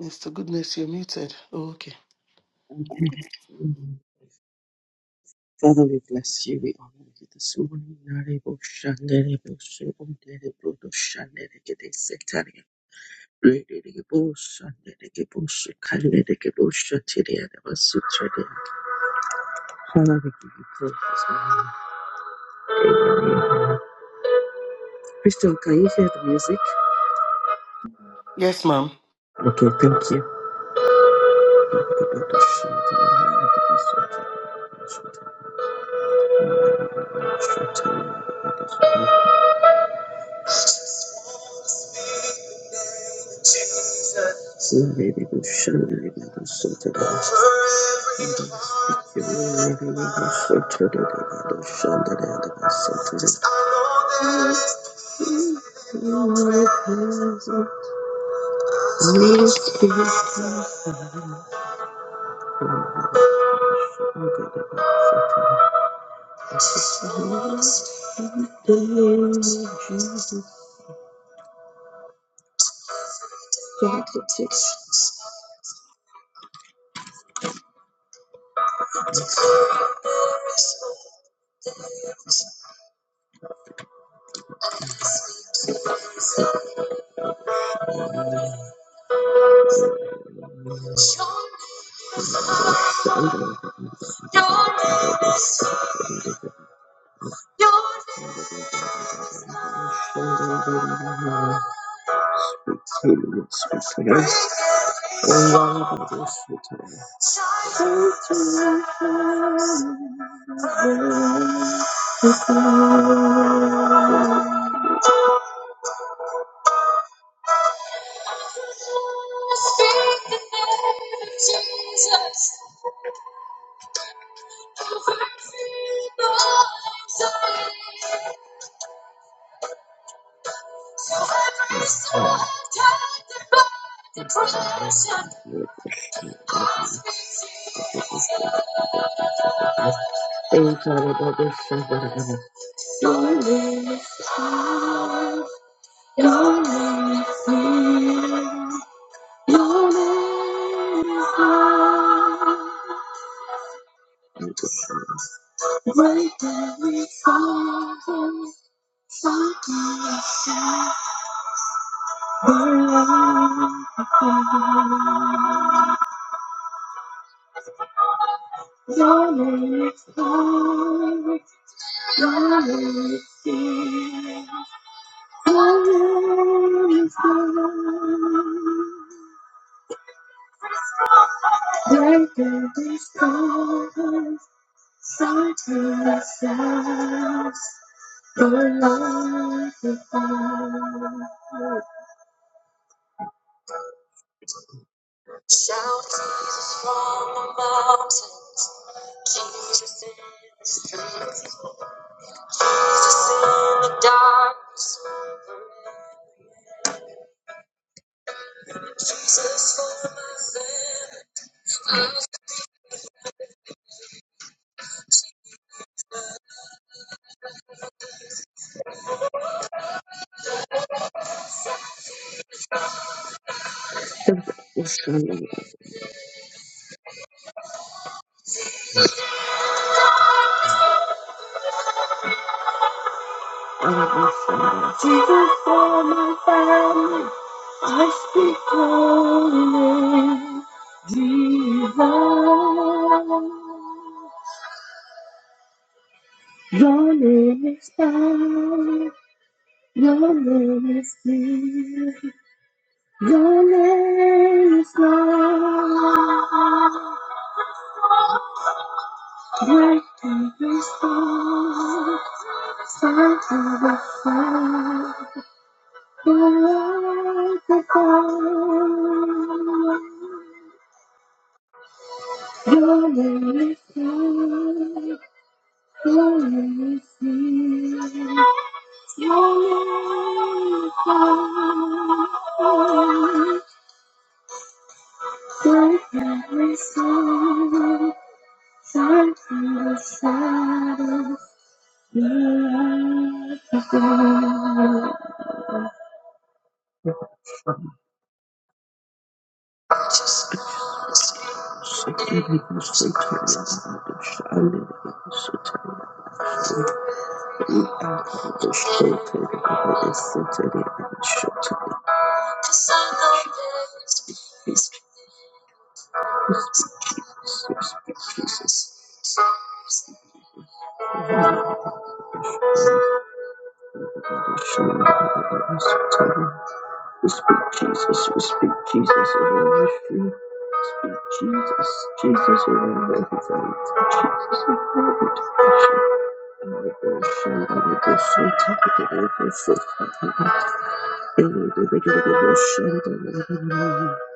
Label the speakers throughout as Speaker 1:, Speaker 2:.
Speaker 1: Mr. Goodness, you're muted. Oh, okay.
Speaker 2: Okay. Mhm. Father, we bless you. We honor you this morning. Narebo shandere bo shandere bo do shandere gede setari. Rere ge bo shandere ge bo shikandere ge bo shatiri adaba sutiri. Father, we give you praise this morning. Crystal, can you hear the music?
Speaker 1: Yes, ma'am.
Speaker 2: Okay, thank you. Brodo shandere gebo sutaria. Shandere gebo sutaria. Jesus, Thank you. Your name is holy. Your name is dear. Your name is good. Breaker discovers certain ourselves. The light without. Jesus for my family. I speak your name, divine. Your name is power. Your name is healing. Your name is love. Breaking every storm. Fight every fight. Break the dawn. Your name is love. Holy Spirit, your name is every soul, time to the shadows. you are the Jesus. We speak Jesus, we speak Jesus over every street. Speak Jesus, Jesus over every fight. Jesus over every devotion, every devotion, every devotion. Every devotion, every devotion. Every devotion, every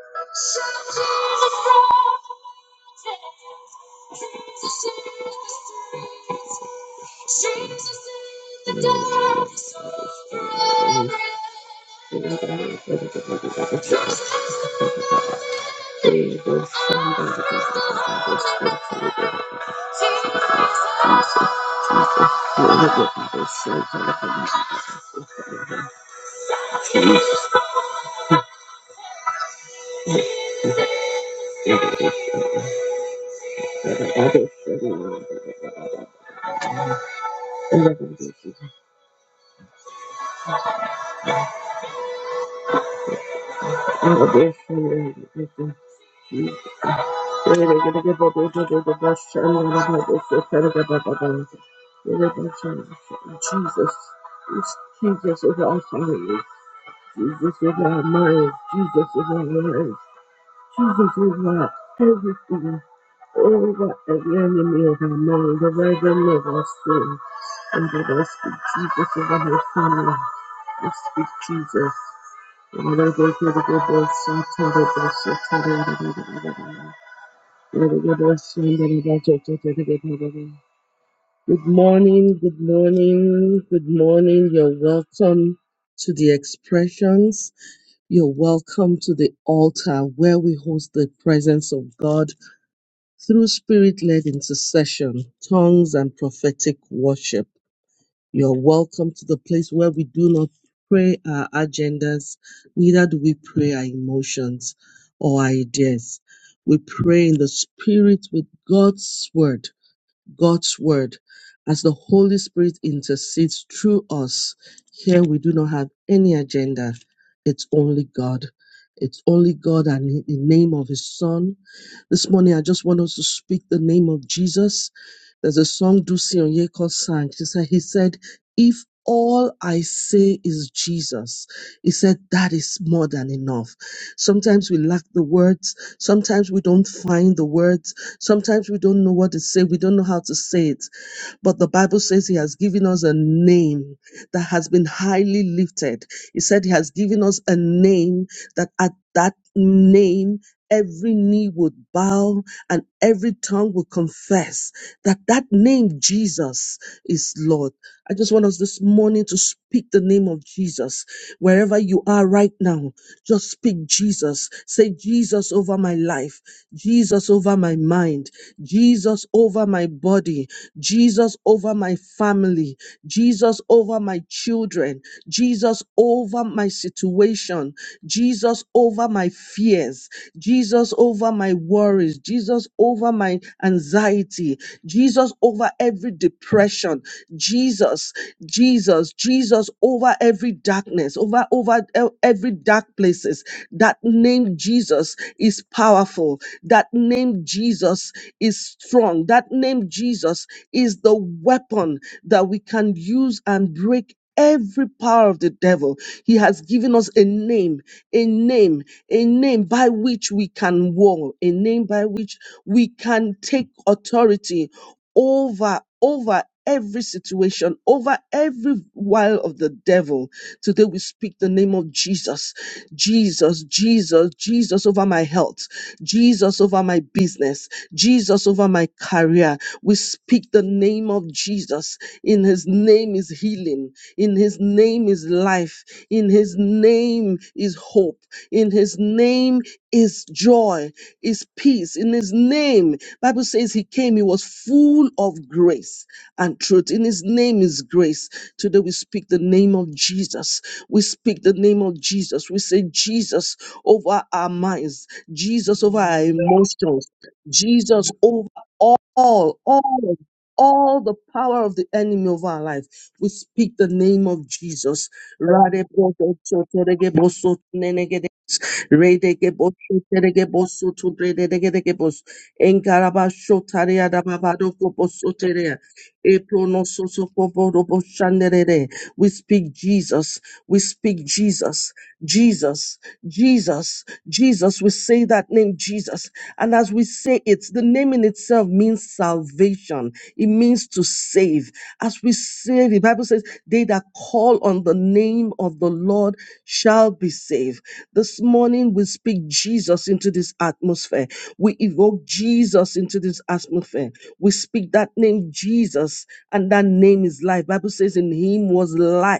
Speaker 2: devotion. Jesus, It's Jesus is our family. Jesus is our mind. Jesus is our life. Jesus is our everything. Over every enemy of our mind, the right enemy of our soul. And that I speak Jesus over my family. I speak Jesus. And I go to the good boy, so tell the boy, so tell the other, Good morning, good morning, good morning. You're welcome to the expressions. You're welcome to the altar where we host the presence of God through spirit led intercession, tongues, and prophetic worship. You're welcome to the place where we do not pray our agendas, neither do we pray our emotions or ideas. We pray in the spirit with God's word God's word as the Holy Spirit intercedes through us. Here we do not have any agenda. It's only God. It's only God and in the name of His Son. This morning, I just want us to speak the name of Jesus. There's a song Dusi Onyeko sang. She said, He said, If all I say is Jesus, he said, That is more than enough. Sometimes we lack the words. Sometimes we don't find the words. Sometimes we don't know what to say. We don't know how to say it. But the Bible says He has given us a name that has been highly lifted. He said He has given us a name that at that name, every knee would bow and every tongue would confess that that name Jesus is Lord. I just want us this morning to speak the name of Jesus Wherever you are right now, just speak Jesus. Say Jesus over my life, Jesus over my mind, Jesus over my body, Jesus over my family, Jesus over my children, Jesus over my situation, Jesus over my fears, Jesus over my worries, Jesus over my anxiety, Jesus over every depression, Jesus. Jesus, Jesus over every darkness, over over e- every dark places. That name Jesus is powerful. That name Jesus is strong. That name Jesus is the weapon that we can use and break every power of the devil. He has given us a name, a name, a name by which we can war, a name by which we can take authority over over every situation over every while of the devil today we speak the name of jesus jesus jesus jesus over my health jesus over my business jesus over my career we speak the name of jesus in his name is healing in his name is life in his name is hope in his name is joy is peace in his name Bible says he came, he was full of grace and truth. In his name is grace. Today we speak the name of Jesus. We speak the name of Jesus. We say Jesus over our minds, Jesus over our emotions, Jesus over all, all, all the power of the enemy over our life. We speak the name of Jesus. We speak Jesus. We speak Jesus. Jesus. Jesus. Jesus. We say that name Jesus. And as we say it, the name in itself means salvation. It means to save. As we say, the Bible says, they that call on the name of the Lord shall be saved. This morning we speak Jesus into this atmosphere. We evoke Jesus into this atmosphere. We speak that name Jesus, and that name is life. Bible says in him was life.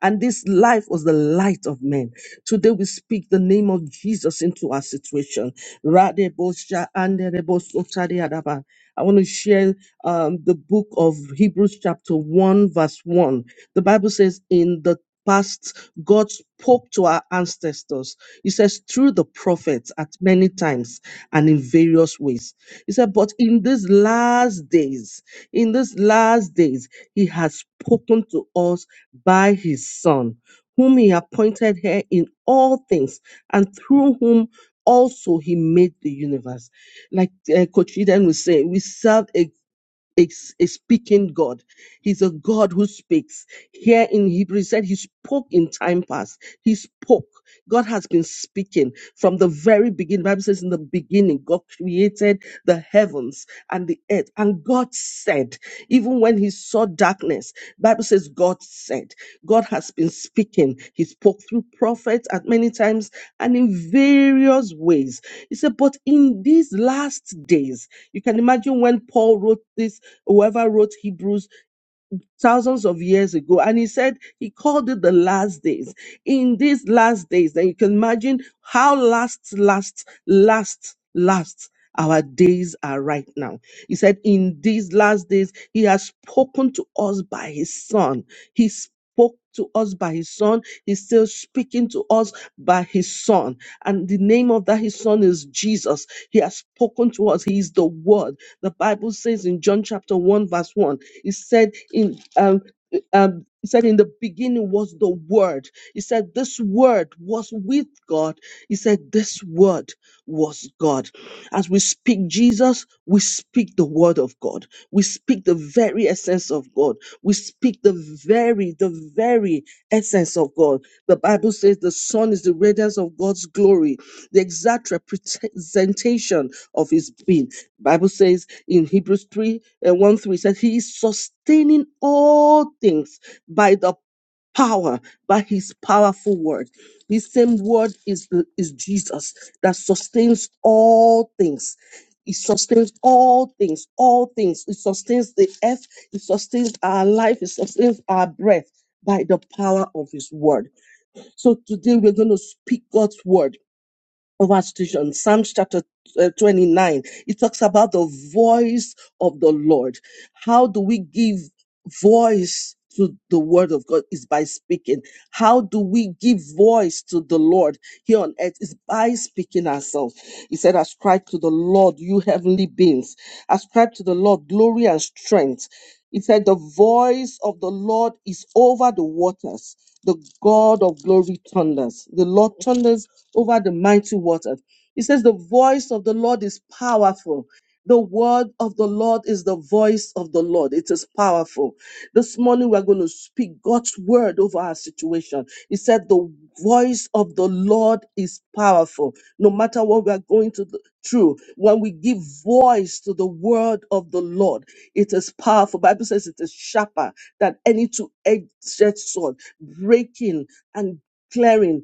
Speaker 2: And this life was the light of men. Today we speak the name of Jesus into our situation. Radebosha anderebosotariadaba. I want to share um, the book of Hebrews, chapter 1, verse 1. The Bible says, In the past, God spoke to our ancestors. He says, through the prophets at many times and in various ways. He said, But in these last days, in these last days, He has spoken to us by His Son, whom He appointed here in all things, and through whom also he made the universe like uh, coach eden was saying we serve a is a speaking God. He's a God who speaks. Here in Hebrews it said he spoke in time past. He spoke. God has been speaking from the very beginning. Bible says in the beginning, God created the heavens and the earth. And God said, even when he saw darkness, Bible says God said, God has been speaking. He spoke through prophets at many times and in various ways. He said, but in these last days, you can imagine when Paul wrote this whoever wrote Hebrews thousands of years ago. And he said he called it the last days. In these last days, then you can imagine how last, last, last, last our days are right now. He said, In these last days, he has spoken to us by his son. He spoke to us by his son. He's still speaking to us by his son. And the name of that his son is Jesus. He has spoken to us. He is the word. The Bible says in John chapter 1, verse 1 he said in um, um, he said in the beginning was the word. He said this word was with God. He said this word was God. As we speak Jesus, we speak the word of God. We speak the very essence of God. We speak the very, the very essence of God. The Bible says the Son is the radiance of God's glory, the exact representation of his being. Bible says." in Hebrews 3 and 1 3 says, He is sustaining all things by the power, by His powerful word. This same word is, is Jesus that sustains all things. It sustains all things, all things. It sustains the earth, it sustains our life, it sustains our breath by the power of His word. So today we're going to speak God's word Overstation, Psalms chapter uh, 29, it talks about the voice of the Lord. How do we give voice to the word of God? Is by speaking. How do we give voice to the Lord here on earth? Is by speaking ourselves. He said, Ascribe to the Lord, you heavenly beings. Ascribe to the Lord glory and strength. He said, The voice of the Lord is over the waters. The God of glory thunders. The Lord thunders over the mighty waters. He says, The voice of the Lord is powerful. The word of the Lord is the voice of the Lord. It is powerful. This morning we're going to speak God's word over our situation. He said, The voice of the Lord is powerful. No matter what we're going to through, when we give voice to the word of the Lord, it is powerful. Bible says it is sharper than any two-edged sword, breaking and clearing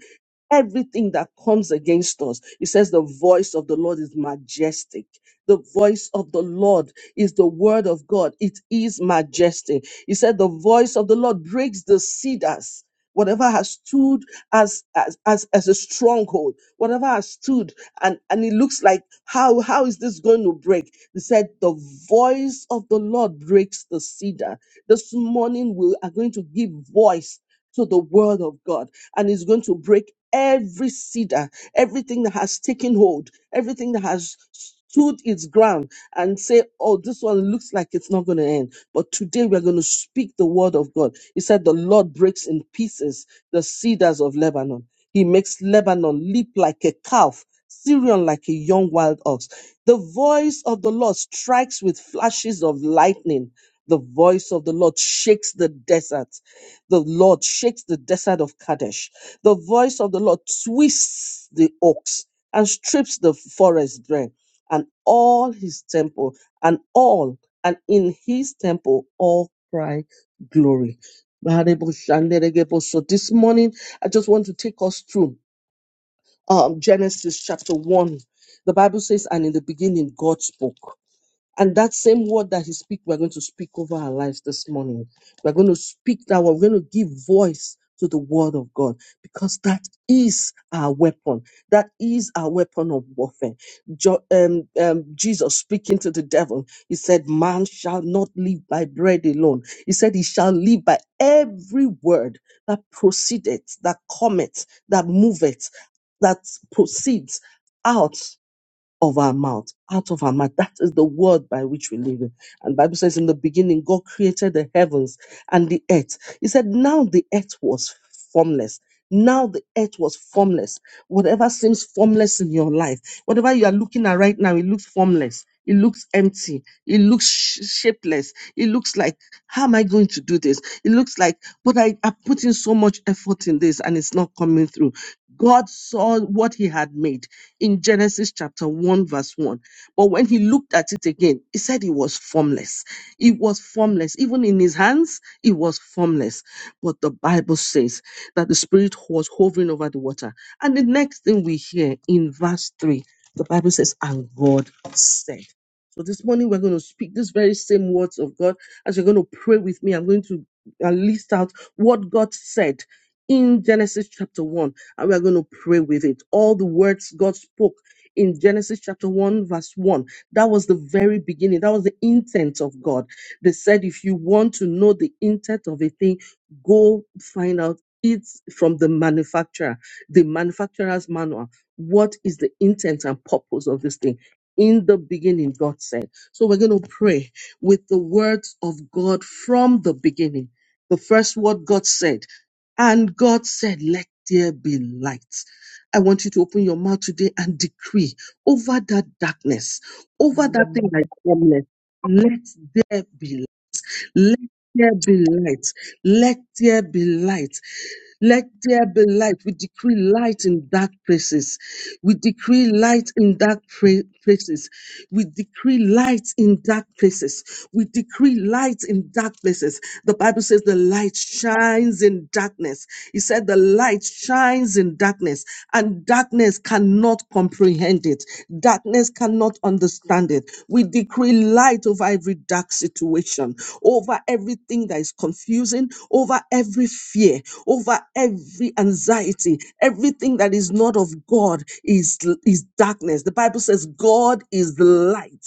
Speaker 2: everything that comes against us. It says the voice of the Lord is majestic. The voice of the Lord is the word of God. It is majestic. He said the voice of the Lord breaks the cedars. Whatever has stood as as as, as a stronghold, whatever has stood, and, and it looks like how how is this going to break? He said, The voice of the Lord breaks the cedar. This morning we are going to give voice to the word of God and is going to break every cedar, everything that has taken hold, everything that has stood its ground and say, Oh, this one looks like it's not going to end. But today we're going to speak the word of God. He said, The Lord breaks in pieces the cedars of Lebanon. He makes Lebanon leap like a calf. Syrian like a young wild ox. The voice of the Lord strikes with flashes of lightning. The voice of the Lord shakes the desert. The Lord shakes the desert of Kadesh. The voice of the Lord twists the oaks and strips the forest bare, and all his temple, and all, and in his temple, all cry glory. So this morning, I just want to take us through um, Genesis chapter 1. The Bible says, and in the beginning, God spoke. And that same word that he speak, we're going to speak over our lives this morning. We're going to speak that word. We're going to give voice to the word of God because that is our weapon. That is our weapon of warfare. Jo- um, um, Jesus speaking to the devil, he said, Man shall not live by bread alone. He said, He shall live by every word that proceedeth, that cometh, that moveth, that proceeds out of our mouth, out of our mouth. That is the word by which we live. in. And Bible says in the beginning, God created the heavens and the earth. He said, now the earth was formless. Now the earth was formless. Whatever seems formless in your life, whatever you are looking at right now, it looks formless. It looks empty. It looks sh- shapeless. It looks like, how am I going to do this? It looks like, but I, I put in so much effort in this and it's not coming through. God saw what he had made in Genesis chapter 1, verse 1. But when he looked at it again, he said it was formless. It was formless. Even in his hands, it was formless. But the Bible says that the Spirit was hovering over the water. And the next thing we hear in verse 3, the Bible says, And God said. So this morning we're going to speak these very same words of God. As you're going to pray with me, I'm going to uh, list out what God said in Genesis chapter 1 and we're going to pray with it. All the words God spoke in Genesis chapter 1, verse 1, that was the very beginning. That was the intent of God. They said, if you want to know the intent of a thing, go find out it from the manufacturer, the manufacturer's manual. What is the intent and purpose of this thing? In the beginning, God said. So we're going to pray with the words of God from the beginning. The first word God said and God said, Let there be light. I want you to open your mouth today and decree over that darkness, over that thing like calmness. Let there be light. Let there be light. Let there be light. Let there be light. We decree light in dark places. We decree light in dark pra- places. We decree light in dark places. We decree light in dark places. The Bible says the light shines in darkness. He said the light shines in darkness and darkness cannot comprehend it. Darkness cannot understand it. We decree light over every dark situation, over everything that is confusing, over every fear, over every anxiety, everything that is not of God is, is darkness. The Bible says God is the light.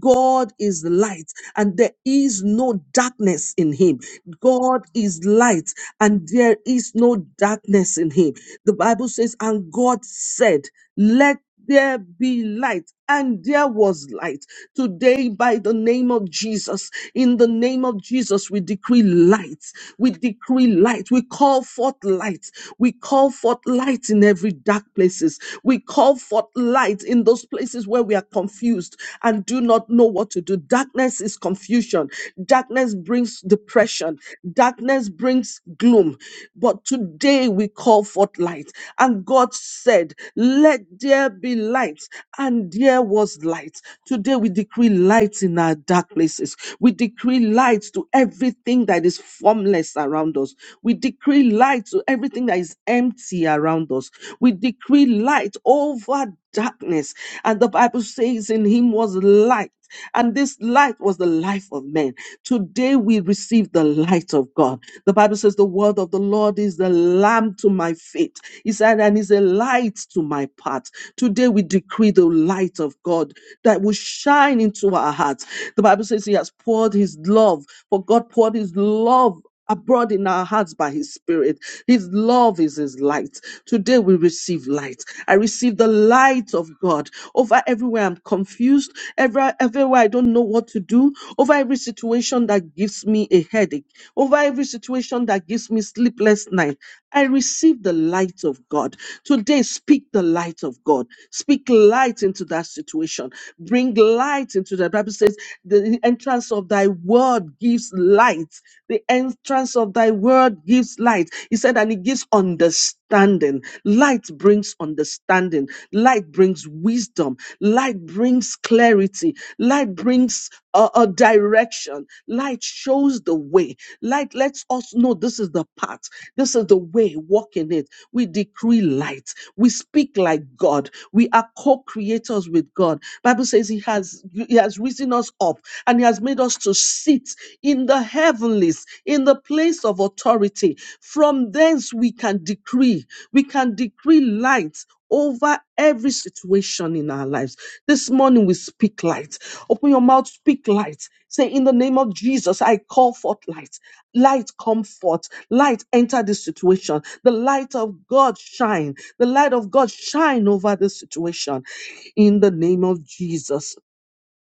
Speaker 2: God is the light, and there is no darkness in him. God is light, and there is no darkness in him. The Bible says, and God said, Let there be light and there was light. Today, by the name of Jesus, in the name of Jesus, we decree light. We decree light. We call forth light. We call forth light in every dark places. We call forth light in those places where we are confused and do not know what to do. Darkness is confusion. Darkness brings depression. Darkness brings gloom. But today we call forth light. And God said, Let there be light and there was light. Today we decree light in our dark places. We decree light to everything that is formless around us. We decree light to everything that is empty around us. We decree light over darkness. And the Bible says in him was light and this light was the life of men. Today we receive the light of God. The Bible says, The word of the Lord is the lamp to my feet. He said, and is a light to my path. Today we decree the light of God that will shine into our hearts. The Bible says, He has poured His love, for God poured His love abroad in our hearts by his spirit. His love is his light. Today we receive light. I receive the light of God over everywhere I'm confused, every, everywhere I don't know what to do, over every situation that gives me a headache, over every situation that gives me sleepless night. I receive the light of God. Today, speak the light of God. Speak light into that situation. Bring light into that. Bible says, the entrance of thy word gives light. The entrance of thy word gives light. He said, and it gives understanding. Light brings understanding. Light brings wisdom. Light brings clarity. Light brings a, a direction. Light shows the way. Light lets us know this is the path. This is the way. Walk in it. We decree light. We speak like God. We are co-creators with God. Bible says He has He has risen us up and He has made us to sit in the heavenlies, in the place of authority. From thence we can decree. We can decree light over every situation in our lives. This morning we speak light. Open your mouth, speak light. Say, in the name of Jesus, I call forth light. Light come forth. Light enter this situation. The light of God shine. The light of God shine over this situation. In the name of Jesus.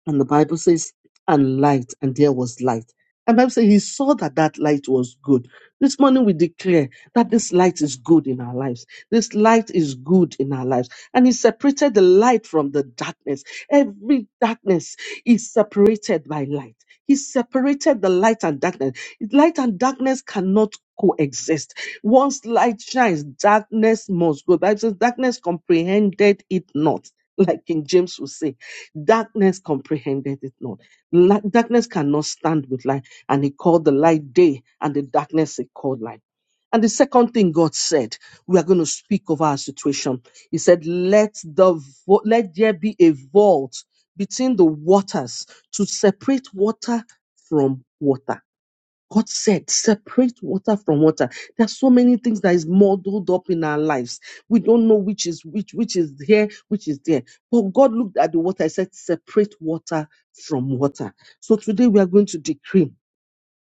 Speaker 2: And the Bible says, and light, and there was light. And Bible says he saw that that light was good. This morning we declare that this light is good in our lives. This light is good in our lives. And he separated the light from the darkness. Every darkness is separated by light. He separated the light and darkness. Light and darkness cannot coexist. Once light shines, darkness must go. Bible says darkness comprehended it not, like King James would say. Darkness comprehended it not. Li- darkness cannot stand with light. And he called the light day, and the darkness he called light. And the second thing God said, we are going to speak of our situation. He said, "Let the vo- let there be a vault between the waters to separate water from water." God said, separate water from water. There are so many things that is muddled up in our lives. We don't know which is which, which is here, which is there. But God looked at the water and said, separate water from water. So today we are going to decree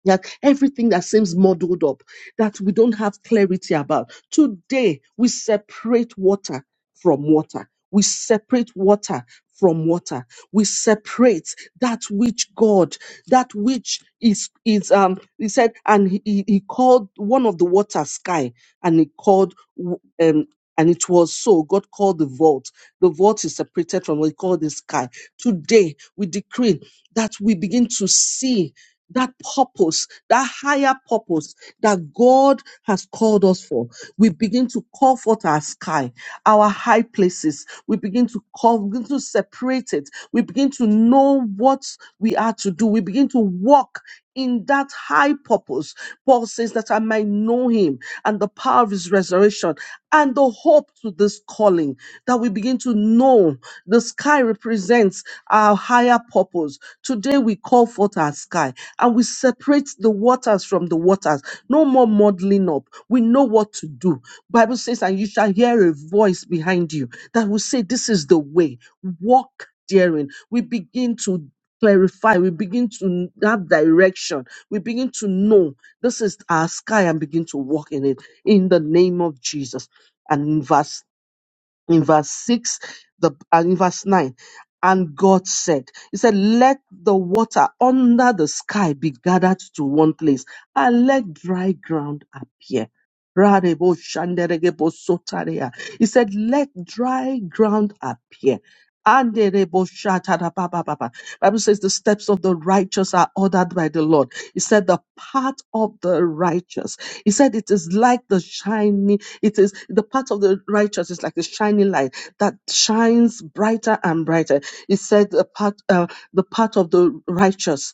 Speaker 2: like everything that seems muddled up, that we don't have clarity about. Today, we separate water from water. We separate water from water. We separate that which God, that which is, is um, he said, and he, he he called one of the water sky, and he called, w- um, and it was so. God called the vault. The vault is separated from what he called the sky. Today, we decree that we begin to see that purpose, that higher purpose that God has called us for. We begin to call forth our sky, our high places. We begin to call, we begin to separate it. We begin to know what we are to do. We begin to walk in that high purpose. Paul says that I might know him and the power of his resurrection and the hope to this calling that we begin to know the sky represents our higher purpose. Today we call forth our sky and we separate the waters from the waters. No more muddling up. We know what to do. Bible says, and you shall hear a voice behind you that will say, This is the way. Walk daring. We begin to clarify. We begin to have direction. We begin to know. This is our sky and begin to walk in it in the name of Jesus. And in verse in verse 6 the and in verse 9 and god said he said let the water under the sky be gathered to one place and let dry ground appear Rarebo shanderebo sotarea. he said let dry ground appear Anderebo shatarabababa. Bible says the steps of the righteous are ordered by the Lord. He said the path of the righteous. He said it is like the shining it is the path of the righteous is like a shining light that shines brighter and brighter. It said the path, uh, the path of the righteous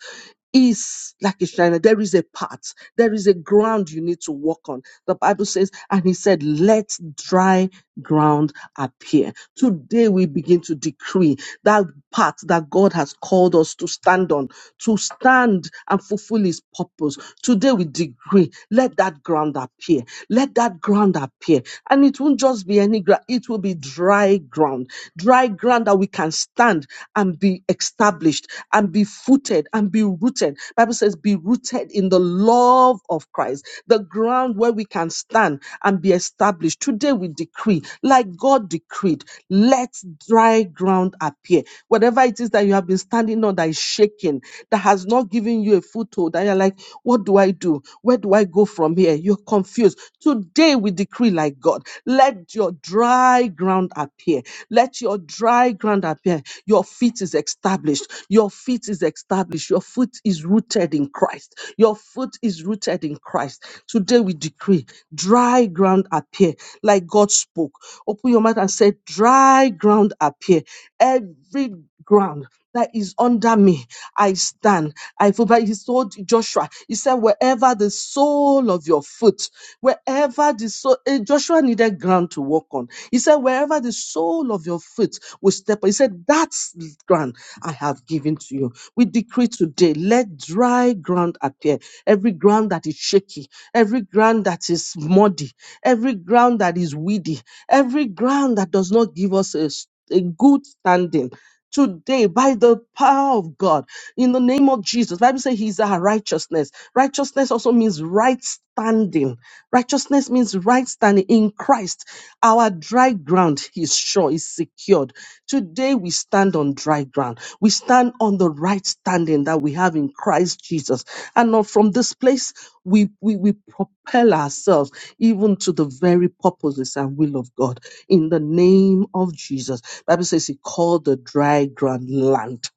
Speaker 2: is like a shining. There is a path. There is a ground you need to walk on. The Bible says, and he said, let dry ground appear. Today we begin to decree that path that God has called us to stand on, to stand and fulfill his purpose. Today we decree, let that ground appear. Let that ground appear. And it won't just be any ground, it will be dry ground, dry ground that we can stand and be established and be footed and be rooted. Bible says, be rooted in the love of Christ, the ground where we can stand and be established. Today we decree, like God decreed, let dry ground appear. Whatever it is that you have been standing on that is shaking, that has not given you a foothold, that you're like, what do I do? Where do I go from here? You're confused. Today we decree like God. Let your dry ground appear. Let your dry ground appear. Your feet is established. Your feet is established. Your foot is rooted in Christ. Your foot is rooted in Christ. Today we decree dry ground appear like God spoke. Open your mouth and say, Dry ground appear. Every ground that is under me. I stand. I feel but he told Joshua, he said, wherever the sole of your foot, wherever the sole, eh, Joshua needed ground to walk on. He said, wherever the sole of your foot will step, on," he said, that's the ground I have given to you. We decree today, let dry ground appear. Every ground that is shaky, every ground that is muddy, every ground that is weedy, every ground that does not give us a s- a good standing today by the power of God in the name of Jesus. Bible says he's our righteousness. Righteousness also means right standing. Righteousness means right standing in Christ. Our dry ground is sure, is secured. Today we stand on dry ground. We stand on the right standing that we have in Christ Jesus. And now from this place, we, we, we propel ourselves even to the very purposes and will of God in the name of Jesus. Bible says he called the dry ground land.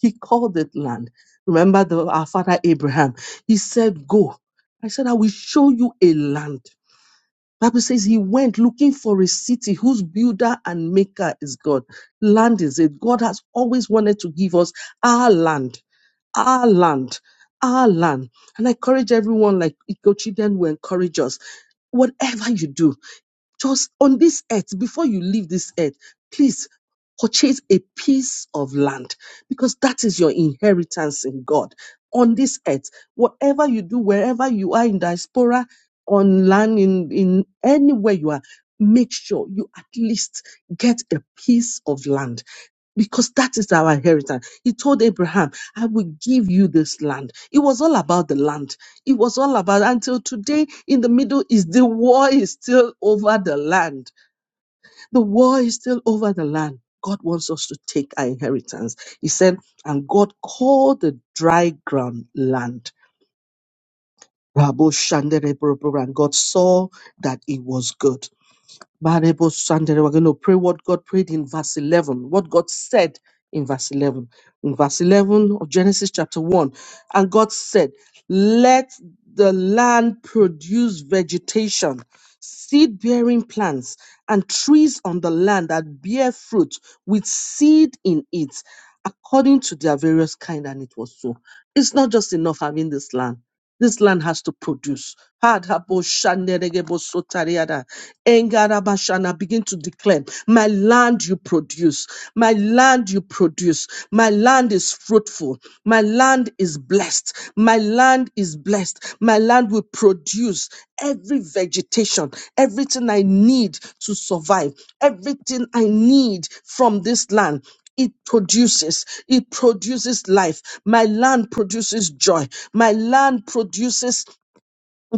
Speaker 2: He called it land. Remember the, our father Abraham. He said, Go. I said, I will show you a land. Bible says he went looking for a city whose builder and maker is God. Land is it. God has always wanted to give us our land our land, our land. And I encourage everyone, like Ikochi then will encourage us. Whatever you do, just on this earth, before you leave this earth, please purchase a piece of land because that is your inheritance in God. On this earth, whatever you do, wherever you are in diaspora, on land, in, in anywhere you are, make sure you at least get a piece of land because that is our inheritance. He told Abraham, I will give you this land. It was all about the land. It was all about until today in the Middle East, the war is still over the land. The war is still over the land. God wants us to take our inheritance. He said, and God called the dry ground land. Rabo Shandere Borobo, And God saw that it was good. Barebo Sandere, we're going to pray what God prayed in verse 11, what God said in verse 11. In verse 11 of Genesis chapter 1, and God said, Let the land produce vegetation, seed bearing plants, and trees on the land that bear fruit with seed in it, according to their various kind. And it was so. It's not just enough having this land this land has to produce. Hadaboshaneregebosotariada. Engarabashana, Begin to declare, My land you produce. My land you produce. My land is fruitful. My land is blessed. My land is blessed. My land will produce every vegetation, everything I need to survive, everything I need from this land it produces it produces life my land produces joy my land produces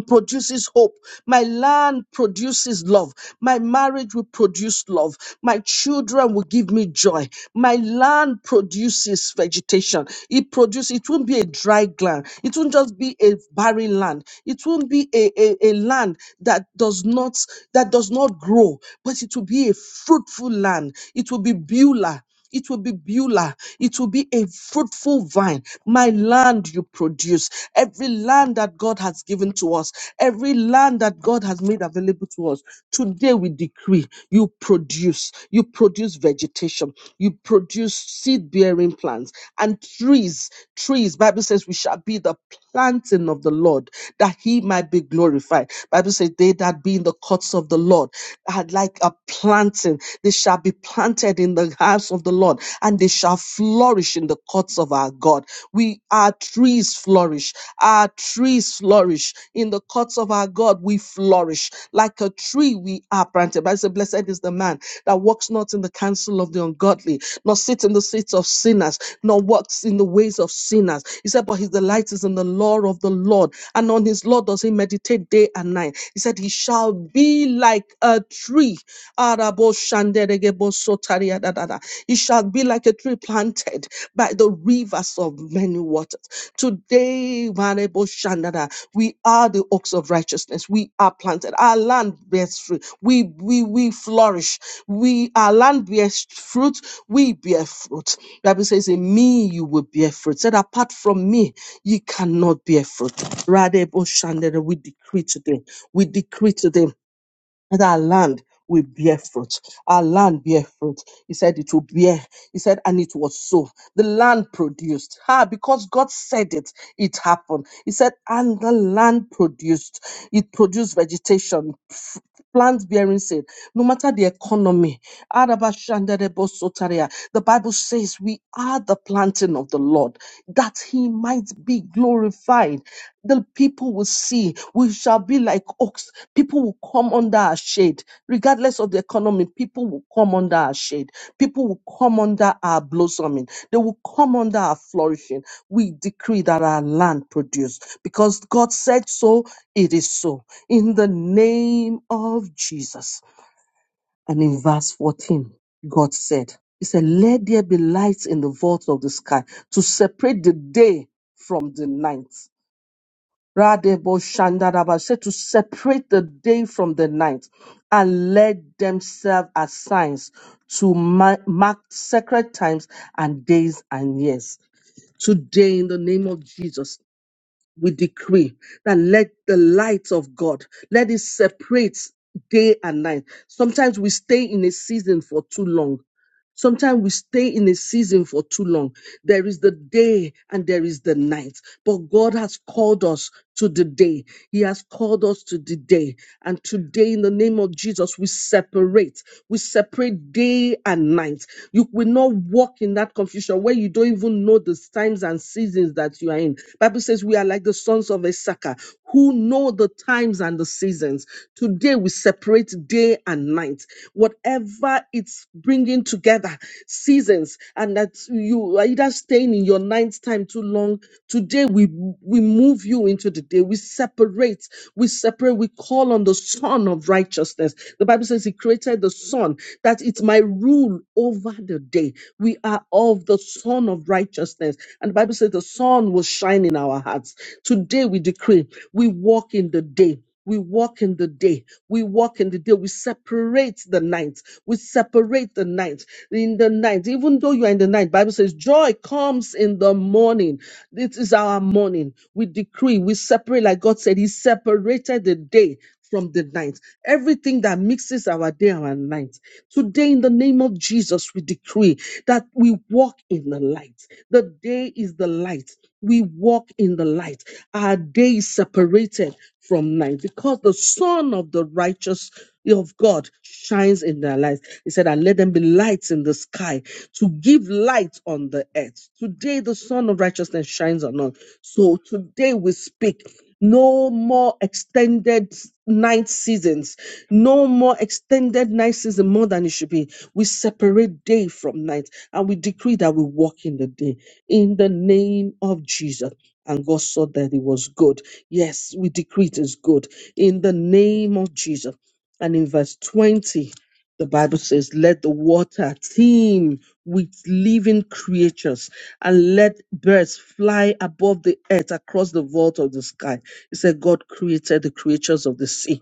Speaker 2: produces hope my land produces love my marriage will produce love my children will give me joy my land produces vegetation it produces it won't be a dry land it won't just be a barren land it won't be a, a, a land that does not that does not grow but it will be a fruitful land it will be beulah it will be Beulah. It will be a fruitful vine. My land you produce. Every land that God has given to us, every land that God has made available to us. Today we decree you produce. You produce vegetation. You produce seed bearing plants and trees. Trees. Bible says we shall be the planting of the Lord, that he might be glorified. Bible says, They that be in the courts of the Lord are like a planting, they shall be planted in the house of the Lord, and they shall flourish in the courts of our God. We our trees flourish, our trees flourish in the courts of our God. We flourish like a tree. We are planted. Bible says, Blessed is the man that walks not in the counsel of the ungodly, nor sits in the seats of sinners, nor walks in the ways of sinners. He said, But his delight delights in the law of the Lord, and on his law does he meditate day and night. He said, He shall be like a tree. Arabo shanderebo sotaria da da da. He shall be like a tree planted by the rivers of many waters. Today, Marebo Shandada, we are the oaks of righteousness. We are planted. Our land bears fruit. We we we flourish. We our land bears fruit. We bear fruit. The Bible says, "In me you will bear fruit." Said, "Apart from me." Ye cannot bear fruit. Radebo Shandere, we decree today. We decree today that our land will bear fruit. Our land bear fruit. He said it will bear. He said, and it was so. The land produced. Ah, because God said it, it happened. He said, and the land produced. It produced vegetation, f- plants bearing seed. No matter the economy, Arabashandarebosotaria, the Bible says we are the planting of the Lord, that he might be glorified the people will see we shall be like oaks people will come under our shade regardless of the economy people will come under our shade people will come under our blossoming they will come under our flourishing we decree that our land produce because god said so it is so in the name of jesus and in verse 14 god said he said let there be lights in the vault of the sky to separate the day from the night Radebo Shandaraba said to separate the day from the night and let them serve as signs to ma- mark sacred times and days and years. Today, in the name of Jesus, we decree that let the light of God let it separate day and night. Sometimes we stay in a season for too long. Sometimes we stay in a season for too long. There is the day and there is the night, but God has called us to the day. He has called us to the day. And today, in the name of Jesus, we separate. We separate day and night. You will not walk in that confusion where you don't even know the times and seasons that you are in. Bible says we are like the sons of Issachar who know the times and the seasons. Today, we separate day and night. Whatever it's bringing together seasons and that you are either staying in your ninth time too long today we we move you into the day we separate we separate we call on the son of righteousness the bible says he created the son that it's my rule over the day we are of the son of righteousness and the bible says the sun will shine in our hearts today we decree we walk in the day we walk in the day. We walk in the day. We separate the night. We separate the night. In the night, even though you are in the night, Bible says joy comes in the morning. This is our morning. We decree. We separate, like God said, He separated the day from the night. Everything that mixes our day and our night. Today, in the name of Jesus, we decree that we walk in the light. The day is the light. We walk in the light. Our day is separated from night because the Son of the righteous of God shines in their lives. He said, And let them be lights in the sky to give light on the earth. Today, the Son of righteousness shines on us. So today, we speak no more extended night seasons. No more extended night season more than it should be. We separate day from night and we decree that we walk in the day in the name of Jesus. And God saw that it was good. Yes, we decree it is good in the name of Jesus. And in verse 20, the Bible says, let the water teem with living creatures and let birds fly above the earth across the vault of the sky. It said, God created the creatures of the sea.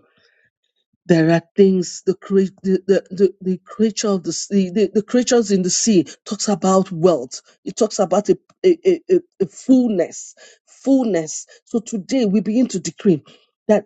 Speaker 2: There are things the, crea- the, the, the, the creature of the sea, the, the creatures in the sea talks about wealth. It talks about a, a, a, a a fullness, fullness. So today we begin to decree. that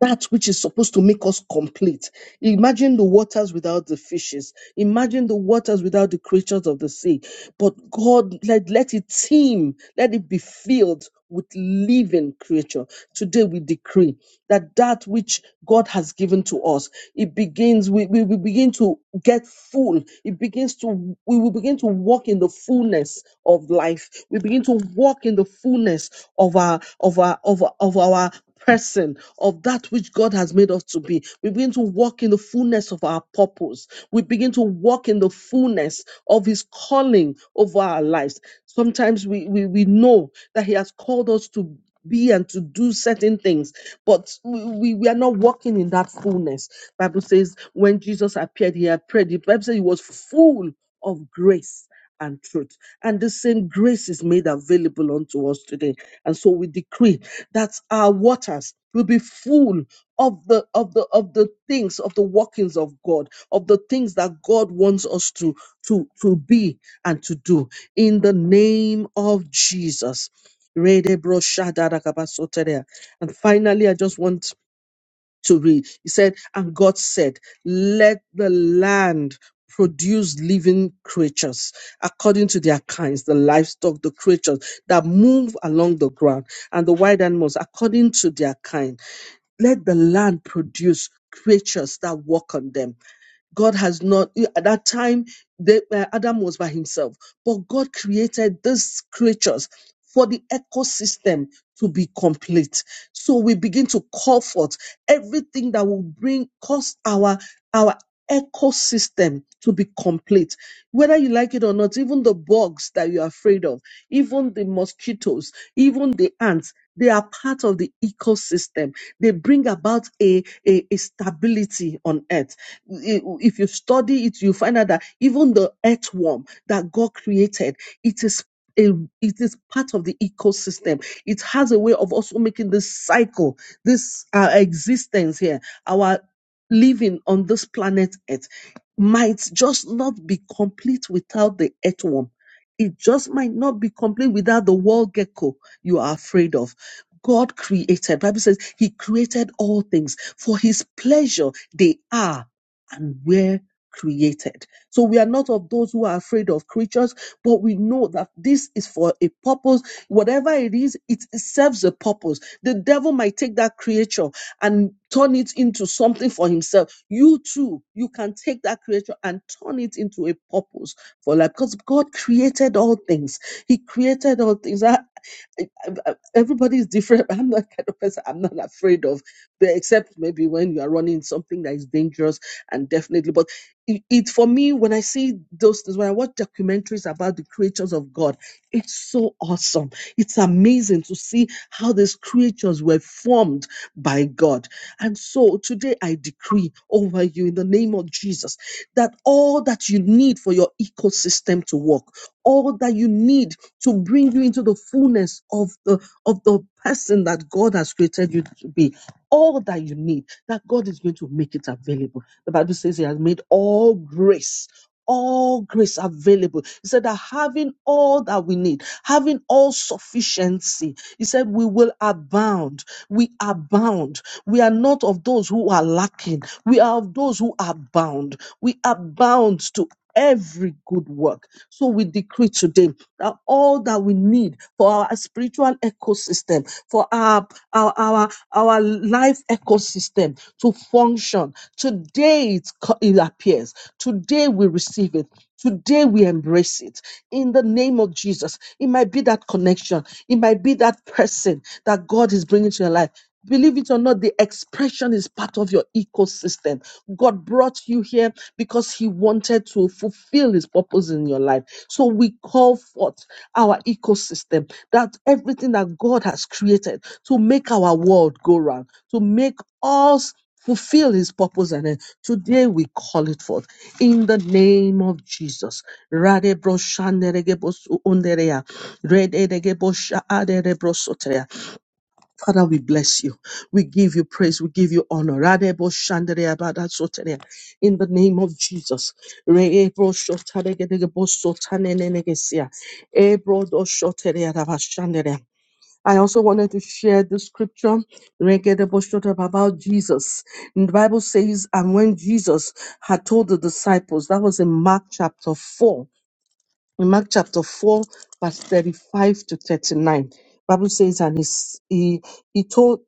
Speaker 2: that which is supposed to make us complete. Imagine the waters without the fishes. Imagine the waters without the creatures of the sea. But God, let, let it teem, let it be filled with living creature. Today we decree that that which God has given to us, it begins, we, we, we begin to get full. It begins to, we will begin to walk in the fullness of life. We begin to walk in the fullness of our, of our, of our, of our person of that which God has made us to be. We begin to walk in the fullness of our purpose. We begin to walk in the fullness of His calling over our lives. Sometimes we, we, we know that He has called us to be and to do certain things but we, we are not walking in that fullness bible says when jesus appeared he had prayed the bible says he was full of grace and truth and the same grace is made available unto us today and so we decree that our waters will be full of the of the of the things of the workings of God, of the things that God wants us to to to be and to do in the name of Jesus. Rede bro shada da kaba soteria. And finally, I just want to read. He said, And God said, Let the land produce living creatures according to their kinds, the livestock, the creatures that move along the ground, and the wild animals according to their kind. Let the land produce creatures that walk on them God has not, at that time, the, uh, Adam was by himself, but God created these creatures for the ecosystem to be complete. So we begin to call forth everything that will bring, cause our, our ecosystem to be complete. Whether you like it or not, even the bugs that you're afraid of, even the mosquitoes, even the ants, they are part of the ecosystem. They bring about a, a, a stability on earth if you study it, you find out that even the earthworm that God created, it is a, it is part of the ecosystem. It has a way of also making this cycle, this uh, existence here, our living on this planet Earth, might just not be complete without the earthworm. It just might not be complete without the wall gecko you are afraid of. God created. Bible says He created all things for His pleasure. They are and were created. So we are not of those who are afraid of creatures, but we know that this is for a purpose. Whatever it is, it serves a purpose. The devil might take that creature and turn it into something for himself. You too, you can take that creature and turn it into a purpose for life because God created all things. He created all things. I- I- I- everybody is different. I'm that kind of person. I'm not afraid of, except maybe when you are running something that is dangerous and definitely but it, it for me when i see those things when i watch documentaries about the creatures of god it's so awesome it's amazing to see how these creatures were formed by god and so today i decree over you in the name of jesus that all that you need for your ecosystem to work all that you need to bring you into the fullness of the of the person that god has created you to be all that you need that god is going to make it available the Bible says he has made all grace, all grace available. He said that having all that we need, having all sufficiency, he said we will abound. We abound. We are not of those who are lacking. We are of those who are bound. We are bound to every good work. So we decree today that all that we need for our spiritual ecosystem, for our our our, our life ecosystem to function, today it, co- it appears. Today we receive it. Today we embrace it in the name of Jesus. It might be that connection. It might be that person that God is bringing to your life Believe it or not, the expression is part of your ecosystem. God brought you here because He wanted to fulfill His purpose in your life. So we call forth our ecosystem, that everything that God has created to make our world go round, to make us fulfill His purpose. And then today we call it forth in the name of Jesus. Radebro shanderegebo su underea. Rededegebosha aderebrosotea. Father, we bless you. We give you praise. We give you honor. Radebo shandere abada sotere. In the name of Jesus. Reebo shotare gedegebo sotane nenegesia. Ebro do shotere adaba shandere. I also wanted to share the scripture regedebo shotere, about Jesus. And the Bible says, and when Jesus had told the disciples, that was in Mark chapter 4. In Mark chapter 4, verse 35 to 39. Bible says, and he, s- he, he told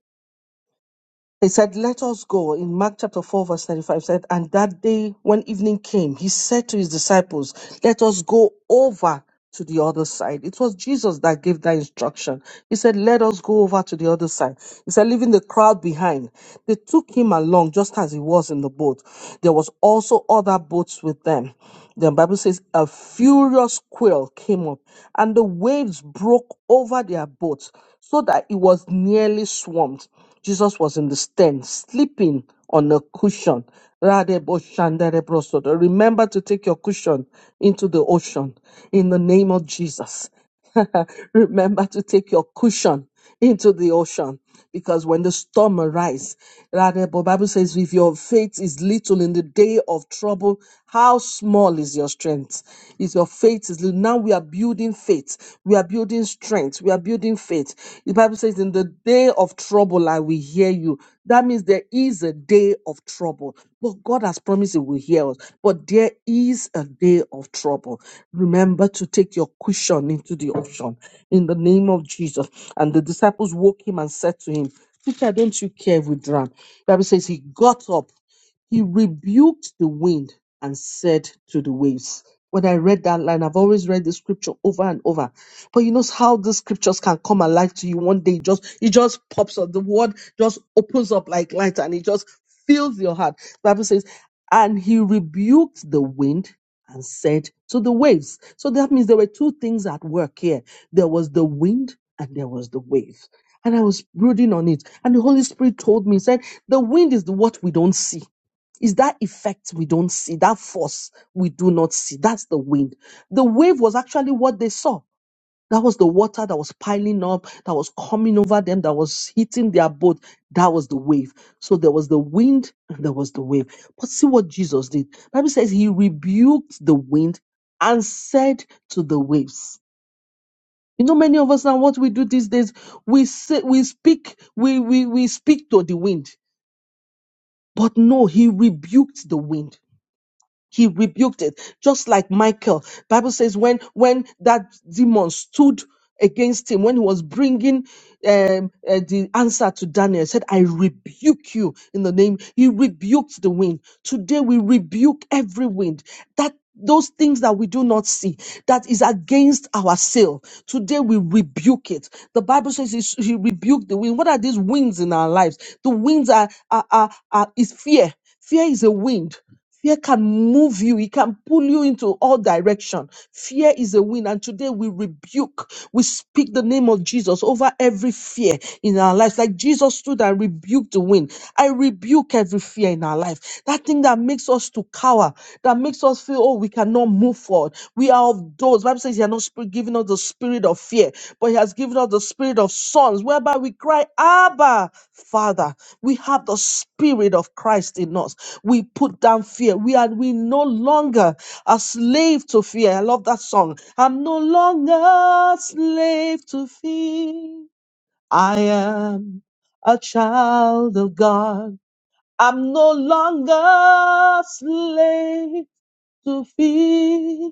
Speaker 2: he said, Let us go. In Mark chapter 4, verse 35, it said, And that day when evening came, he said to his disciples, Let us go over to the other side. It was Jesus that gave that instruction. He said, Let us go over to the other side. He said, Leaving the crowd behind, they took him along just as he was in the boat. There was also other boats with them. The Bible says, A furious quail came up, and the waves broke over their boat so that it was nearly swamped. Jesus was in the stand, sleeping on a cushion. Radeboshanderebrosodo. Remember to take your cushion into the ocean in the name of Jesus. Remember to take your cushion into the ocean because when the storm arises, rather, the Bible says, if your faith is little in the day of trouble, how small is your strength? Is your faith is little. Now we are building faith. We are building strength. We are building faith. The Bible says, In the day of trouble, I will hear you. That means there is a day of trouble. But God has promised He will hear us. But there is a day of trouble. Remember to take your cushion into the ocean in the name of Jesus. And the disciples woke him and said to him, Teacher, don't you care if we drown? The Bible says he got up, he rebuked the wind and said to the waves. When I read that line, I've always read the scripture over and over. But you know how the scriptures can come alive to you one day. It just it just pops up. The word just opens up like light and it just fills your heart. The Bible says, and he rebuked the wind and said to the waves. So that means there were two things at work here. There was the wind and there was the wave. And I was brooding on it. And the Holy Spirit told me, said, the wind is the what we don't see is that effect we don't see, that force we do not see. That's the wind. The wave was actually what they saw. That was the water that was piling up, that was coming over them, that was hitting their boat. That was the wave. So there was the wind and there was the wave. But see what Jesus did. Bible says he rebuked the wind and said to the waves. You know, many of us now what we do these days, we say we speak, we we, we speak to the wind. But no, he rebuked the wind he rebuked it just like michael bible says when when that demon stood against him when he was bringing um, uh, the answer to daniel he said i rebuke you in the name he rebuked the wind today we rebuke every wind that those things that we do not see that is against our sail today we rebuke it the bible says he, he rebuked the wind what are these winds in our lives the winds are, are, are, are is fear fear is a wind fear can move you it can pull you into all direction fear is a wind and today we rebuke we speak the name of jesus over every fear in our lives. Like Jesus stood and rebuked the wind. I rebuke every fear in our life. That thing that makes us to cower, that makes us feel, oh, we cannot move forward. We are of those. Bible says he has not sp- given us the spirit of fear, but he has given us the spirit of sons, whereby we cry, Abba, Father. We have the spirit of Christ in us. We put down fear. We are we no longer a slave to fear. I love that song. I'm no longer a slave to fear. I am a child of God. I'm no longer slave to fear.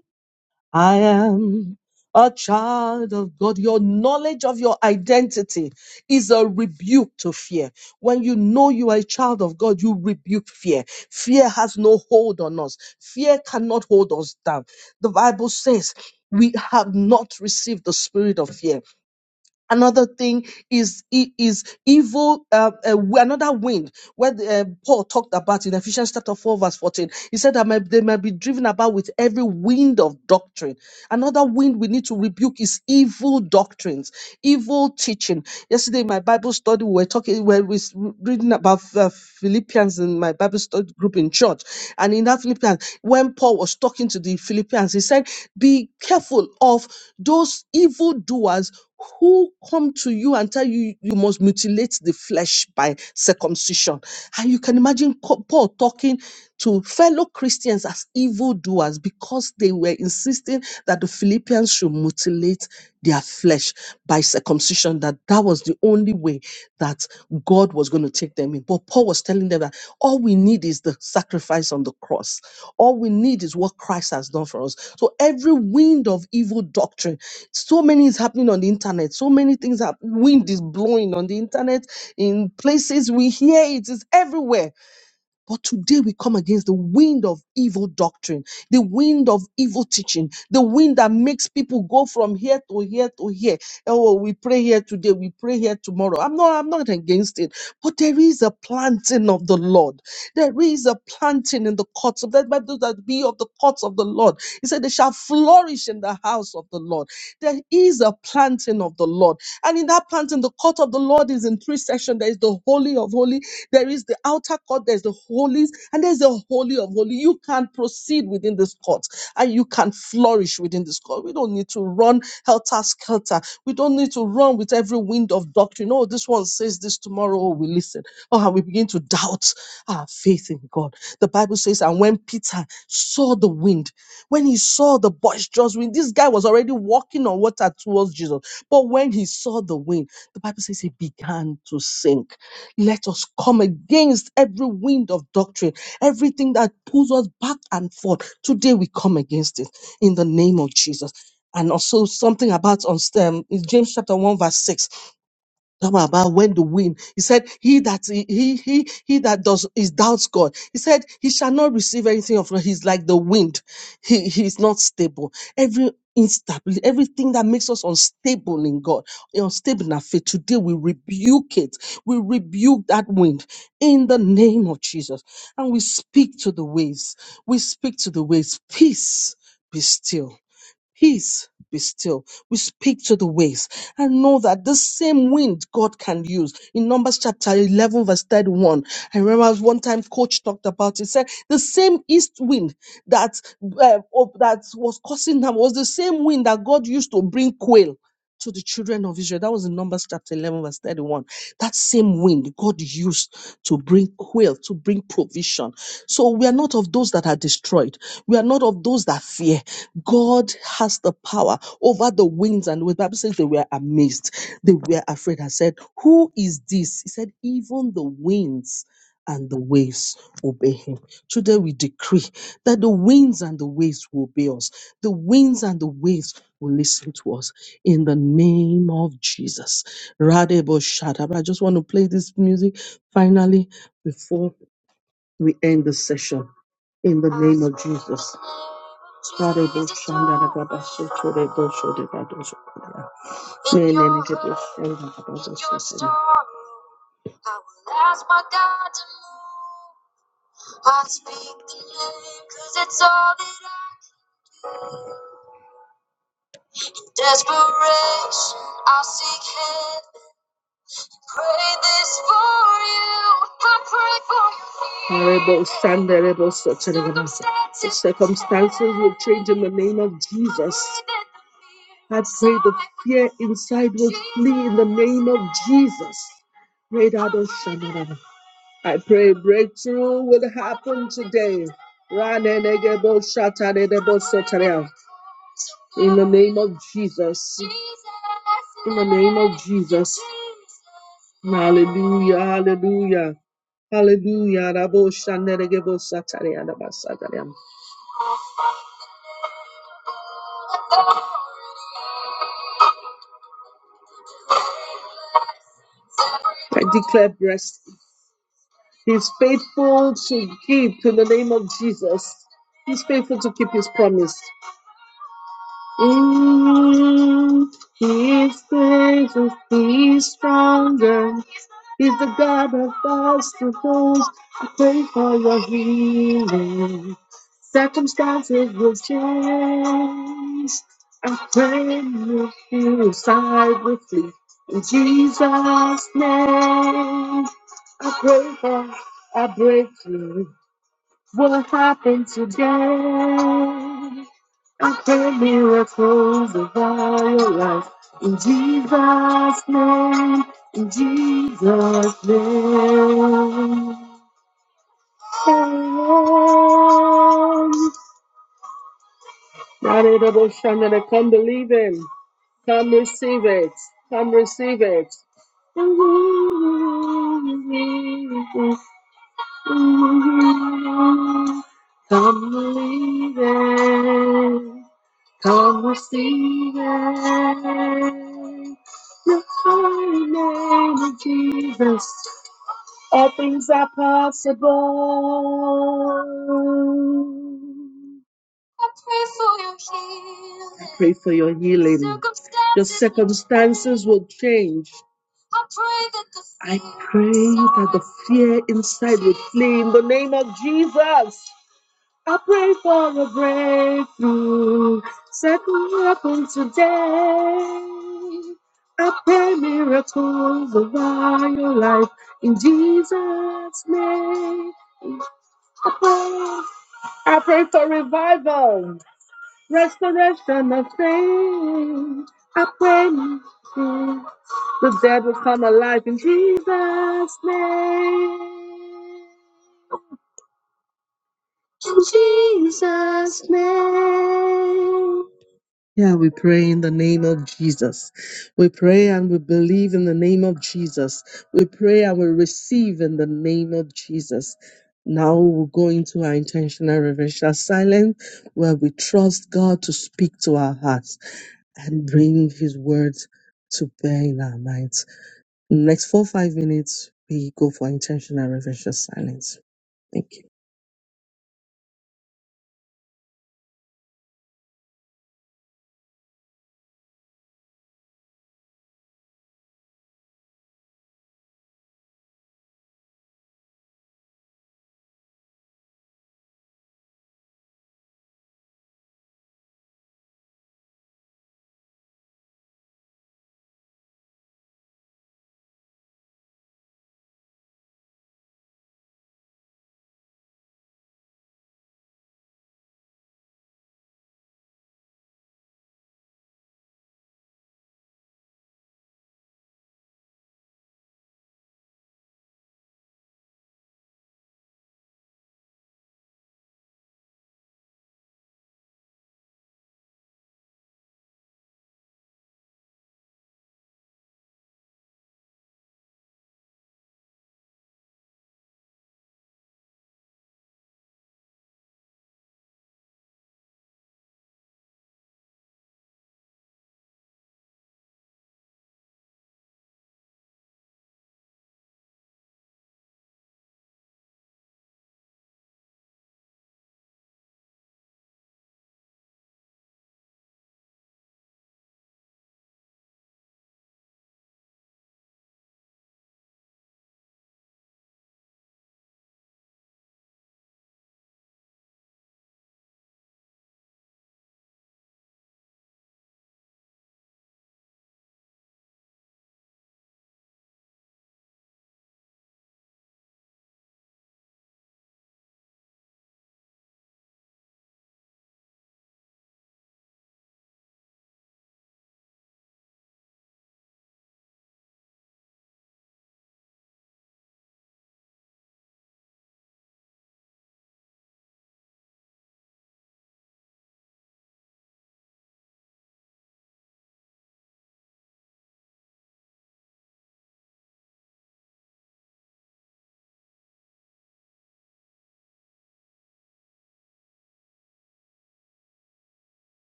Speaker 2: I am a child of God. Your knowledge of your identity is a rebuke to fear. When you know you are a child of God, you rebuke fear. Fear has no hold on us. Fear cannot hold us down. The Bible says, we have not received the spirit of fear Another thing is i- is evil. Uh, uh, another wind, where the, uh, Paul talked about in Ephesians chapter four verse fourteen, he said that might- they might be driven about with every wind of doctrine. Another wind we need to rebuke is evil doctrines, evil teaching. Yesterday in my Bible study, we were talking, we were reading about uh, Philippians in my Bible study group in church, and in that Philippians, when Paul was talking to the Philippians, he said, "Be careful of those evil doers." who come to you and tell you you must mutilate the flesh by circumcision. And you can imagine co- Paul talking to fellow Christians as evildoers because they were insisting that the Philippians should mutilate their flesh by circumcision, that that was the only way that God was going to take them in. But Paul was telling them that all we need is the sacrifice on the cross. All we need is what Christ has done for us. So every wind of evil doctrine so many is happening on the internet so many things are wind is blowing on the internet in places we hear it is everywhere but today we come against the wind of evil doctrine the wind of evil teaching the wind that makes people go from here to here to here oh well, we pray here today we pray here tomorrow i'm not i'm not against it but there is a planting of the lord there is a planting in the courts of that by those that be of the courts of the Lord. He said, They shall flourish in the house of the Lord. There is a planting of the Lord. And in that planting, the court of the Lord is in three sections. There is the holy of holies, there is the outer court, there's the holies, and there's the holy of holies. You can proceed within this court and you can flourish within this court. We don't need to run helter skelter. We don't need to run with every wind of doctrine. Oh, this one says this tomorrow. Oh, we listen Oh, and we begin to doubt our faith in God. The Bible says, and when Peter saw the wind, when he saw the boisterous wind, this guy was already walking on water towards Jesus. But when he saw the wind, the Bible says he began to sink. Let us come against every wind of doctrine, everything that pulls us back and forth. Today we come against it in the name of Jesus. And also something about on stem is James chapter 1, verse 6 Talk about when the wind. He said, "He that he he he that does is doubts God." He said, "He shall not receive anything of God." He's like the wind. He he is not stable. Every instability, everything that makes us unstable in God, unstable in our faith. Today we rebuke it. We rebuke that wind in the name of Jesus, and we speak to the waves. We speak to the waves. Peace, be still Peace be still. We speak to the waves and know that this same wind God can use. In Numbers chapter 11, verse 31, I remember one time coach talked about it. He said the same east wind that, uh, of- that was causing them was the same wind that God used to bring quail to the children of Israel. That was in Numbers chapter 11, verse 31. That same wind God used to bring quail, to bring provision. So we are not of those that are destroyed. We are not of those that fear. God has the power over the winds and the waves. Bible says they were amazed. They were afraid and said, Who is this? He said, Even the winds and the waves obey him. Today we decree that the winds and the waves will obey us. The winds and the waves will listen to us in the name of Jesus. Radebo Shadab. I just want to play this music finally before we end the session in the name of Jesus. Radebo Shadab. Oh, circumstances will change in the name of Jesus. I pray the fear inside will flee in the name of Jesus. Right, I pray breakthrough will happen today. In the name of Jesus. In the name of Jesus. Hallelujah. Hallelujah. Hallelujah. I declare blessed. He's faithful to keep in the name of Jesus. He's faithful to keep his promise. Mm, He is faithful, he is stronger. He's the God of obstacles. I pray for your healing. Circumstances will change. I pray you feel side with me. In Jesus' name, I pray for a breakthrough. What happened today? I pray miracles of all your life. In Jesus' name, in Jesus' name. Amen. Hallelujah. Come believe Him. Come receive it. Come receive it. Come believe it. Come receive it. The holy name of Jesus. All things are possible. Pray for your healing. Circumstances will change. fear inside will flee in the name of Jesus. I pray for a breakthrough. Set me open today. I pray miracles over your life in Jesus' name. I pray, I pray for revival, restoration of faith. I pray mm, the dead will come alive in Jesus' name. Yeah, we pray in the name of Jesus. We pray and we believe in the name of Jesus. We pray and we receive in the name of Jesus. Now we'll go into our intentional reverential silence where we trust God to speak to our hearts and bring His words to bear in our minds. Next four, five minutes, we go for intentional reverential silence. Thank you.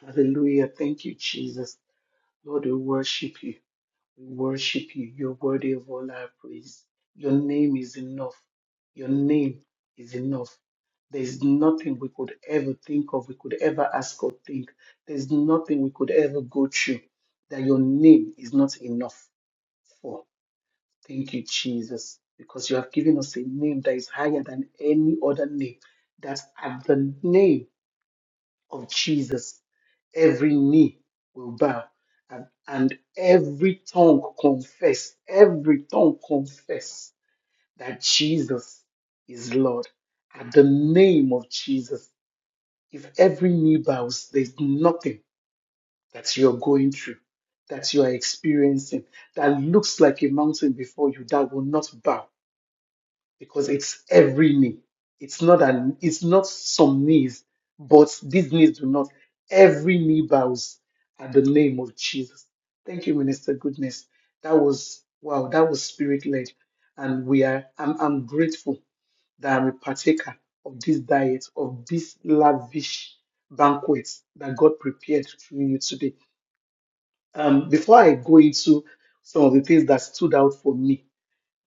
Speaker 1: Hallelujah. Thank you, Jesus. Lord, we worship you. We worship you. You're worthy of all our praise. Your name is enough. Your name is enough. There's nothing we could ever think of, we could ever ask or think. There's nothing we could ever go through that your name is not enough for. Thank you, Jesus, because you have given us a name that is higher than any other name. That's at the name of Jesus, every knee will bow and, and every tongue confess, every tongue confess that Jesus is Lord. At the name of Jesus, if every knee bows, there's nothing that you're going through, that you are experiencing, that looks like a mountain before you, that will not bow because it's every knee. It's not an it's not some knees, but these knees do not. Every knee bows at the name of Jesus. Thank you, Minister Goodness. That was wow, that was spirit led. And we are I'm I'm grateful that I'm a partaker of this diet, of this lavish banquet that God prepared through you today. Um, before I go into some of the things that stood out for me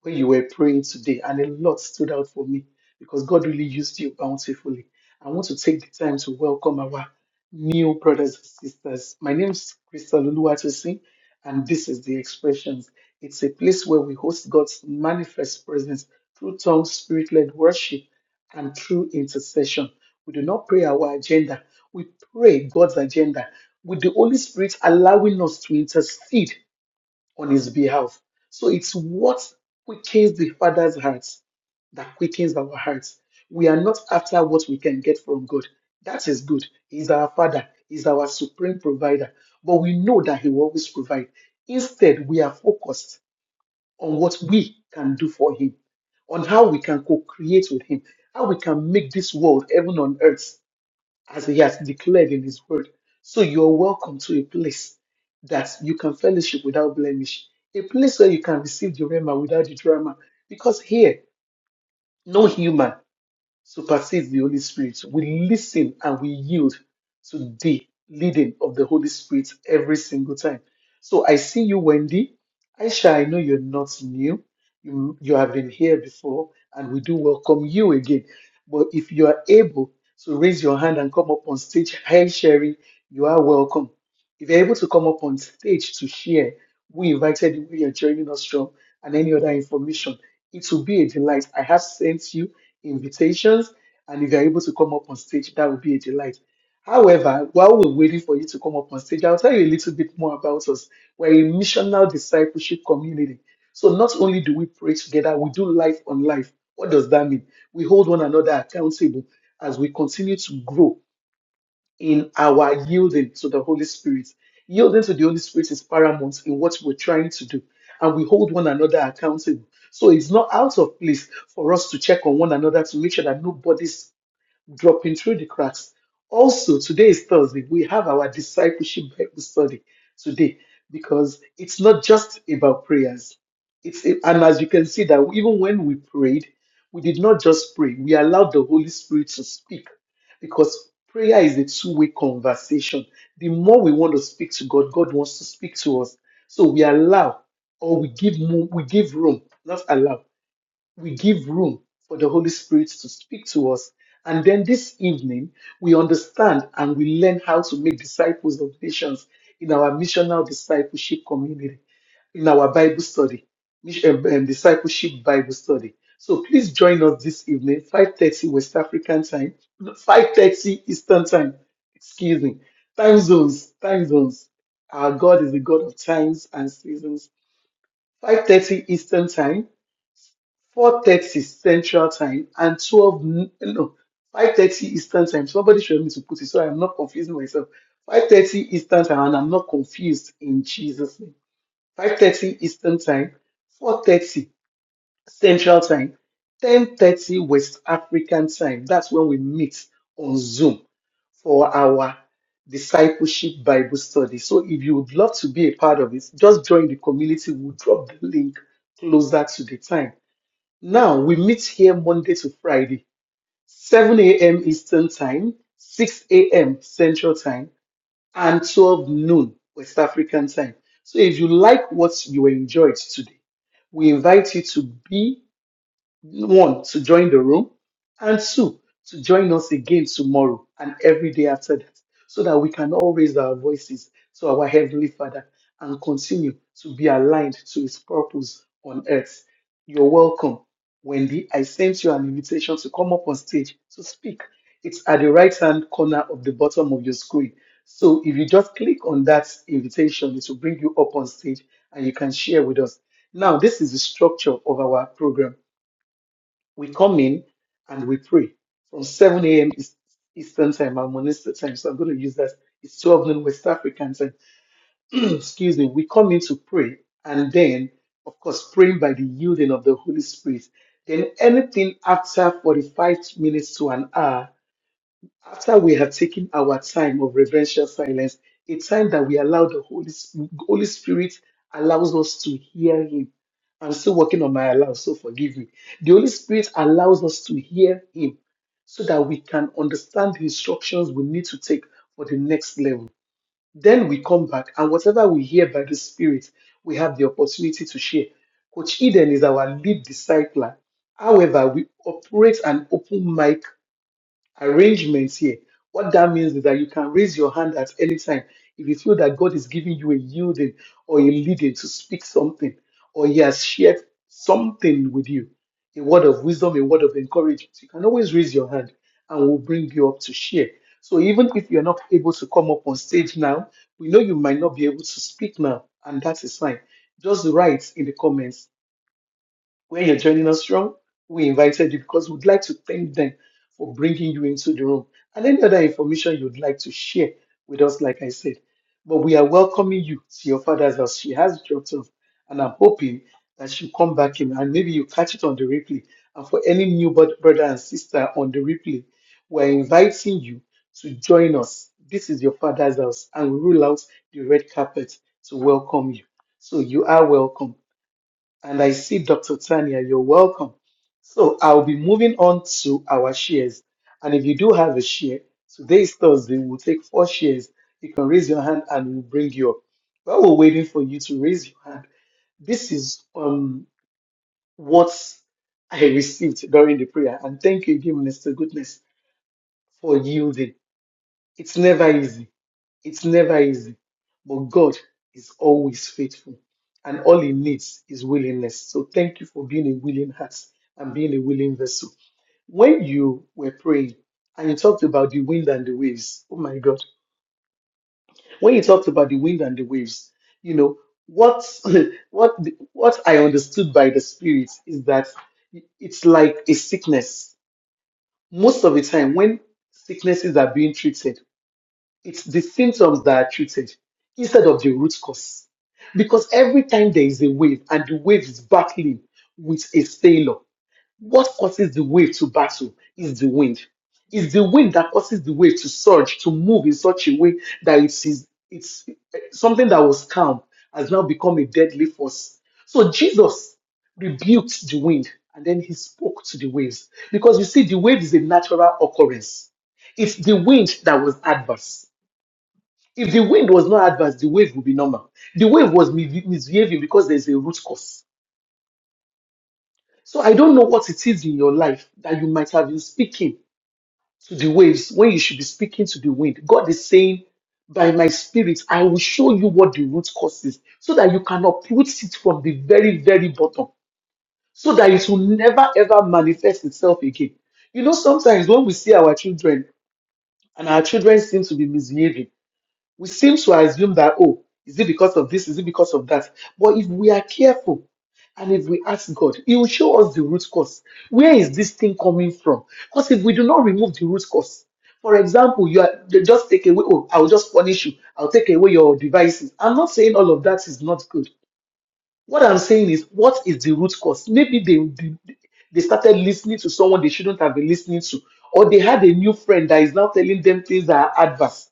Speaker 1: when you were praying today, and a lot stood out for me because God really used you bountifully. I want to take the time to welcome our new brothers and sisters. My name is Crystal Oluwatosin, and this is The Expressions. It's a place where we host God's manifest presence through tongue, spirit led worship, and through intercession. We do not pray our agenda, we pray God's agenda with the Holy Spirit allowing us to intercede on his behalf. So it's what quickens the Father's heart that quickens our hearts. We are not after what we can get from God. That is good. He's our Father, He's our supreme provider. But we know that He will always provide. Instead, we are focused on what we can do for Him, on how we can co create with Him, how we can make this world, heaven on earth, as he has declared in his word. So you're welcome to a place that you can fellowship without blemish, a place where you can receive the rhema without the drama. Because here, no human supersedes the Holy Spirit. We listen and we yield to the leading of the Holy Spirit every single time. So I see you, Wendy. Aisha, I know you're not new. You, you have been here before, and we do welcome you again. But if you are able to raise your hand and come up on stage, hi, Sherry, you are welcome. If you're able to come up on stage to share, we invited you, where you're joining us from, and any other information. It will be a delight. I have sent you invitations, and if you're able to come up on stage, that will be a delight. However, while we're waiting for you to come up on stage, I'll tell you a little bit more about us. We're a missional discipleship community. So not only do we pray together, we do life on life. What does that mean? We hold one another accountable as we continue to grow in our yielding to the Holy Spirit. Yielding to the Holy Spirit is paramount in what we're trying to do, and we hold one another accountable. So it's not out of place for us to check on one another to make sure that nobody's dropping through the cracks. Also, today is Thursday. We have our discipleship Bible study today because it's not just about prayers. It's a- and as you can see that even when we prayed, we did not just pray. We allowed the Holy Spirit to speak because prayer is a two-way conversation. The more we want to speak to God, God wants to speak to us. So we allow or we give mo- we give room, not allow we give room for the Holy Spirit to speak to us. And then this evening, we understand and we learn how to make disciples of nations in our missional discipleship community, in our Bible study, mis- um, um, discipleship Bible study. So please join us this evening, 5:30 West African time, no, 5:30 Eastern time. Excuse me. Time zones, time zones. Our God is the God of times and seasons. 5:30 Eastern time. 4.30 Central Time and 12, n- no, 5.30 Eastern Time. Somebody showed me to put it so I'm not confusing myself. 5.30 Eastern Time and I'm not confused in Jesus' name. 5.30 Eastern Time, 4.30 Central Time, 10.30 West African Time. That's when we meet on Zoom for our discipleship Bible study. So if you would love to be a part of it, just join the community. We'll drop the link closer to the time now we meet here Monday to Friday, 7 a.m. Eastern Time, 6 a.m. Central Time, and 12 noon West African Time. So if you like what you enjoyed today, we invite you to be one to join the room and two to join us again tomorrow and every day after that so that we can all raise our voices to our heavenly father and continue to be aligned to his purpose on earth you're welcome wendy i sent you an invitation to come up on stage to speak it's at the right hand corner of the bottom of your screen so if you just click on that invitation it will bring you up on stage and you can share with us now this is the structure of our program we come in and we pray from 7 a.m. East- Eastern time and Monista time. So I'm going to use that. It's 12 noon West African time. Excuse me. We come in to pray and then, of course, praying by the yielding of the Holy Spirit. Then anything after 45 minutes to an hour after we have taken our time of reverential silence, a time that we allow the Holy, Sp- Holy Spirit allows us to hear Him. I'm still working on my allow, so forgive me. The Holy Spirit allows us to hear Him so that we can understand the instructions we need to take for the next level. Then we come back, and whatever we hear by the Spirit, we have the opportunity to share. Coach Eden is our lead discipler. However, we operate an open mic arrangements here. What that means is that you can raise your hand at any time if you feel that God is giving you a yielding or a leading to speak something, or He has shared something with you a word of wisdom, a word of encouragement. You can always raise your hand and we'll bring you up to share. So even if you're not able to come up on stage now, we know you might not be able to speak now, and that is fine. Just write in the comments where you're joining us from. We invited you because we'd like to thank them for bringing you into the room and any other information you'd like to share with us, like I said. But we are welcoming you to your father's house. She has dropped off, and I'm hoping that she'll come back in and maybe you catch it on the replay. And for any new bod- brother and sister on the replay, we're inviting you to join us. This is your father's house, and we roll out the red carpet to welcome you. So you are welcome. And I see Dr. Tanya, you're welcome. So I'll be moving on to our shares. And if you do have a share, today is Thursday, we'll take four shares. You can raise your hand and we'll bring you up. While we're waiting for you to raise your hand, this is um what I received during the prayer. And thank you again, Minister Goodness, for yielding. It's never easy it's never easy, but God is always faithful, and all He needs is willingness. So thank you for being a willing heart and being a willing vessel. When you were praying and you talked about the wind and the waves, oh my God! When you talked about the wind and the waves, you know what what the- what I understood by the Spirit is that it's like a sickness. Most of the time, when sicknesses are being treated it's the symptoms that are treated instead of the root cause. Because every time there is a wave and the wave is battling with a sailor, what causes the wave to battle is the wind. It's the wind that causes the wave to surge, to move in such a way that it is it's something that was calm has now become a deadly force. So Jesus rebuked the wind and then he spoke to the waves. Because you see, the wave is a natural occurrence. It's the wind that was adverse. If the wind was not adverse, the wave would be normal. The wave was mi- misbehaving because there's a root cause. So I don't know what it is in your life that you might have been speaking to the waves when you should be speaking to the wind. God is saying, by my spirit, I will show you what the root cause is so that you can uproot it from the very, very bottom so that it will never ever manifest itself again. You know, sometimes when we see our children and our children seem to be misbehaving, we seem to assume that, oh, is it because of this? Is it because of that? But if we are careful and if we ask God, He will show us the root cause. Where is this thing coming from? Because if we do not remove the root cause, for example, you are they just take away, oh, I'll just punish you, I'll take away your devices. I'm not saying all of that is not good. What I'm saying is, what is the root cause? Maybe they, they, they started listening to someone they shouldn't have been listening to, or they had a new friend that is now telling them things that are adverse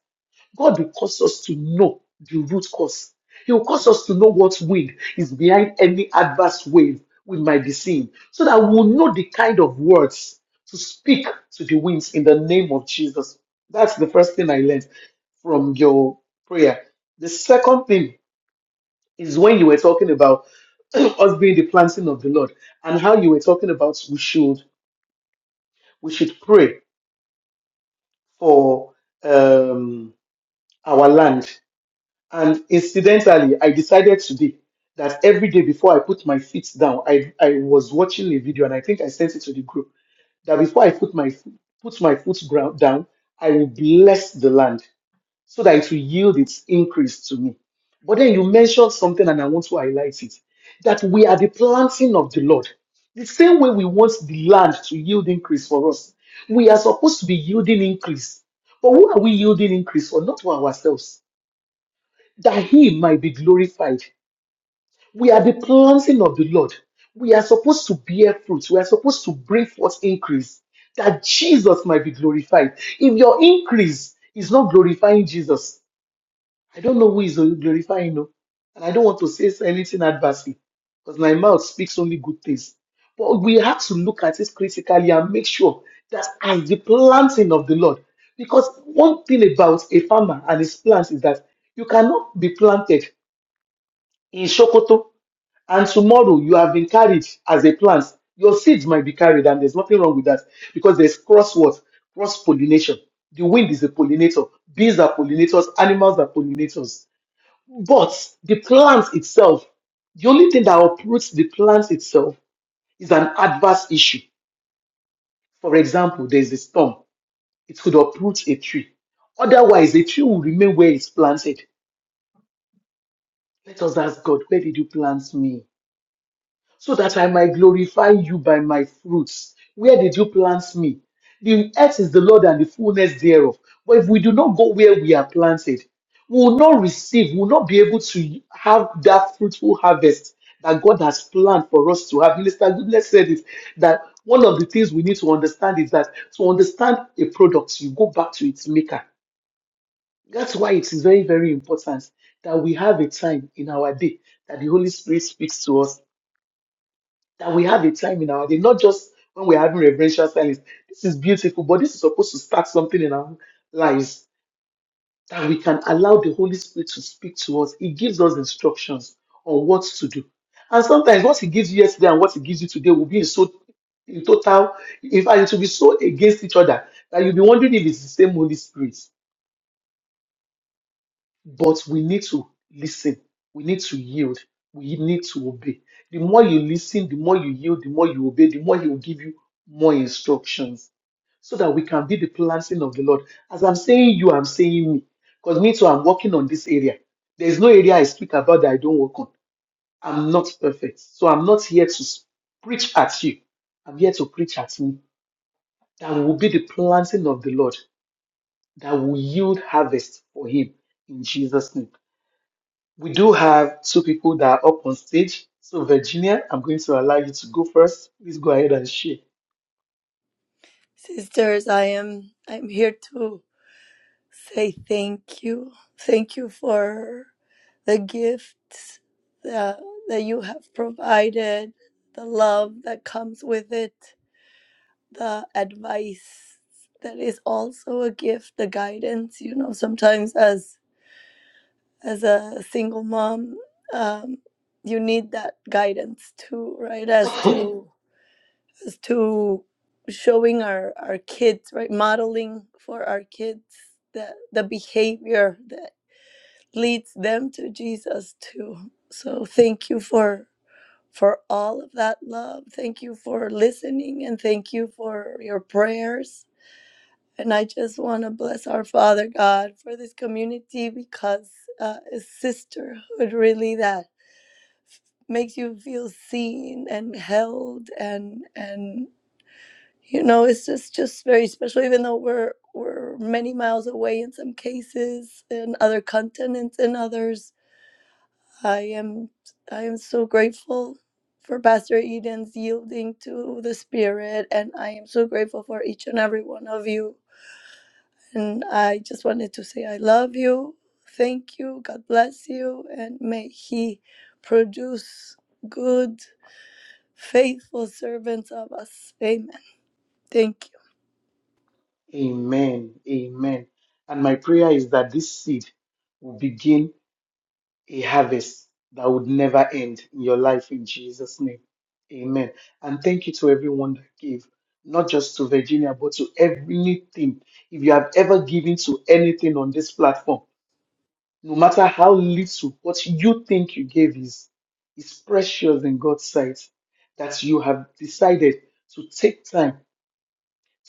Speaker 1: God will cause us to know the root cause. He will cause us to know what wind is behind any adverse wave we might be seeing, so that we'll know the kind of words to speak to the winds in the name of Jesus. That's the first thing I learned from your prayer. The second thing is when you were talking about us being the planting of the Lord and how you were talking about we should we should pray for um, our land And incidentally, I decided today that every day before I put my feet down, I, I was watching a video and I think I sent it to the group that before I put my fo- put my foot ground down, I will bless the land so that it will yield its increase to me. But then you mentioned something and I want to highlight it that we are the planting of the Lord. The same way we want the land to yield increase for us, we are supposed to be yielding increase. But who are we yielding increase for? Not for ourselves that he might be glorified. We are the planting of the Lord. We are supposed to bear fruit. We are supposed to bring forth increase that Jesus might be glorified. If your increase is not glorifying Jesus, I don't know who is glorifying you. And I don't want to say anything adversely because my mouth speaks only good things. But we have to look at it critically and make sure that as the planting of the Lord, because one thing about a farmer and his plants is that you cannot be planted in Sokoto, and tomorrow you have been carried as a plant, your seeds might be carried, and there's nothing wrong with that because there's cross what cross pollination. The wind is a pollinator, bees are pollinators, animals are pollinators. But the plant itself, the only thing that uproots the plant itself is an adverse issue. For example, there's a storm, it could uproot a tree. Otherwise, the tree will remain where it's planted. Let us ask God, where did you plant me? so that I might glorify you by my fruits. Where did you plant me? The earth is the Lord and the fullness thereof. But if we do not go where we are planted, we will not receive, we will not be able to have that fruitful harvest that God has planned for us to have. Minister Goodness said it that one of the things we need to understand is that to understand a product, you go back to its maker. That's why it is very, very important that we have a time in our day that the Holy Spirit speaks to us that we have a time in our day, not just when we're having reverential silence. This is beautiful, but this is supposed to start something in our lives that we can allow the Holy Spirit to speak to us. He gives us instructions on what to do. And sometimes what he gives you yesterday and what he gives you today will be in so in total, in fact, it will be so against each other that you'll be wondering if it's the same Holy Spirit. but we need to listen. We need to yield. We need to obey. The more you listen, the more you yield, the more you obey, the more He will give you more instructions so that we can be the planting of the Lord. As I'm saying you, I'm saying me. Because me too, I'm working on this area. There's no area I speak about that I don't work on. I'm not perfect. So I'm not here to s- preach at you. I'm here to preach at me. That will be the planting of the Lord that will yield harvest for Him in Jesus' name. We do have two people that are up on stage. So, Virginia, I'm going to allow you to go first. Please go ahead and share.
Speaker 3: Sisters, I am I'm here to say thank you. Thank you for the gifts that, that you have provided, the love that comes with it, the advice that is also a gift, the guidance, you know, sometimes as as a single mom, um, you need that guidance too, right? As to to showing our our kids right modeling for our kids the the behavior that leads them to jesus too so thank you for for all of that love thank you for listening and thank you for your prayers and i just want to bless our father god for this community because uh, it's sisterhood really that makes you feel seen and held and and you know it's just just very special even though we're we're many miles away in some cases in other continents in others i am i am so grateful for pastor eden's yielding to the spirit and i am so grateful for each and every one of you and i just wanted to say i love you thank you god bless you and may he produce good faithful servants of us amen thank you
Speaker 1: Amen. Amen. And my prayer is that this seed will begin a harvest that would never end in your life in Jesus' name. Amen. And thank you to everyone that gave, not just to Virginia, but to everything. If you have ever given to anything on this platform, No matter how little what you think you gave is, is precious in God's sight, that you have decided to take time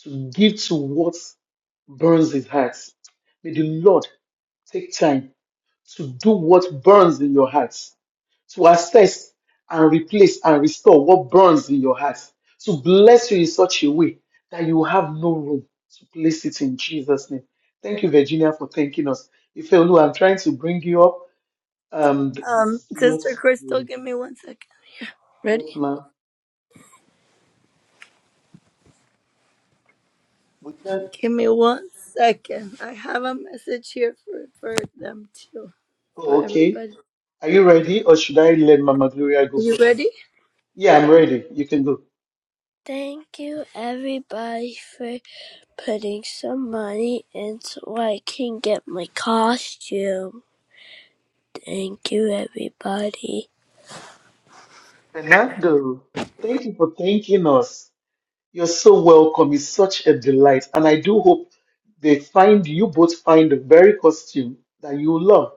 Speaker 1: to give to what burns his heart. May the Lord take time to do what burns in your heart, to assess and replace and restore what burns in your heart, to bless you in such a way that you have no room to place it in Jesus' name. Thank you, Virginia, for thanking us. Ifeolu, I'm trying to bring you up. Um,
Speaker 3: Um,
Speaker 1: it's not
Speaker 3: Sister Crystal,
Speaker 1: the
Speaker 3: give me one second. Ready?
Speaker 1: what ma we can
Speaker 3: Give me one second. I have a message here for, for them too, for
Speaker 1: oh okay.
Speaker 3: everybody.
Speaker 1: Are you ready or should I let Mama Gloria go
Speaker 3: You
Speaker 1: first?
Speaker 3: ready?
Speaker 1: Yeah, I'm ready. You can go.
Speaker 3: Thank you, everybody, for putting some money in so I can get my costume. Thank you, everybody.
Speaker 1: Fernando, thank you for thanking us. You're so welcome. It's such a delight. And I do hope they find you both find the very costume that you love.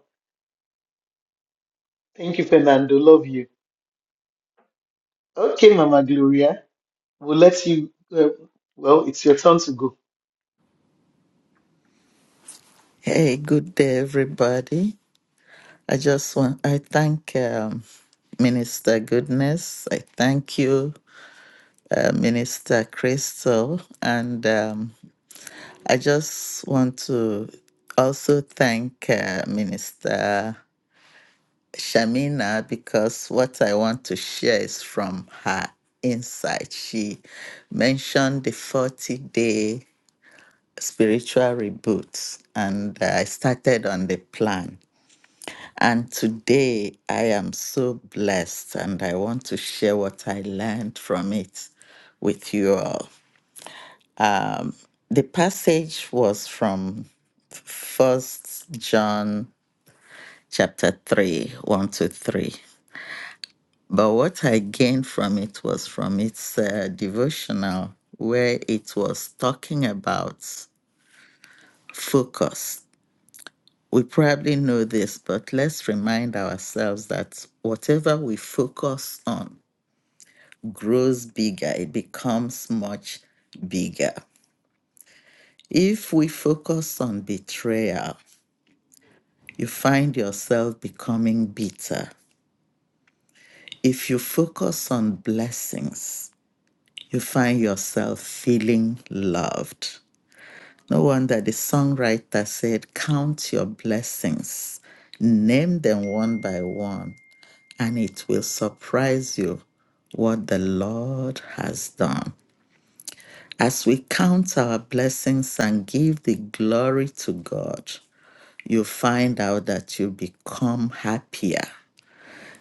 Speaker 1: Thank you, Fernando. Love you. Okay, Mama Gloria. We'll let you uh, well, it's your turn to go.
Speaker 4: Hey, good day, everybody. I just want I thank um, Minister Goodness. I thank you, uh, Minister Crystal, and um, I just want to also thank uh, Minister Shamina because what I want to share is from her insight. She mentioned the forty day spiritual reboot, and uh, I started on the plan And today I am so blessed, and I want to share what I learned from it with you all. The passage was from First John chapter 3, 1 to 3. But what I gained from it was from its uh, devotional, where it was talking about focus. We probably know this, but let's remind ourselves that whatever we focus on grows bigger, it becomes much bigger. If we focus on betrayal, you find yourself becoming bitter. If you focus on blessings, you find yourself feeling loved. No wonder the songwriter said, Count your blessings, name them one by one, and it will surprise you what the Lord has done. As we count our blessings and give the glory to God, you find out that you become happier.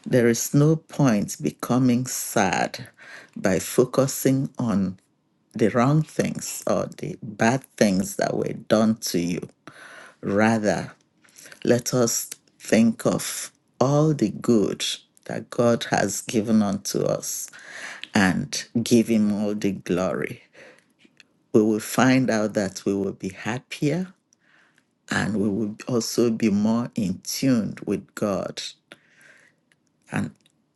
Speaker 4: There is no point becoming sad by focusing on the wrong things or the bad things that were done to you. Rather, let us think of all the good that God has given unto us and give Him all the glory. We will find out that we will be happier and we will also be more in tune with God. And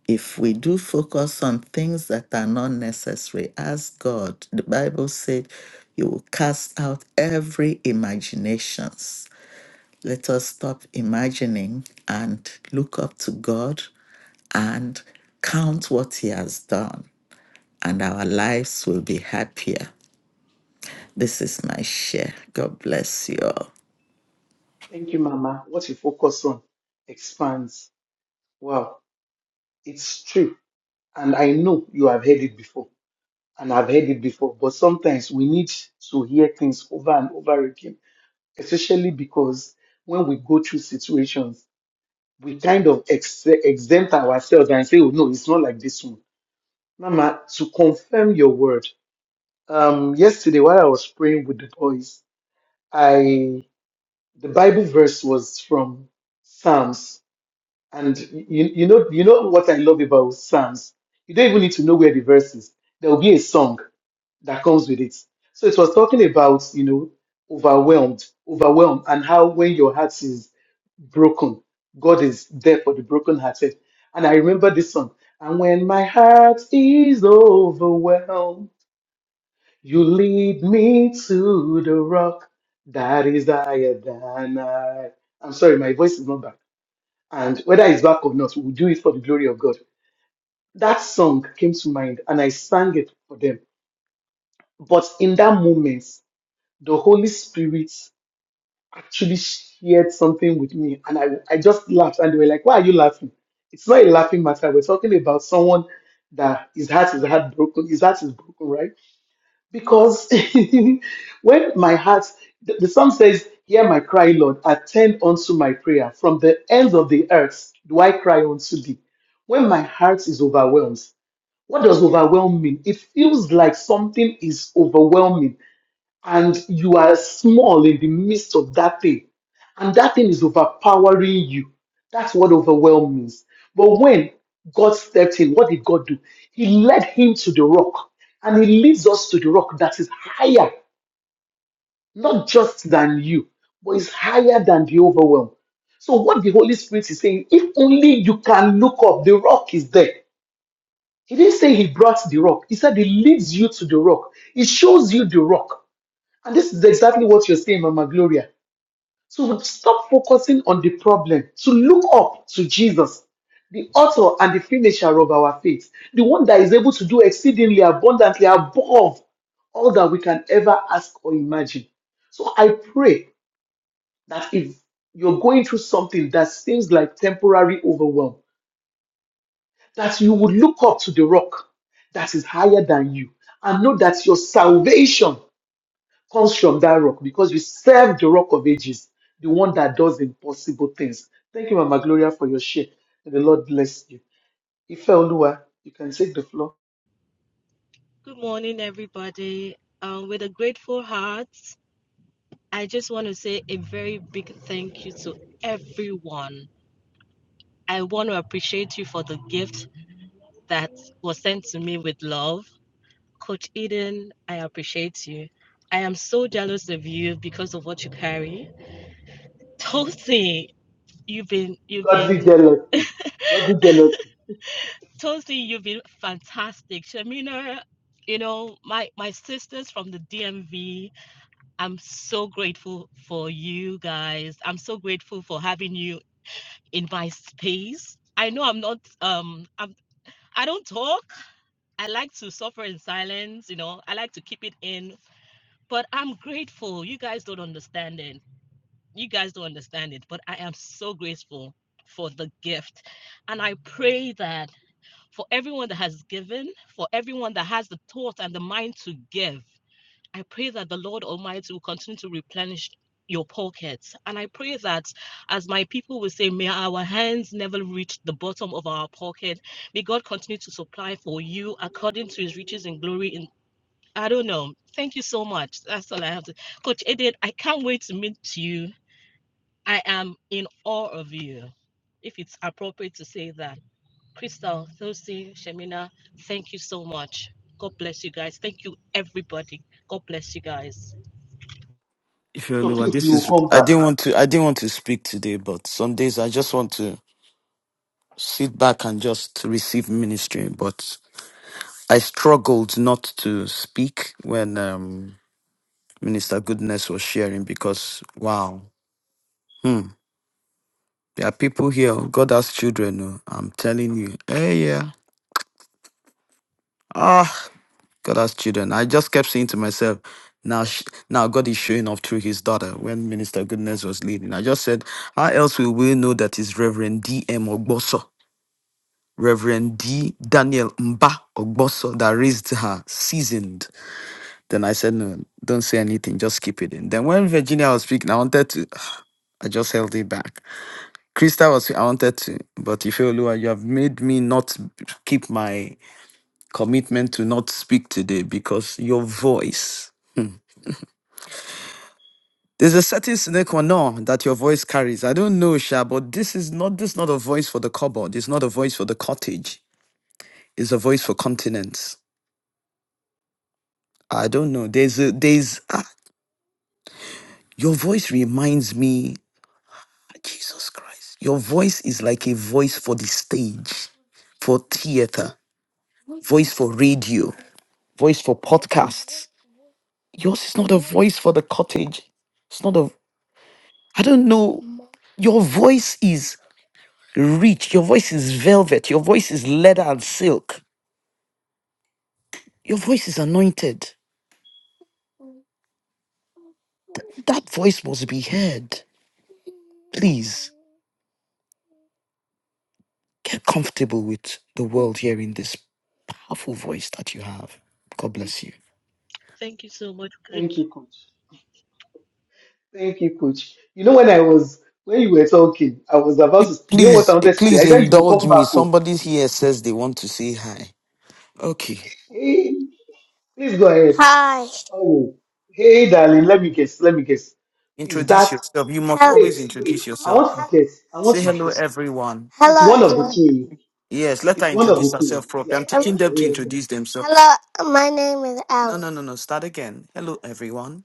Speaker 4: if we do focus on things that are not necessary, ask God. The Bible said, "You will cast out every imaginations." Let us stop imagining and look up to God and count what He has done, and our lives will be happier. This is my share. God bless you all.
Speaker 1: Thank you, Mama. What you focus on expands. Wow. It's true. And I know you have heard it before, and I've heard it before, but sometimes we need to hear things over and over again, especially because when we go through situations, we kind of ex- exempt ourselves and say, oh, no, it's not like this one. Mama, to confirm your word, um, yesterday while I was praying with the boys, I the Bible verse was from Psalms And you, you know, you know what I love about Psalms. You don't even need to know where the verse is. There will be a song that comes with it. So it was talking about, you know, overwhelmed, overwhelmed, and how when your heart is broken, God is there for the brokenhearted. And I remember this song. And when my heart is overwhelmed, you lead me to the rock that is higher than I. I'm sorry, my voice is not back and whether it's back or not, we'll do it for the glory of God. That song came to mind and I sang it for them. But in that moment, the Holy Spirit actually shared something with me and I, I just laughed and they were like, Why are you laughing? It's not a laughing matter. We're talking about someone that his heart is heartbroken, his heart is broken, right? because when my heart the, the psalm says hear my cry lord attend unto my prayer from the ends of the earth do i cry unto thee when my heart is overwhelmed what does overwhelm mean it feels like something is overwhelming and you are small in the midst of that thing, and that thing is overpowering you. That's what overwhelm means. But when God stepped in, what did God do? He led him to the rock, and he leads us to the rock that is higher, not just than you, but is higher than the overwhelm. So, what the Holy Spirit is saying, if only you can look up, the rock is there. He didn't say he brought the rock, he said he leads you to the rock, he shows you the rock. And this is exactly what you're saying, Mama Gloria. So stop focusing on the problem, to look up to Jesus, the author and the finisher of our faith, the one that is able to do exceedingly abundantly above all that we can ever ask or imagine. So I pray that if you're going through something that seems like temporary overwhelm, that you would look up to the rock that is higher than you and know that your salvation comes from that rock because we serve the rock of ages, the one that does impossible things. Thank you, Mama Gloria, for your share. And the Lord bless you. Ife Olua, you can take the floor.
Speaker 5: Good morning, everybody. Um, with a grateful heart, I just want to say a very big thank you to everyone. I want to appreciate you for the gift that was sent to me with love. Coach Eden, I appreciate you. I am so jealous of you because of what you carry. Tosi, you've been you've
Speaker 1: Godly
Speaker 5: been
Speaker 1: jealousy. Godly jealousy.
Speaker 5: Tosi, you've been fantastic. Shamina, you know, my my sisters from the DMV, I'm so grateful for you guys. I'm so grateful for having you in my space. I know I'm not um I'm I don't talk. I like to suffer in silence, you know. I like to keep it in, but I'm grateful. You guys don't understand it. You guys don't understand it, but I am so grateful for the gift. And I pray that for everyone that has given, for everyone that has the thought and the mind to give, I pray that the Lord Almighty will continue to replenish your pockets. And I pray that, as my people will say, may our hands never reach the bottom of our pocket. May God continue to supply for you according to his riches and glory. In I don't know. Thank you so much. That's all I have to. Coach Edith, I can't wait to meet you. I am in awe of you, if it's appropriate to say that. Crystal, Thursday, Shemina, thank you so much. God bless you guys. Thank you, everybody. God bless you guys.
Speaker 1: So
Speaker 6: Ifeoluwa,
Speaker 1: please,
Speaker 6: this
Speaker 1: you will
Speaker 6: is
Speaker 1: come
Speaker 6: I
Speaker 1: back.
Speaker 6: didn't want to I didn't want to speak today, but some days I just want to sit back and just receive ministry. But I struggled not to speak when um, Minister Goodness was sharing because wow, hmm, there are people here. oh, God has children. oh, I'm telling you, hey yeah, ah, God has children. I just kept saying to myself. Now, sh- now God is showing off through His daughter. When Minister Goodness was leading, I just said, "How else will we know that it's Reverend D.M. Ogboso?" Reverend D. Daniel Mba Ogboso that raised her seasoned. Then I said, no, don't say anything, just keep it in. Then when Virginia was speaking, I wanted to, I just held it back. Krista was, I wanted to, but Ifeoluwa, you you have made me not keep my commitment to not speak today because your voice. There's a certain sine qua non that your voice carries. I don't know, Sha, but this is not this is not a voice for the cupboard. It's not a voice for the cottage. It's a voice for continents I don't know. There's a there's ah, your voice reminds me ah, Jesus Christ. Your voice is like a voice for the stage, for theater, voice for radio, voice for podcasts. Yours is not a voice for the cottage. It's not a I don't know. Your voice is rich. Your voice is velvet. Your voice is leather and silk. Your voice is anointed. That voice must be heard. Please. Get comfortable with the world hearing this powerful voice that you have. God bless you.
Speaker 5: Thank you so much,
Speaker 1: Thank
Speaker 5: coach.
Speaker 1: you, Coach. Thank you, Coach. You know, when I was, when you were talking, I was about to, you know what I
Speaker 6: Please,
Speaker 1: wanted to say? I
Speaker 6: please
Speaker 1: said, you will come
Speaker 6: indulge
Speaker 1: back.
Speaker 6: me.
Speaker 1: Oh.
Speaker 6: Somebody here says they want to say hi. Okay.
Speaker 1: Hey, please go ahead.
Speaker 6: Hi.
Speaker 1: Oh, hey, darling, let me guess. Let me guess. Is
Speaker 6: Introduce
Speaker 1: that
Speaker 6: yourself. You must Hel-
Speaker 1: Wait,
Speaker 6: always
Speaker 1: wait.
Speaker 6: introduce
Speaker 1: I
Speaker 6: yourself.
Speaker 1: want to guess. I want
Speaker 6: Say
Speaker 1: to
Speaker 6: hello,
Speaker 1: guess.
Speaker 6: everyone.
Speaker 1: It's
Speaker 6: Hello,
Speaker 1: one of the
Speaker 6: everyone.
Speaker 1: two.
Speaker 6: Yes, let her
Speaker 1: It's one of
Speaker 6: introduce
Speaker 1: the two.
Speaker 6: herself properly.
Speaker 1: Yeah.
Speaker 6: I'm Um, teaching
Speaker 1: Okay.
Speaker 6: them to
Speaker 1: yeah, yeah.
Speaker 6: introduce themselves. hello, my name is No, Alex. no, Alex. no, no. Start again. Hello, everyone.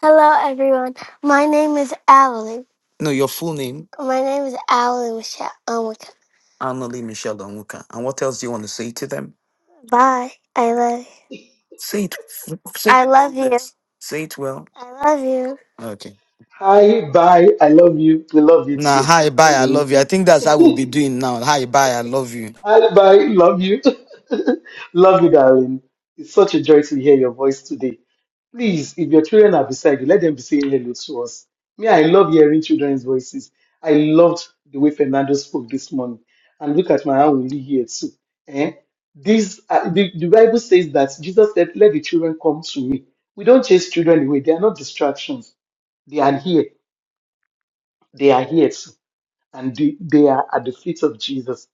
Speaker 6: Hello, everyone. My name is Allie. No, your full name, My name is Allie Michelle. Onwuka. my Annalie Michelle Onwuka. And what else do you want to say to them? Bye. I love. you. Say it. Say, I it. love you. say it well. I love you. Okay.
Speaker 1: Hi, bye. I love you. We love you
Speaker 6: Nah,
Speaker 1: too.
Speaker 6: hi, bye, I love you.
Speaker 1: Hi,
Speaker 6: I think that's how we'll be doing now. Hi, bye, I love you.
Speaker 1: bye. Love you. love you, darling. It's such a joy to hear your voice today. Please, if your children are beside you, let them be saying hello to us. Me, I love hearing children's voices. I loved the way Fernando spoke this morning. And look at my own Willie here too. Eh? This, uh, the, the Bible says that Jesus said, Let the children come to me. We don't chase children away. They are not distractions. They are here. They are here too. And they, they are at the feet of Jesus.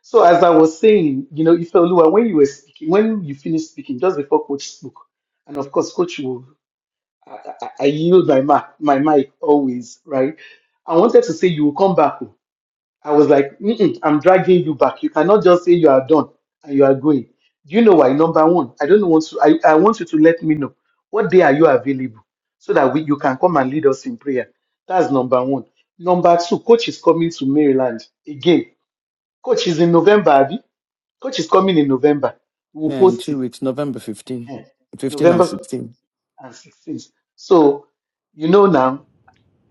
Speaker 1: So, as I was saying, you know, Ifelua, when you were speaking, when you finished speaking, just before Coach spoke, and of course, Coach will I, I, I use my mic, my mic always, right? I wanted to say you will come back. oh." I was like, Mm-mm, I'm dragging you back. You cannot just say you are done and you are going. Do you know why? Number one, I don't want to. I, I want you to let me know what day are you available so that we, you can come and lead us in prayer. That's number one. Number two, coach is coming to Maryland again. Coach is in November, Abby. Coach is coming in November. We'll
Speaker 6: Yeah, in
Speaker 1: post
Speaker 6: two
Speaker 1: it.
Speaker 6: weeks, November 15,
Speaker 1: Ehen.
Speaker 6: 15 and
Speaker 1: November
Speaker 6: 16.
Speaker 1: 15th and 16th. So you know now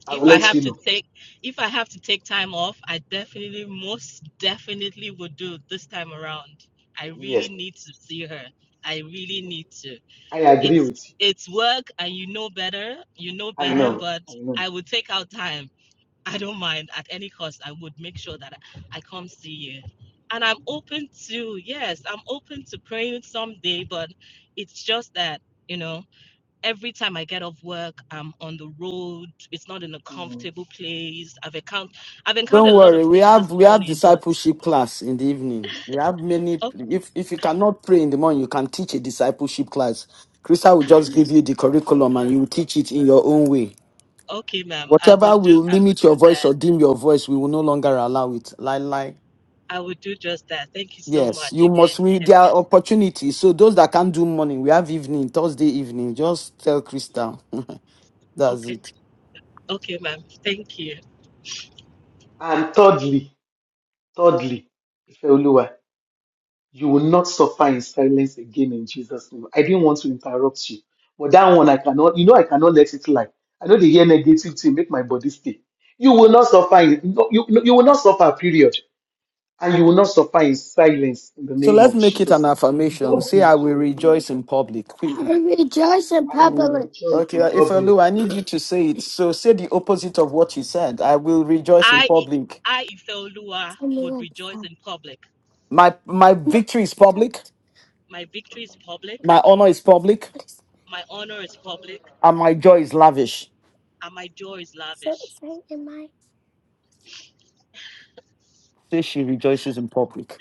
Speaker 1: I will
Speaker 5: If I
Speaker 1: let
Speaker 5: have
Speaker 1: you
Speaker 5: to
Speaker 1: know.
Speaker 5: take if I have to take time off, I definitely most definitely would do this time around. I really
Speaker 1: Yes,
Speaker 5: need to see her. I really need to.
Speaker 1: I agree
Speaker 5: It's
Speaker 1: with you.
Speaker 5: it's work and you know better. You know
Speaker 1: I
Speaker 5: better,
Speaker 1: know.
Speaker 5: but
Speaker 1: I know.
Speaker 5: I would take out time. I don't mind at any cost. I would make sure that I come see you. And I'm open to yes, I'm open to praying someday, but it's just that, you know, every time I get off work, I'm on the road. It's not in a
Speaker 1: Mm,
Speaker 5: comfortable place. I've encountered I've
Speaker 6: Don't
Speaker 5: encountered a lot
Speaker 6: worry,
Speaker 5: of
Speaker 6: we
Speaker 5: things
Speaker 6: have
Speaker 5: this
Speaker 6: we have
Speaker 5: morning, but
Speaker 6: discipleship class in the evening. We have many.
Speaker 5: oh,
Speaker 6: If if you cannot pray in the morning, you can teach a discipleship class. Krista will
Speaker 1: yes.
Speaker 6: just give you the curriculum and you will teach it in your own way.
Speaker 5: okay, ma'am, I will
Speaker 6: Whatever
Speaker 5: do
Speaker 6: will
Speaker 5: I will
Speaker 6: limit
Speaker 5: do
Speaker 6: your voice
Speaker 5: that.
Speaker 6: or dim your voice, we will no longer allow it. Like like
Speaker 5: I will do just that. Thank you so
Speaker 6: yes,
Speaker 5: much
Speaker 6: you
Speaker 5: again.
Speaker 6: must. We there
Speaker 5: Yes,
Speaker 6: are
Speaker 5: ma'am.
Speaker 6: opportunities. So those that can't do morning, we have evening Thursday evening. Just tell Krista. That's
Speaker 5: Okay,
Speaker 6: it.
Speaker 5: okay, ma'am. Thank you.
Speaker 1: And thirdly, thirdly, Ifeoluwa, you will not suffer in silence again in Jesus' name. I didn't want to interrupt you, but that one I cannot. You know, I cannot let it lie. I know they hear negative thing make my body stay. You will not suffer. In, no, you, no, you will not suffer. Period. And you will not suffer in silence in the
Speaker 6: So
Speaker 1: name
Speaker 6: let's
Speaker 1: of
Speaker 6: make it an
Speaker 1: Jesus.
Speaker 6: affirmation.
Speaker 1: God
Speaker 6: Say,
Speaker 1: be
Speaker 6: I
Speaker 1: for
Speaker 6: will
Speaker 1: you.
Speaker 6: rejoice in public. Quickly. I rejoice in
Speaker 1: I will
Speaker 6: public.
Speaker 1: rejoice
Speaker 6: Okay,
Speaker 1: in
Speaker 6: if
Speaker 1: public.
Speaker 6: I need you to say it. So say the opposite of what you said. I will rejoice in
Speaker 5: I
Speaker 6: public.
Speaker 5: I Ifeoluwa
Speaker 6: Tell me
Speaker 5: would
Speaker 6: what to
Speaker 5: rejoice in public.
Speaker 6: My my victory is public.
Speaker 5: My victory is public.
Speaker 6: My honor is public,
Speaker 5: My honor is public,
Speaker 6: and my joy is lavish.
Speaker 5: and my joy is
Speaker 6: So
Speaker 5: lavish.
Speaker 6: say in my. Say she rejoices in public.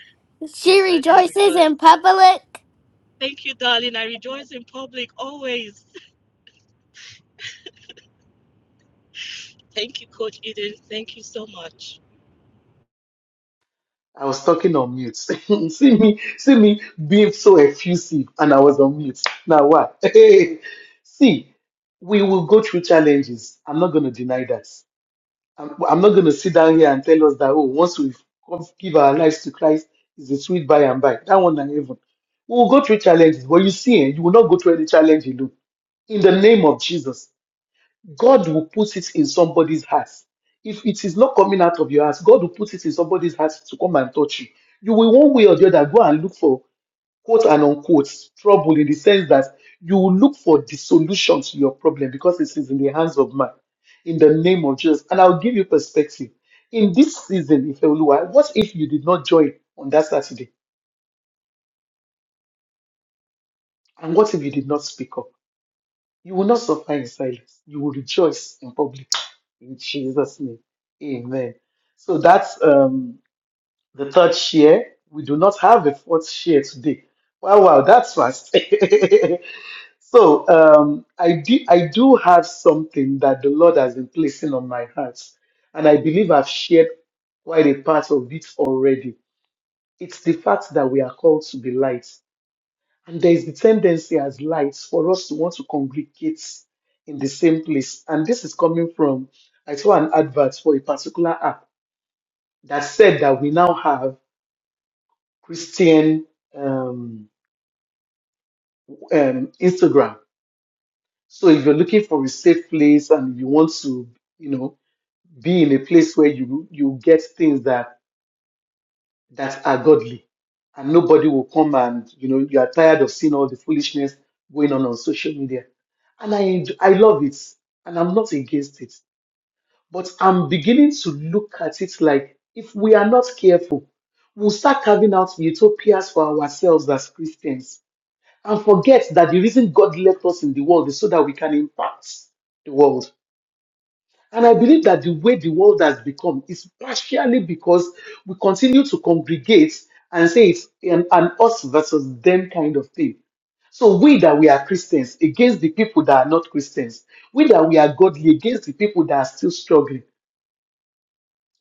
Speaker 6: She
Speaker 5: Yes, I do
Speaker 6: rejoices
Speaker 5: rejoice.
Speaker 6: in public.
Speaker 5: Thank you, darling. I rejoice in public always. Thank you, Coach Eden. Thank you so much.
Speaker 1: I was talking on mute. see me, see me being so effusive, and I was on mute. Now what? see, we will go through challenges. I'm not going to deny that. I'm, I'm not going to sit down here and tell us that oh, once we give our lives to Christ, it's a sweet by and by. That one and heaven. We will go through challenges, but you see, eh, you will not go through any challenge alone. In the name of Jesus, God will put it in somebody's heart. If it is not coming out of your heart, God will put it in somebody's heart to come and touch you. You will, one way or the other, go and look for quote and unquote trouble in the sense that you will look for the solution to your problem because it is in the hands of man. In the name of Jesus. And I'll give you perspective. In this season, if Oluwa, what if you did not join on that Saturday? And what if you did not speak up? You will not suffer in silence. You will rejoice in public. In Jesus' name. Amen. So that's um, the third share. We do not have a fourth share today. Wow, wow, that's fast. so um, I, do, I do have something that the Lord has been placing on my heart. And I believe I've shared quite a part of it already. It's the fact that we are called to be light. And there is the tendency as lights for us to want to congregate in the same place. And this is coming from, I saw an advert for a particular app that said that we now have Christian um, um, Instagram. So if you're looking for a safe place and you want to, you know, be in a place where you you get things that that are godly. And nobody will come and, you know, you are tired of seeing all the foolishness going on on social media. And I, enj- I love it. And I'm not against it. But I'm beginning to look at it like if we are not careful, we'll start carving out utopias for ourselves as Christians and forget that the reason God left us in the world is so that we can impact the world. And I believe that the way the world has become is partially because we continue to congregate and say it's an, an us versus them kind of thing. So we that we are Christians against the people that are not Christians, we that we are godly against the people that are still struggling.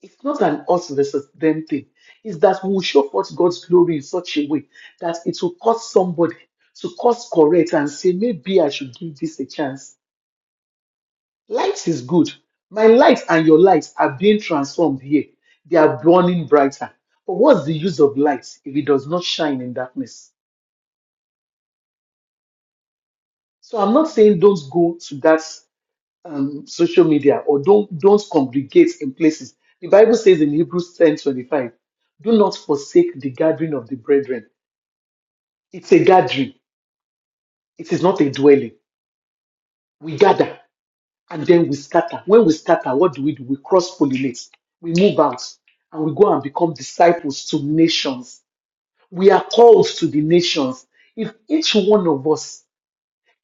Speaker 1: It's not an us versus them thing. It's that we will show forth God's glory in such a way that it will cause somebody to cause correct and say, maybe I should give this a chance Light is good. My light and your light are being transformed here. They are burning brighter. But what's the use of light if it does not shine in darkness? So I'm not saying don't go to that um, social media or don't don't congregate in places. The Bible says in Hebrews 10 25, do not forsake the gathering of the brethren. It's a gathering, it is not a dwelling. We gather. and then we scatter. When we scatter, what do we do? We cross pollinate, we move out, and we go and become disciples to nations. We are called to the nations. If each one of us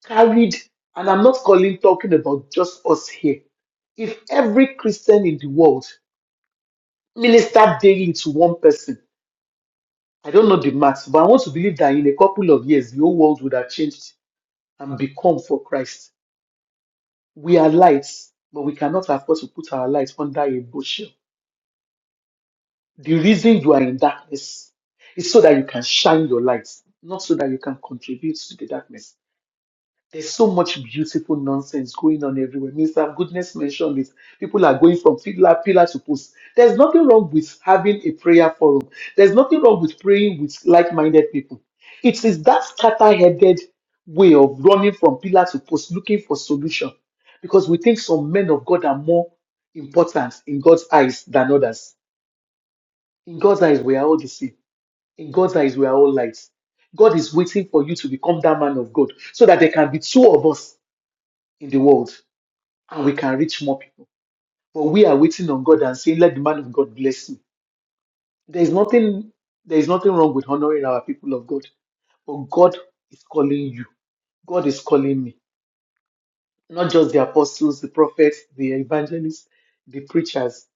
Speaker 1: carried, and I'm not calling talking about just us here, if every Christian in the world ministered daily to one person, I don't know the maths, but I want to believe that in a couple of years, the whole world would have changed and become for Christ. We are lights, but we cannot afford to put our light under a bushel The reason you are in darkness is so that you can shine your light, not so that you can contribute to the darkness. There's so much beautiful nonsense going on everywhere. Mr. Goodness mentioned it. People are going from pillar, pillar to post. There's nothing wrong with having a prayer forum. There's nothing wrong with praying with like-minded people. It is that scatter-headed way of running from pillar to post, looking for solution, because we think some men of God are more important in God's eyes than others. In God's eyes, we are all the same in God's eyes, we are all lights. God is waiting for you to become that man of God so that there can be two of us in the world and we can reach more people. But we are waiting on God and saying, Let the man of God bless you. There is nothing, there is nothing wrong with honoring our people of God. But God is calling you. God is calling me. Not just the apostles, the prophets, the evangelists, the preachers,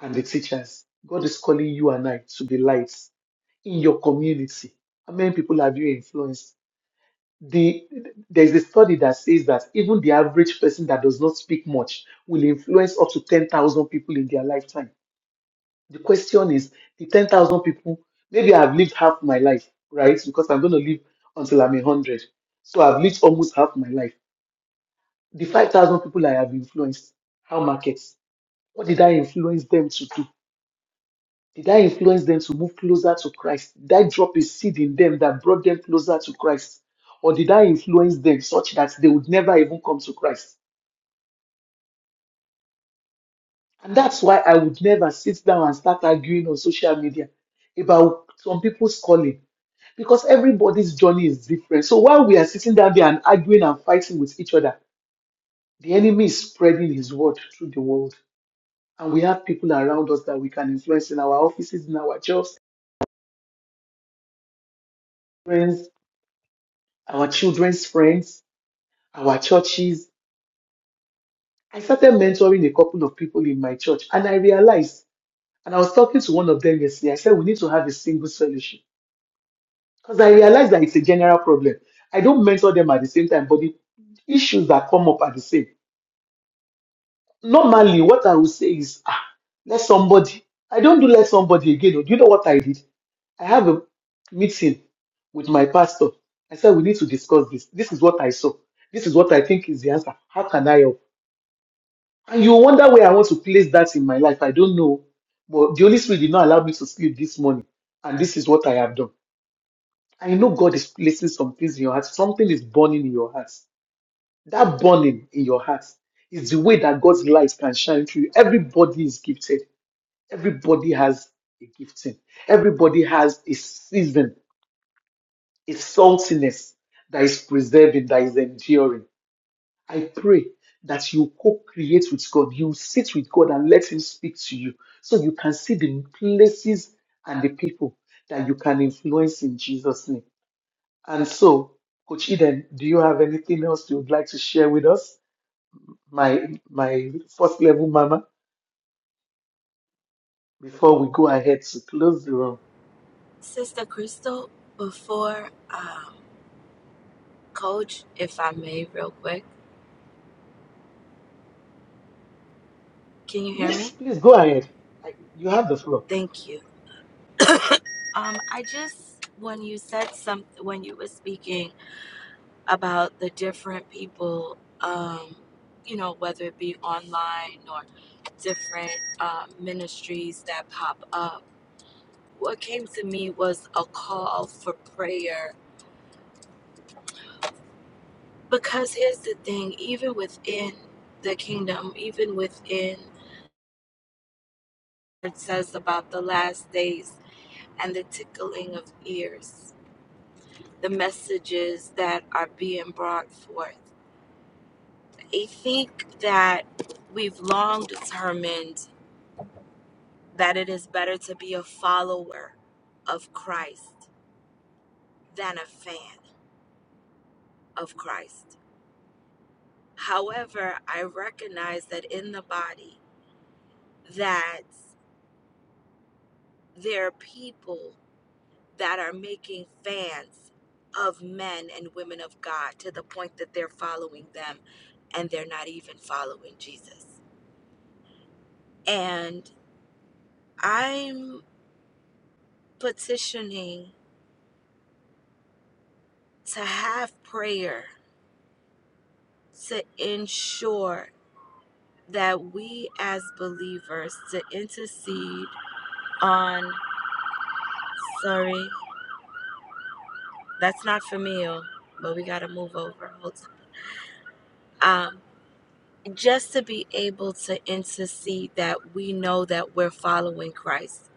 Speaker 1: and the teachers. God is calling you and I to be lights in your community. How many people have you influenced? the there's a study that says that even the average person that does not speak much will influence up to 10,000 people in their lifetime. The question is the 10,000 people, maybe I've lived half my life, right? Because I'm going to live until I'm 100. So I've lived almost half my life. The 5,000 people I have influenced, how markets? What did I influence them to do? Did I influence them to move closer to Christ? Did I drop a seed in them that brought them closer to Christ? Or did I influence them such that they would never even come to Christ? And that's why I would never sit down and start arguing on social media about some people's calling because everybody's journey is different. So while we are sitting down there and arguing and fighting with each other, the enemy is spreading his word through the world. And we have people around us that we can influence in our offices, in our jobs, friends, our children's friends our churches. I started mentoring a couple of people in my church, and I realized, and I was talking to one of them yesterday, I said, we need to have a single solution. Because I realized that it's a general problem. I don't mentor them at the same time, but the issues that come up are the same. Normally, what I would say is, ah, let somebody, I don't do let somebody again. oh. Do you know what I did? I have a meeting with my pastor. I said, we need to discuss this. This is what I saw. This is what I think is the answer. How can I help? And you wonder where I want to place that in my life. I don't know. But the Holy Spirit did not allow me to sleep this morning. And this is what I have done. I know God is placing some things in your heart. Something is burning in your heart. That burning in your heart is the way that God's light can shine through you. Everybody is gifted. Everybody has a gifting. Everybody has a season, a saltiness that is preserving, that is enduring. I pray that you co create with God. You sit with God and let Him speak to you so you can see the places and the people that you can influence in Jesus' name. And so, Coach Eden, do you have anything else you would like to share with us, my my first level mama, before we go ahead to close the room?
Speaker 7: Sister Crystal, before um, Coach, if I may, real quick, can you hear
Speaker 1: Yes,
Speaker 7: me?
Speaker 1: please go ahead. I, you have the floor.
Speaker 7: Thank you. Um, I just when you said some when you were speaking about the different people, um, you know, whether it be online or different um, ministries that pop up, what came to me was a call for prayer. Because here's the thing, even within the kingdom, even within It says about the last days and the tickling of ears, the messages that are being brought forth. I think that we've long determined that it is better to be a follower of Christ than a fan of Christ. However, I recognize that in the body that there are people that are making fans of men and women of God to the point that they're following them and they're not even following Jesus. And I'm petitioning to have prayer to ensure that we as believers to intercede on sorry that's not for me oh, but we got to move over Um. just to be able to intercede that we know that we're following Christ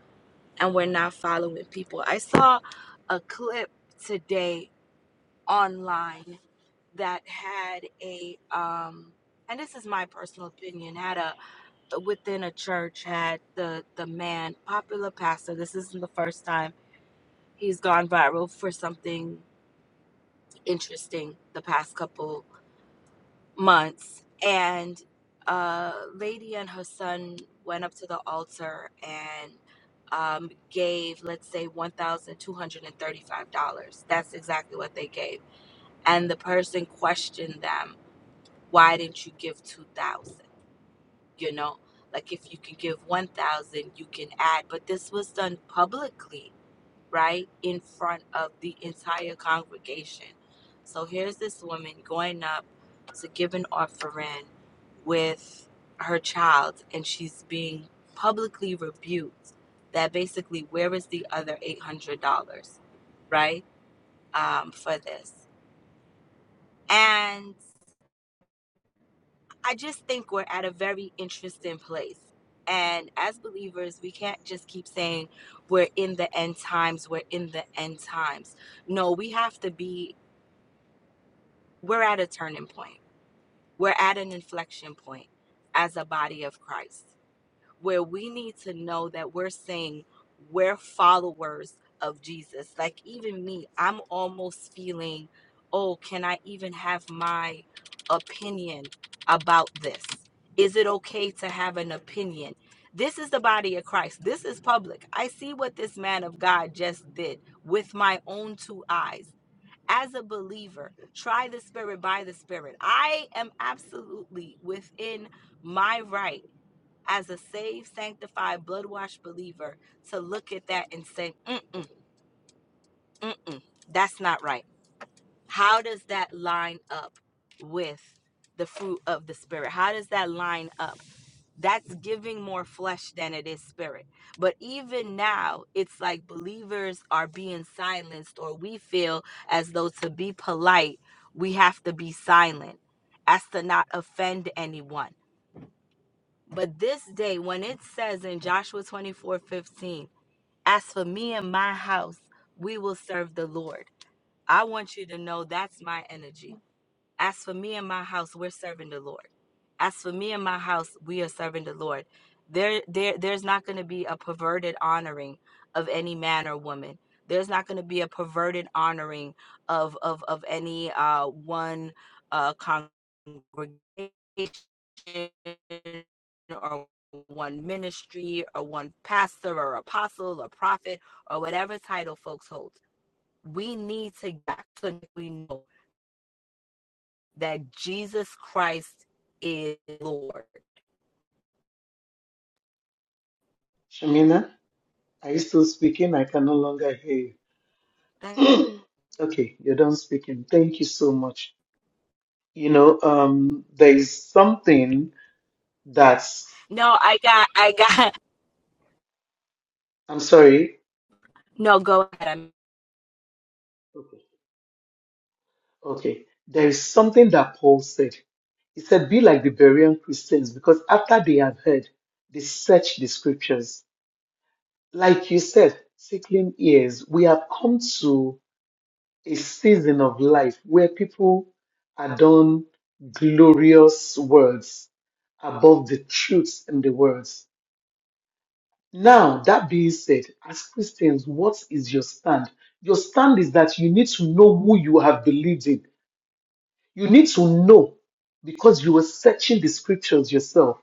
Speaker 7: and we're not following people. I saw a clip today online that had a um and this is my personal opinion had a within a church had the the man popular pastor this isn't the first time he's gone viral for something interesting the past couple months and a lady and her son went up to the altar and um, gave let's say $1235 that's exactly what they gave and the person questioned them why didn't you give 2000 you know like if you can give 1000 you can add but this was done publicly right in front of the entire congregation. So here's this woman going up to give an offering with her child, and she's being publicly rebuked that basically, where is the other $800, right, um, for this? And I just think we're at a very interesting place. And as believers, we can't just keep saying we're in the end times, we're in the end times. No, we have to be we're at a turning point. We're at an inflection point as a body of Christ where we need to know that we're saying we're followers of Jesus. Like, even me, I'm almost feeling, oh, can I even have my opinion about this? Is it okay to have an opinion? This is the body of Christ. This is public. I see what this man of God just did with my own two eyes as a believer, try the Spirit by the Spirit. I am absolutely within my right as a saved, sanctified, blood washed believer to look at that and say, mm mm, mm mm, that's not right. How does that line up with the fruit of the Spirit? How does that line up? That's giving more flesh than it is spirit. But even now, it's like believers are being silenced, or we feel as though to be polite, we have to be silent as to not offend anyone. But this day, when it says in Joshua 24 15, as for me and my house, we will serve the Lord. I want you to know that's my energy. As for me and my house, we're serving the Lord. As for me and my house, we are serving the Lord. There, there, there's not going to be a perverted honoring of any man or woman. There's not going to be a perverted honoring of of of any uh, one uh, congregation or one ministry or one pastor or apostle or prophet or whatever title folks hold. We need to get to we know that Jesus Christ is Lord.
Speaker 1: Shamina, are you still speaking? I can no longer hear you. okay, you're done speaking. Thank you so much. You know, um, there is something that's,
Speaker 7: No, I got, I got,
Speaker 1: I'm sorry.
Speaker 7: no, go ahead. I'm,
Speaker 1: Okay. Okay. There is something that Paul said. He said, be like the Berean Christians, because after they have heard, they search the scriptures. Like you said, tickling ears, we have come to a season of life where people are done glorious words above the truth in the words. Now, that being said, as Christians, what is your stand? Your stand is that you need to know who you have believed in. You need to know because you were searching the scriptures yourself.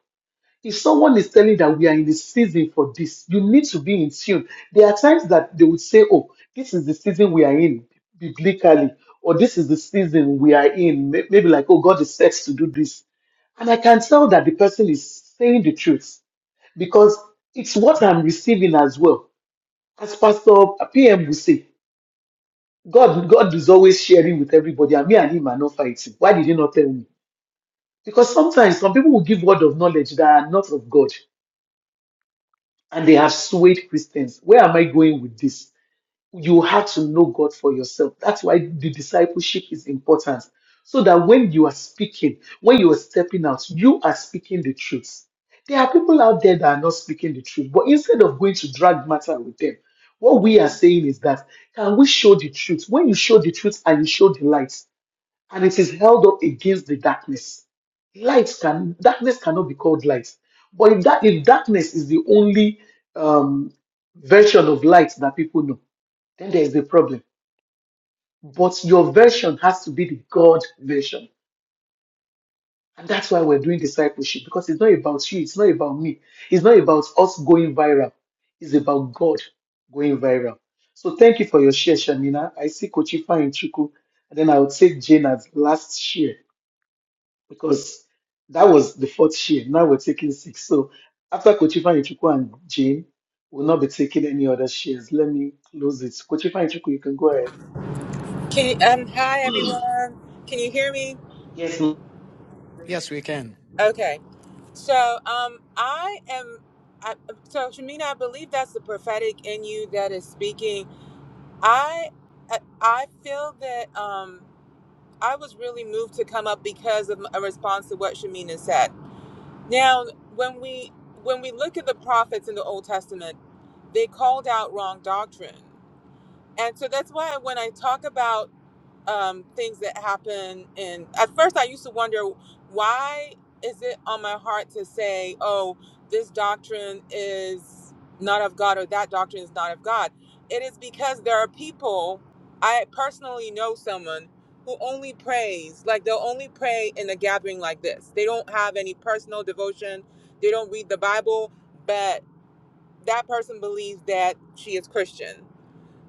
Speaker 1: If someone is telling that we are in the season for this, you need to be in tune. There are times that they would say, Oh, this is the season we are in biblically, or this is the season we are in. May- Maybe like, Oh, God is set to do this. And I can tell that the person is saying the truth because it's what I'm receiving as well. As Pastor PM would say, God, God is always sharing with everybody, and me and him are not fighting. Why did you not tell me? Because sometimes some people will give word of knowledge that are not of God, and they have swayed Christians. Where am I going with this? you have to know God for yourself. That's why the discipleship is important. So that when you are speaking, when you are stepping out, you are speaking the truth. There are people out there that are not speaking the truth, but instead of going to drag matter with them, what we are saying is that can we show the truth? When you show the truth and you show the light, and it is held up against the darkness, light can darkness cannot be called light. But if that if darkness is the only um, version of light that people know, then there is a problem. But your version has to be the God version. And that's why we're doing discipleship because it's not about you, it's not about me, it's not about us going viral, it's about God going viral. So thank you for your share, Shamina. I see Kochifa and Chuku, and then I'll take Jane as last share because that was the fourth share. Now we're taking six. So after Kochifa and Chuku and Jane, we'll not be taking any other shares. Let me close it. Kochifa and Chuku, you can go ahead.
Speaker 8: Can you, um, hi everyone. Can you hear me?
Speaker 1: Yes,
Speaker 6: Yes, we can.
Speaker 8: Okay. So, um, I am, I, so Shamina, I believe that's the prophetic in you that is speaking. I, I I feel that, um, I was really moved to come up because of a response to what Shamina said. Now, when we, when we look at the prophets in the Old Testament, they called out wrong doctrine. And so that's why when I talk about um, things that happen. And at first, I used to wonder why is it on my heart to say, "Oh, this doctrine is not of God," or "That doctrine is not of God." It is because there are people. I personally know someone who only prays like they'll only pray in a gathering like this. They don't have any personal devotion. They don't read the Bible, but that person believes that she is Christian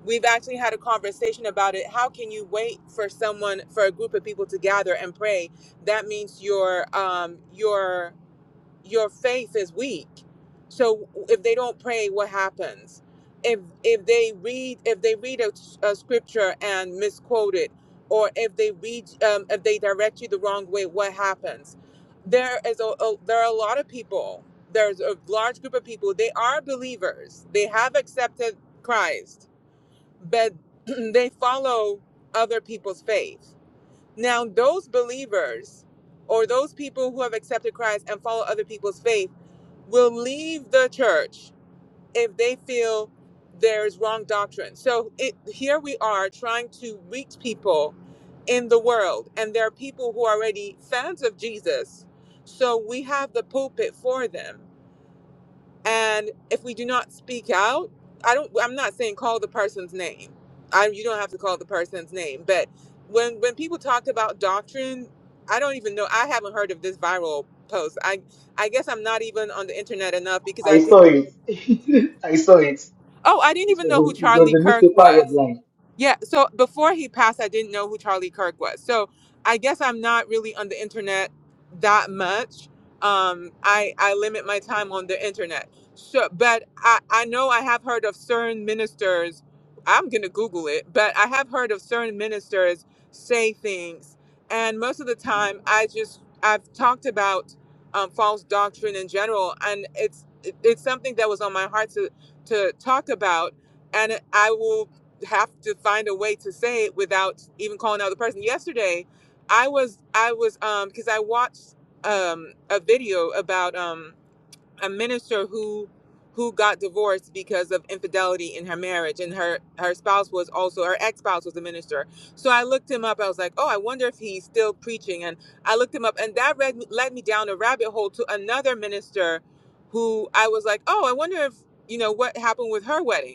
Speaker 8: we've actually had a conversation about it how can you wait for someone for a group of people to gather and pray that means your um your your faith is weak so if they don't pray what happens if if they read if they read a, a scripture and misquote it or if they read um, if they direct you the wrong way what happens there is a, a there are a lot of people there's a large group of people they are believers they have accepted christ but they follow other people's faith. Now, those believers or those people who have accepted Christ and follow other people's faith will leave the church if they feel there's wrong doctrine. So it, here we are trying to reach people in the world, and there are people who are already fans of Jesus. So we have the pulpit for them and if we do not speak out i don't i'm not saying call the person's name i you don't have to call the person's name but when when people talk about doctrine i don't even know i haven't heard of this viral post i i guess i'm not even on the internet enough because i
Speaker 1: I saw
Speaker 8: didn't
Speaker 1: it. I saw it.
Speaker 8: oh i didn't
Speaker 1: It was
Speaker 8: even know who
Speaker 1: a, it was
Speaker 8: charlie
Speaker 1: a
Speaker 8: kirk
Speaker 1: newspaper
Speaker 8: was
Speaker 1: headline.
Speaker 8: yeah, so before he passed, I didn't know who Charlie Kirk was. So I guess I'm not really on the internet that much. Um, I I limit my time on the internet. So, but I I know I have heard of certain ministers. I'm gonna Google it, but I have heard of certain ministers say things, and most of the time, I just I've talked about um, false doctrine in general, and it's it- it's something that was on my heart to to talk about and I will have to find a way to say it without even calling out the person. Yesterday, I was I was um because I watched um a video about um a minister who who got divorced because of infidelity in her marriage and her her spouse was also her ex-spouse was a minister. So I looked him up. I was like, "Oh, I wonder if he's still preaching." And I looked him up and that read, led me down a rabbit hole to another minister who I was like, "Oh, I wonder if, you know, what happened with her wedding."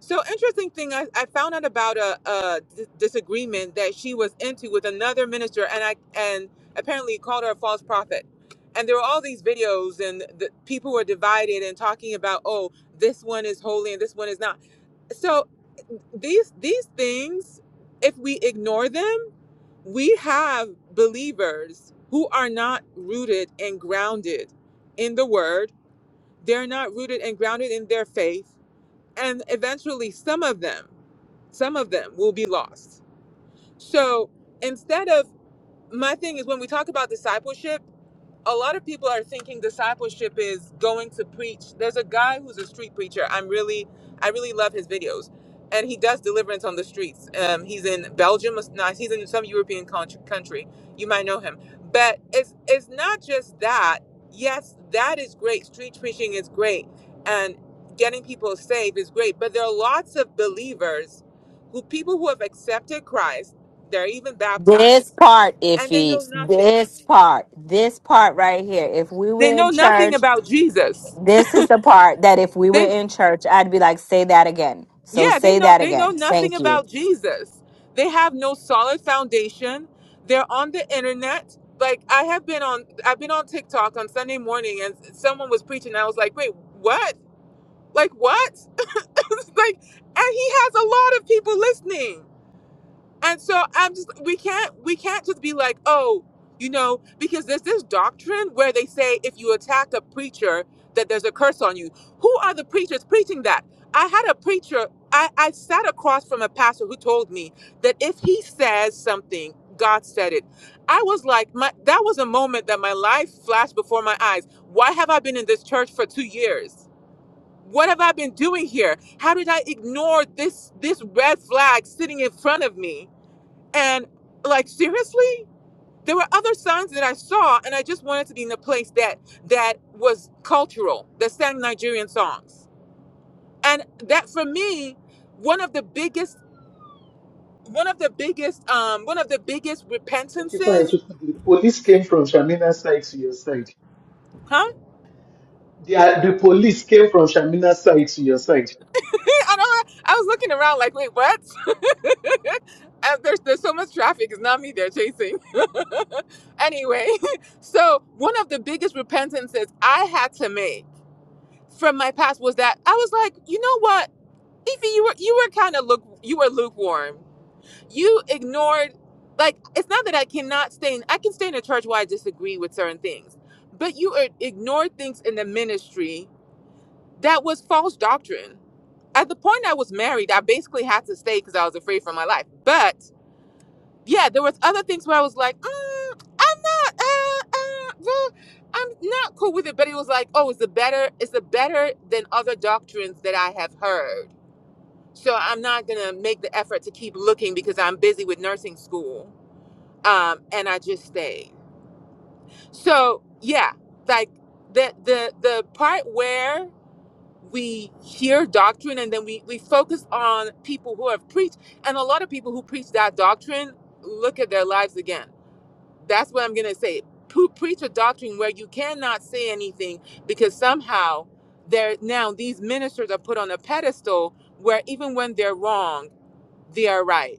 Speaker 8: So interesting thing, I, I found out about a, a d- disagreement that she was into with another minister, and I and apparently called her a false prophet. And there were all these videos, and the people were divided and talking about, oh, this one is holy and this one is not. So these these things, if we ignore them, we have believers who are not rooted and grounded in the Word. They're not rooted and grounded in their faith, and eventually, some of them. Some of them will be lost. So instead of my thing is when we talk about discipleship, a lot of people are thinking discipleship is going to preach. There's a guy who's a street preacher. I'm really, I really love his videos, and he does deliverance on the streets. Um, he's in Belgium. No, he's in some European country. country. You might know him, but it's it's not just that. Yes, that is great. Street preaching is great, and getting people saved is great. But there are lots of believers, who people who have accepted Christ. They're even
Speaker 7: This
Speaker 8: baptized,
Speaker 7: part,
Speaker 8: and they
Speaker 7: Iffy,
Speaker 8: know nothing
Speaker 7: this part, this part right here. If we were
Speaker 8: they know
Speaker 7: in
Speaker 8: nothing
Speaker 7: church,
Speaker 8: about Jesus.
Speaker 7: this is the part that if we
Speaker 8: They
Speaker 7: were in church, I'd be like, say that again. So
Speaker 8: yeah, they
Speaker 7: say
Speaker 8: know
Speaker 7: that
Speaker 8: they know
Speaker 7: again.
Speaker 8: nothing
Speaker 7: Thank you.
Speaker 8: about Jesus. They have no solid foundation. They're on the internet. Like I have been on I've been on TikTok on Sunday morning and someone was preaching and I was like, "Wait, what? Like what?" like and he has a lot of people listening. And so I'm just we can't we can't just be like, oh, you know, because there's this doctrine where they say if you attack a preacher that there's a curse on you. Who are the preachers preaching that? I had a preacher, I, I sat across from a pastor who told me that if he says something, God said it. I was like, my that was a moment that my life flashed before my eyes. Why have I been in this church for two years? What have I been doing here? How did I ignore this this red flag sitting in front of me? And like seriously, there were other signs that I saw, and I just wanted to be in a place that that was cultural, that sang Nigerian songs. And that for me, one of the biggest, one of the biggest, um, one of the biggest
Speaker 1: Kochifa
Speaker 8: repentances,
Speaker 1: Echiku, The police came from Shamina's side to your side.
Speaker 8: huh?
Speaker 1: The, the police came from Shamina's side to your side.
Speaker 8: I don't. I was looking around like, wait, what? Uh, There's there's so much traffic. It's not me they're chasing. Anyway, so one of the biggest repentances I had to make from my past was that I was like, you know what? Fifi, you were you were kind of look you were lukewarm. You ignored like it's not that I cannot stay in I can stay in a church where I disagree with certain things, but you i- ignored things in the ministry that was false doctrine. At the point I was married, I basically had to stay because I was afraid for my life. But yeah, there was other things where I was like, mm, I'm not, uh, uh, well, I'm not cool with it. But it was like, oh, it's a better, it's a better than other doctrines that I have heard so I'm not gonna make the effort to keep looking because I'm busy with nursing school. Um, and I just stayed. So yeah, like the the the part where we hear doctrine and then we, we focus on people who have preached and a lot of people who preach that doctrine look at their lives again. That's what I'm gonna say. Who preach a doctrine where you cannot say anything because somehow they're now these ministers are put on a pedestal where even when they're wrong, they are right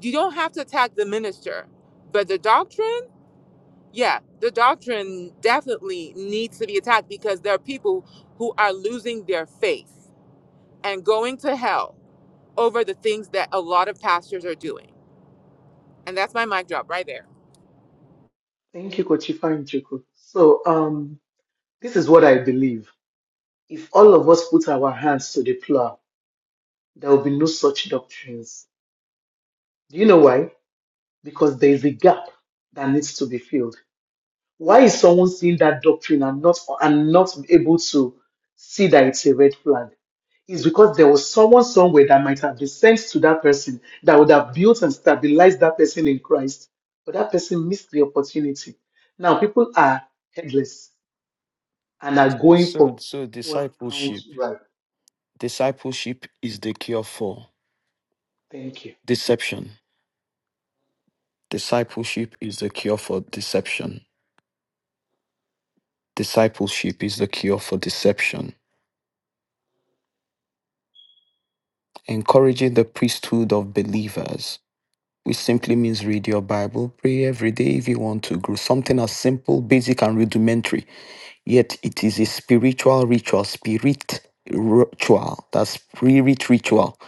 Speaker 8: you don't have to attack the minister, but the doctrine, yeah, the doctrine definitely needs to be attacked because there are people who are losing their faith and going to hell over the things that a lot of pastors are doing. And that's my mic drop right there.
Speaker 1: Thank you, Kochifa Echiku. So, um, this is what I believe. If all of us put our hands to the plow, there will be no such doctrines. Do you know why? Because there is a gap that needs to be filled. Why is someone seeing that doctrine and not and not able to see that it's a red flag? Is because there was someone somewhere that might have been sent to that person that would have built and stabilized that person in Christ, but that person missed the opportunity. Now people are headless and are
Speaker 6: So,
Speaker 1: going
Speaker 6: so,
Speaker 1: for
Speaker 6: so
Speaker 1: what
Speaker 6: discipleship.
Speaker 1: sounds right.
Speaker 6: Discipleship is the cure for
Speaker 1: Thank you.
Speaker 6: deception. Discipleship is the cure for deception. Discipleship is the cure for deception. Encouraging the priesthood of believers, which simply means read your Bible, pray every day if you want to grow. Something as simple, basic, and rudimentary, yet it is a spiritual ritual, spirit ritual, That's spirit ritual.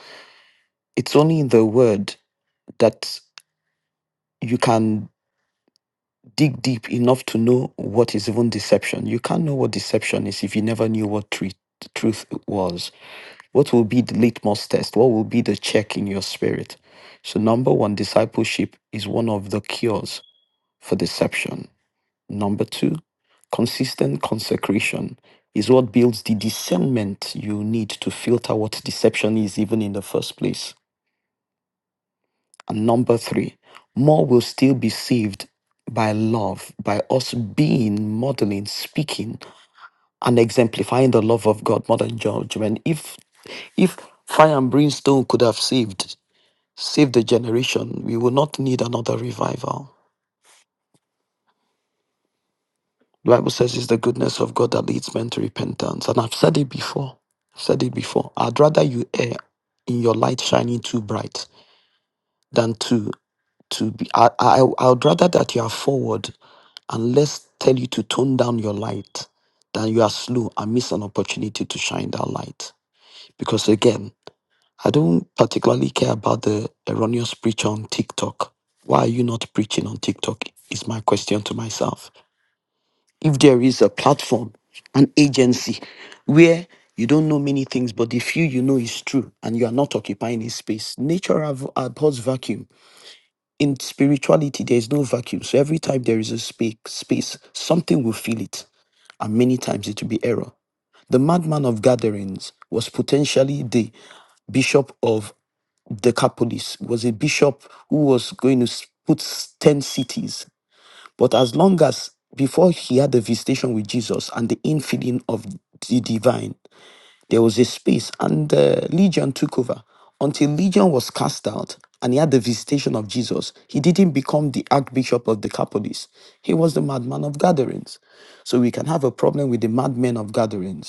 Speaker 6: It's only in the word that you can dig deep enough to know what is even deception. You can't know what deception is if you never knew what truth truth was. What will be the litmus test? What will be the check in your spirit? So, number one, discipleship is one of the cures for deception. Number two, consistent consecration is what builds the discernment you need to filter what deception is, even in the first place. And number three, more will still be saved by love, by us being, modeling, speaking, and exemplifying the love of God more than judgment. If if fire and brimstone could have saved, Save the generation. We will not need another revival. The Bible says it's the goodness of God that leads men to repentance. And I've said it before. I've said it before. I'd rather you err in your light shining too bright than to to be I, I I would rather that you are forward and let's tell you to tone down your light than you are slow and miss an opportunity to shine that light. Because again. I don't particularly care about the erroneous preach on TikTok. Why are you not preaching on TikTok? Is my question to myself. If there is a platform, an agency where you don't know many things, but the few you know is true and you are not occupying a space, nature ab- abhors vacuum. In spirituality, there is no vacuum. So every time there is a spa- space, something will fill it. And many times it will be error. The madman of gatherings was potentially the bishop of Decapolis was a bishop who was going to s- put s- 10 cities. But as long as before he had the visitation with Jesus and the infilling of the divine, there was a space, and uh, Legion took over. Until Legion was cast out and he had the visitation of Jesus, he didn't become the Archbishop of Decapolis. He was the madman of gatherings. So we can have a problem with the madmen of gatherings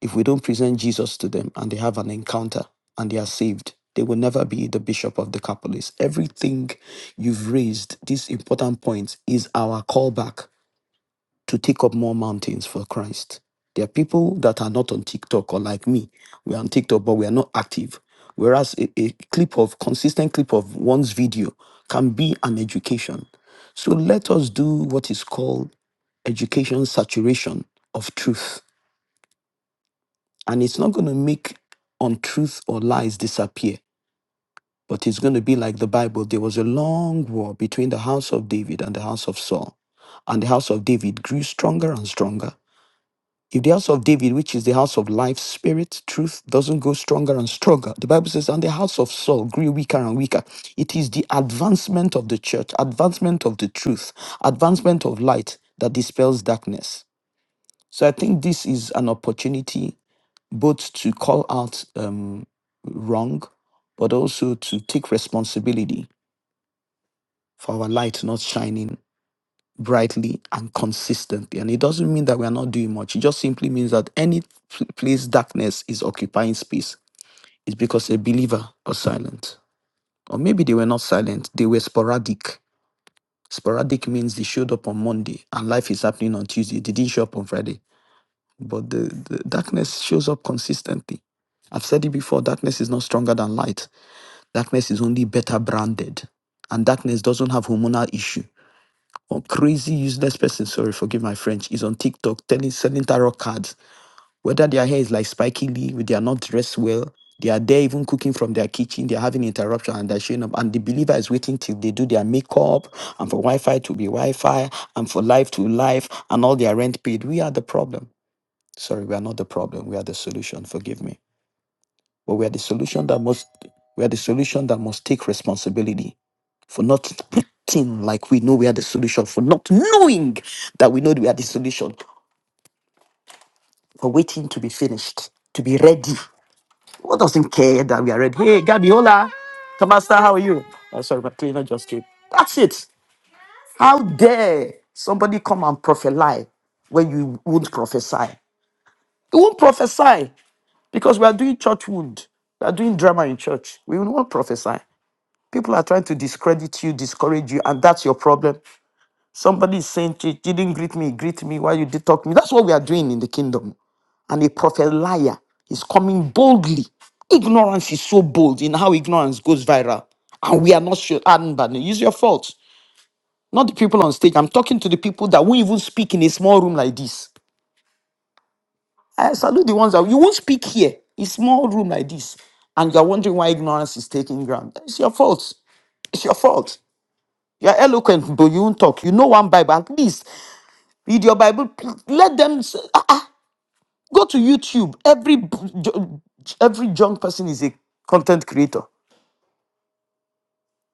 Speaker 6: if we don't present Jesus to them and they have an encounter and they are saved, they will never be the bishop of the Decapolis. Everything you've raised, this important point, is our callback to take up more mountains for Christ. There are people that are not on TikTok or like me. We are on TikTok, but we are not active. Whereas a, a clip of consistent clip of one's video can be an education. So let us do what is called education saturation of truth and it's not going to make untruth or lies disappear but it's going to be like the bible there was a long war between the house of david and the house of saul and the house of david grew stronger and stronger if the house of david which is the house of life spirit truth doesn't go stronger and stronger the bible says and the house of saul grew weaker and weaker it is the advancement of the church advancement of the truth advancement of light that dispels darkness so i think this is an opportunity both to call out um, wrong, but also to take responsibility for our light not shining brightly and consistently. And it doesn't mean that we are not doing much. It just simply means that any pl- place darkness is occupying space is because a believer was silent. Or maybe they were not silent, they were sporadic. Sporadic means they showed up on Monday and life is happening on Tuesday. They didn't show up on Friday. But the, the darkness shows up consistently. I've said it before darkness is not stronger than light Darkness is only better branded. And darkness doesn't have hormonal issue. One crazy useless person, sorry, forgive my French, is on TikTok telling selling tarot cards. Whether their hair is like spiky lee, they are not dressed well, they are there even cooking from their kitchen, they're having interruption and they're showing up. And the believer is waiting till they do their makeup and for Wi-Fi to be Wi-Fi and for life to life and all their rent paid. We are the problem. Sorry, we are not the problem. We are the solution. Forgive me. But we are the solution that must we are the solution that must take responsibility for not pretending like we know we are the solution, for not knowing that we know we are the solution, for waiting to be finished, to be ready. Who doesn't care that we are ready? Hey, Gabi, hola. Tomasa, how are you? Oh, sorry, my cleaner just came. That's it. How dare somebody come and prophesy when you won't prophesy? You won't prophesy because we are doing church wound. We are doing drama in church. We will not prophesy. People are trying to discredit you, discourage you, and that's your problem. Somebody is saying, "Chief, you didn't greet me, greet me. Why you did talk to me? That's what we are doing in the kingdom. And a prophet liar is coming boldly. Ignorance is so bold in how ignorance goes viral. And we are not sure. And but use your faults. Not the people on stage. I'm talking to the people that won't even speak in a small room like this. I salute the ones that you won't speak here. A small room like this. And you're wondering why ignorance is taking ground. It's your fault. It's your fault. You're eloquent, but you won't talk. You know one Bible. At least read your Bible. Let them. say, Go to YouTube. Every b- every young person is a content creator.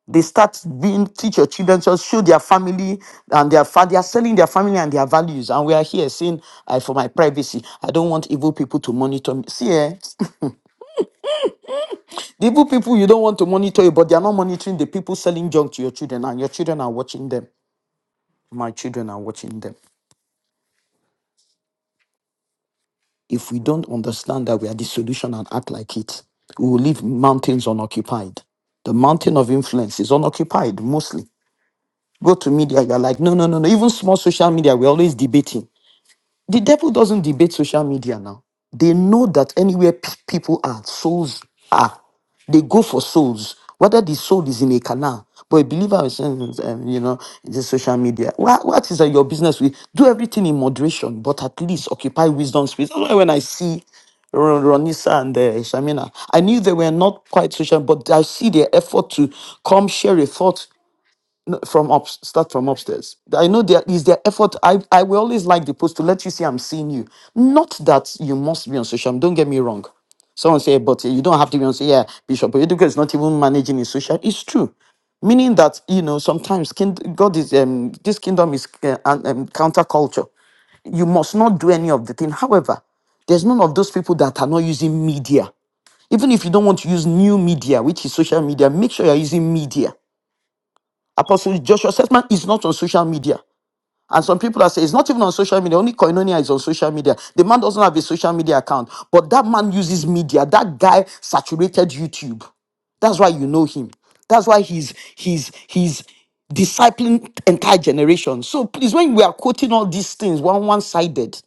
Speaker 6: They start being teach your children, just show their family and their fa- they are selling their family and their values. And we are here saying, I for my privacy, I don't want evil people to monitor me. See, eh? the evil people you don't want to monitor you, but they are not monitoring the people selling junk to your children, and your children are watching them. My children are watching them. If we don't understand that we are the solution and act like it, we will leave mountains unoccupied. The mountain of influence is unoccupied mostly. Go to media, you're like, no, no, no, no. Even small social media, we're always debating. The devil doesn't debate social media now. They know that anywhere pe- people are, souls are. They go for souls, whether the soul is in a canal. But a believer is, saying, um, you know, the social media. What, what is uh, your business with? Do everything in moderation, but at least occupy wisdom space. That's why when I see Ro- Ronisa and uh, Shamina, I knew they were not quite social, but I see their effort to come share a thought from up start from upstairs i know there is their effort i i will always like the post to let you see i'm seeing you not that you must be on social don't get me wrong someone say but you don't have to be on social yeah bishop Oyedepo is not even managing his social it's true meaning that you know sometimes kind, god is um this kingdom is uh, an- um, counterculture you must not do any of the thing however there's none of those people that are not using media even if you don't want to use new media which is social media make sure you're using media Apostle Joshua Seltman is not on social media. And some people are saying it's not even on social media, only Koinonia is on social media. The man doesn't have a social media account, but that man uses media. That guy saturated YouTube. That's why you know him. That's why he's he's he's discipling entire generation. So please, when we are quoting all these things one one-sided,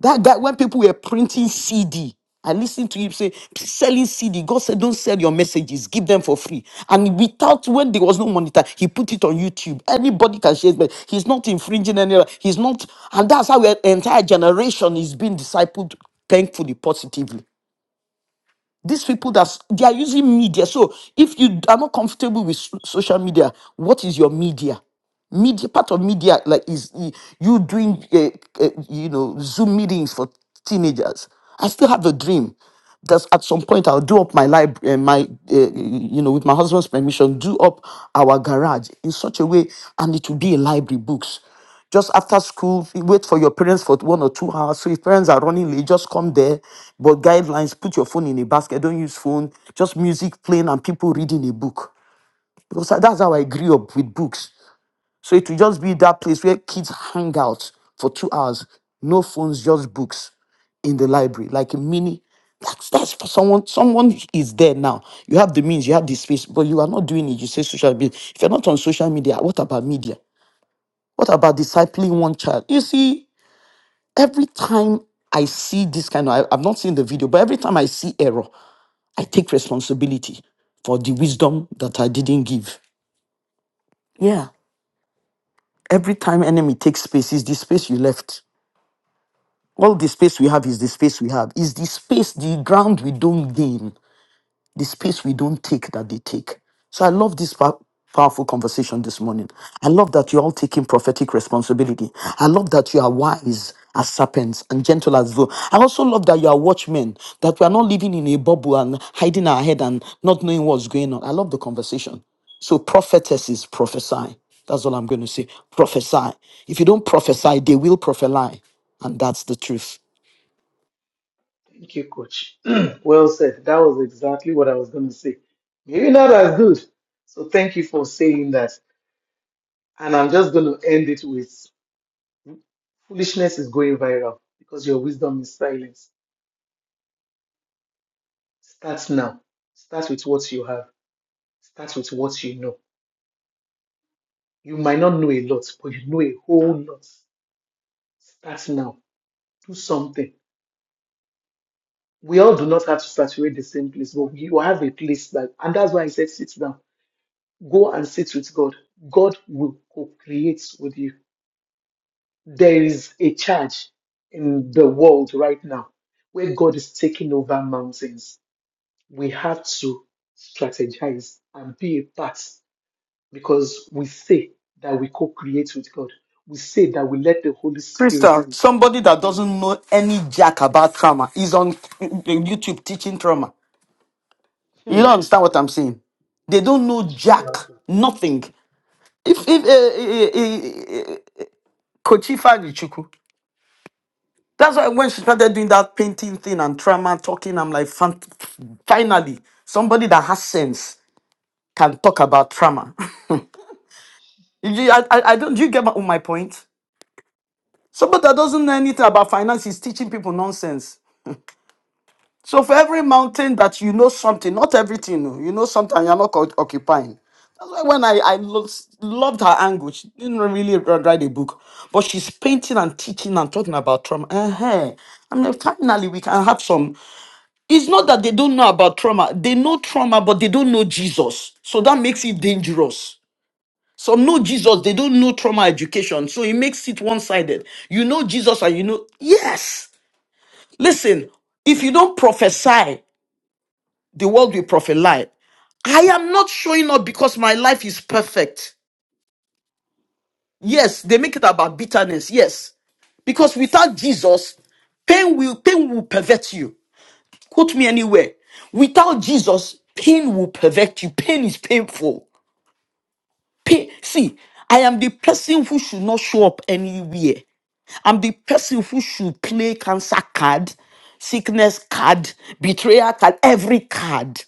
Speaker 6: that guy, when people were printing CD, I listened to him say, selling CD. God said, don't sell your messages, give them for free. And without, when there was no monitor, he put it on YouTube. Anybody can share it, but he's not infringing any, he's not, and that's how an entire generation is being discipled thankfully, positively. These people that they are using media. So if you are not comfortable with so- social media, what is your media? media part of media like is y- you doing uh, uh, you know zoom meetings for teenagers i still have a dream that at some point i'll do up my library uh, my uh, you know with my husband's permission do up our garage in such a way and it will be a library books just after school, you wait for your parents for one or two hours. So if parents are running late, just come there. But guidelines, put your phone in a basket, don't use phone, just music playing and people reading a book. Because that's how I grew up with books. So it will just be that place where kids hang out for two hours, no phones, just books in the library, like a mini. That's, that's for someone. Someone is there now. You have the means, you have the space, but you are not doing it. You say social media. If you're not on social media, what about media? What about discipling one child? You see, every time I see this kind of, I, I've not seen the video, but every time I see error, I take responsibility for the wisdom that I didn't give. Yeah. Every time enemy takes space, is the space you left. All the space we have is the space we have. Is the space, the ground we don't gain, the space we don't take that they take. So I love this pow- powerful conversation this morning. I love that you're all taking prophetic responsibility. I love that you are wise as serpents and gentle as doves. I also love that you are watchmen, that we are not living in a bubble and hiding our head and not knowing what's going on. I love the conversation. So prophetesses prophesy. That's all I'm going to say. Prophesy. If you don't prophesy, they will prophesy. And that's the truth.
Speaker 1: Thank you, coach. well said. That was exactly what I was going to say. Maybe not as good. So thank you for saying that. And I'm just going to end it with Foolishness is going viral because your wisdom is silence. Start now. Start with what you have. Start with what you know. You might not know a lot, but you know a whole lot. Start now. Do something. We all do not have to saturate the same place, but you have a place that, and that's why I said sit down. Go and sit with God. God will co create with you. There is a charge in the world right now where God is taking over mountains. we have to strategize and be a part because we say that we co create with God. We say that we let the Holy Spirit.
Speaker 6: Crystal, somebody that
Speaker 1: heal.
Speaker 6: doesn't know any jack about trauma is on YouTube teaching trauma. You don't
Speaker 1: Hmm.
Speaker 6: understand what I'm saying. They don't know
Speaker 1: God
Speaker 6: jack, nothing. If if uh, uh, uh, Coach Ifeanyi Chukwu, that's why when she started doing that painting thing and trauma talking, I'm like, "Fant- finally, somebody that has sense can talk about trauma. You- you- I, I, I don't. Do you get my, my point? Somebody that doesn't know anything about finance is teaching people nonsense. So for every mountain that you know something, not everything, oh, you know something, you're not oc- occupying. That's why when I, I lo- loved her angle, she didn't really wr- write a book, but she's painting and teaching and talking about trauma. uh I mean, finally, we can have some. It's not that they don't know about trauma. They know trauma, but they don't know Jesus. So that makes it dangerous. Some know Jesus, they don't know trauma education. So it makes it one sided. You know Jesus and you know, yes. Listen, if you don't prophesy the world will profit lie. I am not showing up because my life is perfect. Yes, they make it about bitterness. Yes, because without Jesus, pain will pain will pervert you. Quote me anywhere. Without Jesus, pain will pervert you. Pain is painful. Pain. See, I am the person who should not show up anywhere. I'm the person who should play cancer card, sickness card, betrayal card, every card.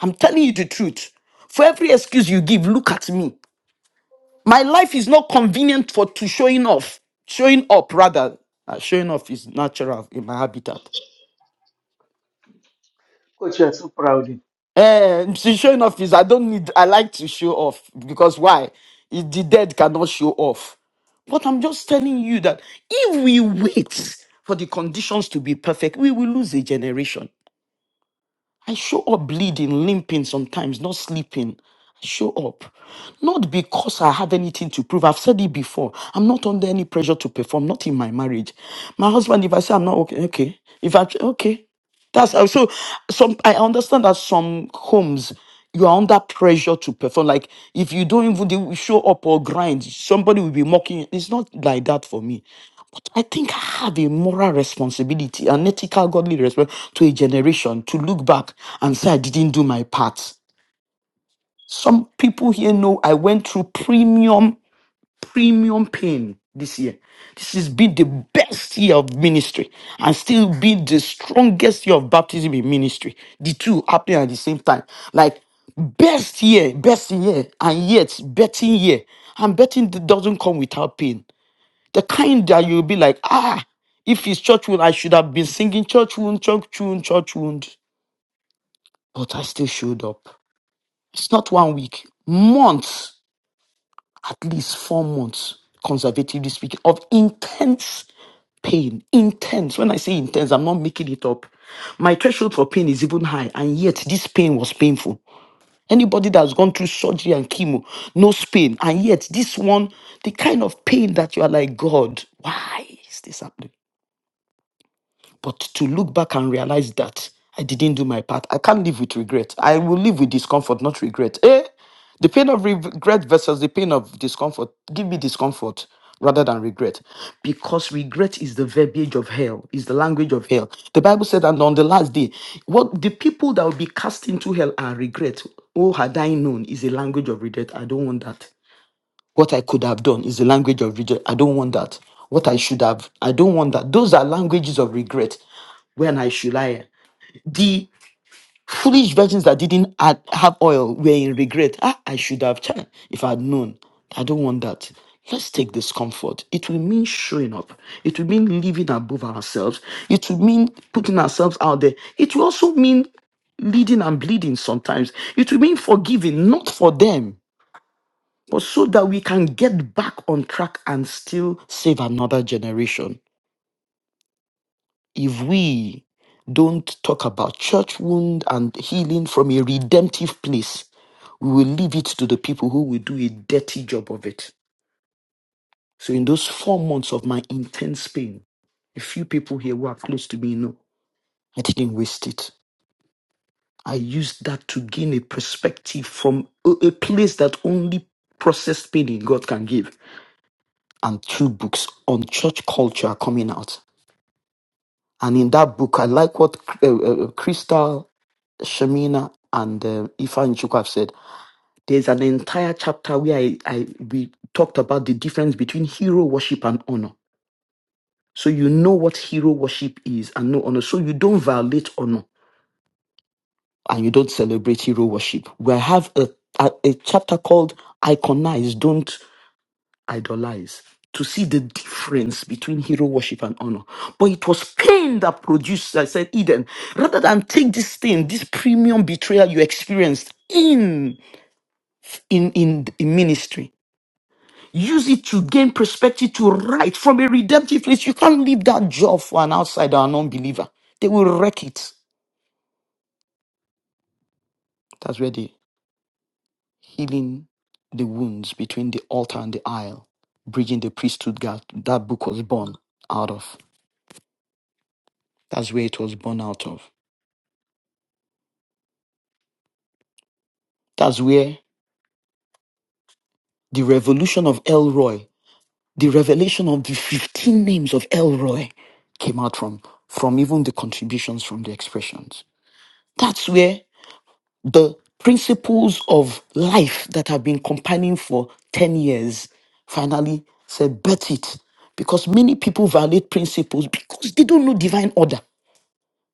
Speaker 6: I'm telling you the truth. For every excuse you give, look at me. My life is not convenient for to showing off. Showing up rather. Uh, showing off is natural in my habitat.
Speaker 1: Coach, you are so proud.
Speaker 6: Eh, see, showing off is I don't need I like to show off because why? If the dead cannot show off. But I'm just telling you that if we wait for the conditions to be perfect, we will lose a generation. I show up bleeding, limping sometimes, not sleeping. I show up. Not because I have anything to prove. I've said it before. I'm not under any pressure to perform, not in my marriage. My husband, if I say I'm not okay, okay. If I okay. That's how so some I understand that some homes you are under pressure to perform. Like if you don't even do- show up or grind, somebody will be mocking you. It's not like that for me. I think I have a moral responsibility, an ethical, godly responsibility to a generation to look back and say I didn't do my part. Some people here know I went through premium, premium pain this year. This has been the best year of ministry and still been the strongest year of baptism in ministry. The two happening at the same time. Like best year, best year, and yet betting year. And betting d- doesn't come without pain the kind that you'll be like, ah, if it's church wound, I should have been singing church wound, church wound, church wound. But I still showed up. It's not one week, months, at least four months, conservatively speaking, of intense pain. Intense. When I say intense, I'm not making it up. My threshold for pain is even high, and yet this pain was painful. Anybody that's gone through surgery and chemo knows pain, and yet this one, the kind of pain that you are like, God, why is this happening? But to look back and realize that I didn't do my part, I can't live with regret. I will live with discomfort, not regret. Eh? The pain of regret versus the pain of discomfort. Give me discomfort rather than regret. Because regret is the verbiage of hell, is the language of hell. The Bible said and on the last day, what the people that will be cast into hell are regret. Oh, had I known is a language of regret. I don't want that. What I could have done is the language of regret. I don't want that. What I should have, I don't want that. Those are languages of regret. When I should I? The foolish virgins that didn't add, have oil were in regret. Ah, I should have tried if I'd known. I don't want that. Let's take this comfort. It will mean showing up. It will mean living above ourselves. It will mean putting ourselves out there. It will also mean leading and bleeding sometimes. It will mean forgiving, not for them but so that we can get back on track and still save another generation. If we don't talk about church wound and healing from a redemptive place, we will leave it to the people who will do a dirty job of it. So, in those four months of my intense pain, a few people here who are close to me know I didn't waste it. I used that to gain a perspective from a, a place that only processed pain in God can give. and two books on church culture are coming out. And in that book, I like what uh, uh, Crystal, Shamina, and uh, Ifan Chuku have said. There's an entire chapter where I, I we talked about the difference between hero worship and honor. So you know what hero worship is and no honor. So you don't violate honor and you don't celebrate hero worship. We have a, a, a chapter called Iconize, Don't. idolize, to see the difference between hero worship and honor. But it was pain that produced, I said, Eden, rather than take this thing, this premium betrayal you experienced in in in, in ministry. Use it to gain perspective to write from a redemptive place. You can't leave that job for an outsider, an unbeliever. They will wreck it. That's where the healing the wounds between the altar and the aisle, bridging the priesthood gap that book was born out of. That's where it was born out of. That's where the revolution of Elroy, the revelation of the 15 names of Elroy came out from, from even the contributions from the expressions. That's where the principles of life that have been compiling for 10 years finally said, bet it. Because many people violate principles because they don't know divine order.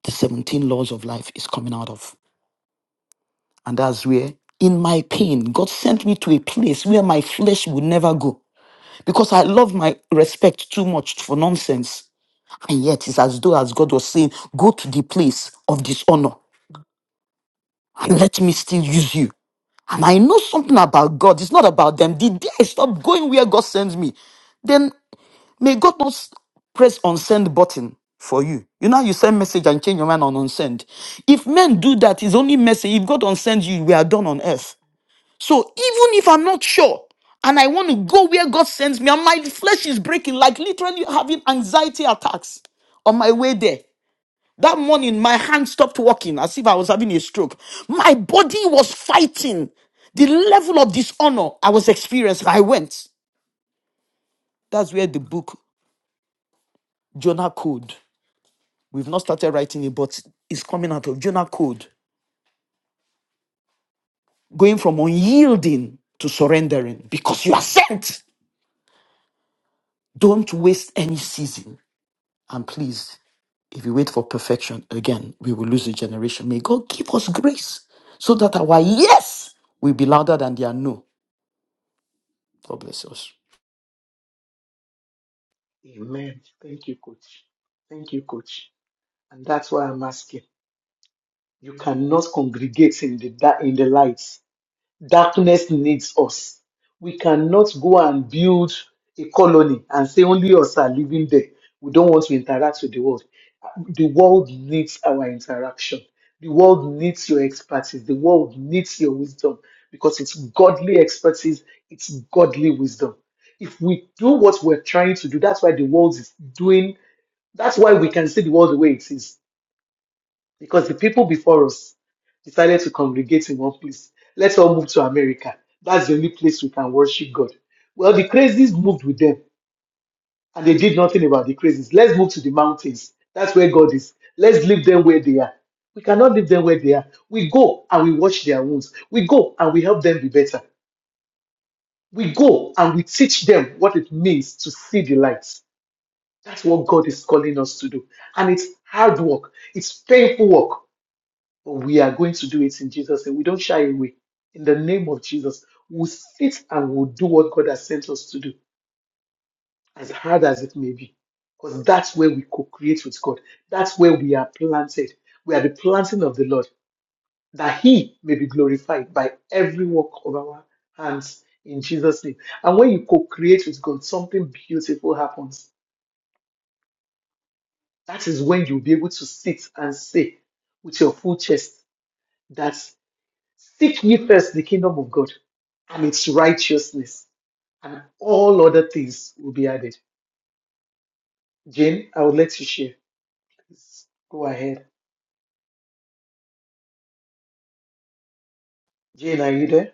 Speaker 6: The 17 laws of life is coming out of. And that's where, in my pain, God sent me to a place where my flesh would never go because I love my respect too much for nonsense. And yet, it's as though as God was saying, go to the place of dishonor and let me still use you. And I know something about God. It's not about them. The day I stop going where God sends me, then may God not s- press unsend button for you. You know, how you send message and change your mind on unsend. If men do that, it's only message. If God unsends you, we are done on earth. So even if I'm not sure and I want to go where God sends me and my flesh is breaking, like literally having anxiety attacks on my way there. That morning, my hand stopped working as if I was having a stroke. My body was fighting the level of dishonor I was experiencing. I went. That's where the book Jonah Code. We've not started writing it, but it's coming out of Jonah Code. Going from unyielding to surrendering because you are sent. Don't waste any season. and please. If we wait for perfection, again, we will lose a generation. May God give us grace so that our yes will be louder than their no. God bless us.
Speaker 1: Amen. Thank you, Coach. Thank you, Coach. And that's why I'm asking. You cannot congregate in the da- in the light. Darkness needs us. We cannot go and build a colony and say only us are living there. We don't want to interact with the world. The world needs our interaction. The world needs your expertise. The world needs your wisdom because it's godly expertise, it's godly wisdom. If we do what we're trying to do, that's why the world is doing, that's why we can see the world the way it is because the people before us decided to congregate in one place. Let's all move to America. That's the only place we can worship God. Well, the crazies moved with them and they did nothing about the crazies. Let's move to the mountains. That's where God is. Let's leave them where they are. We cannot leave them where they are. We go and we wash their wounds. We go and we help them be better. We go and we teach them what it means to see the light. That's what God is calling us to do. And it's hard work, it's painful work we are going to do it in Jesus' name. We don't shy away. In the name of Jesus, we'll sit and we'll do what God has sent us to do, as hard as it may be. Because that's where we co create with God. That's where we are planted. We are the planting of the Lord, that He may be glorified by every work of our hands in Jesus' name. And when you co create with God, something beautiful happens. That is when you'll be able to sit and say with your full chest, that. Seek ye first the kingdom of God and its righteousness, and all other things will be added. Jane, I would let you share. Please go ahead. Jane, are you there?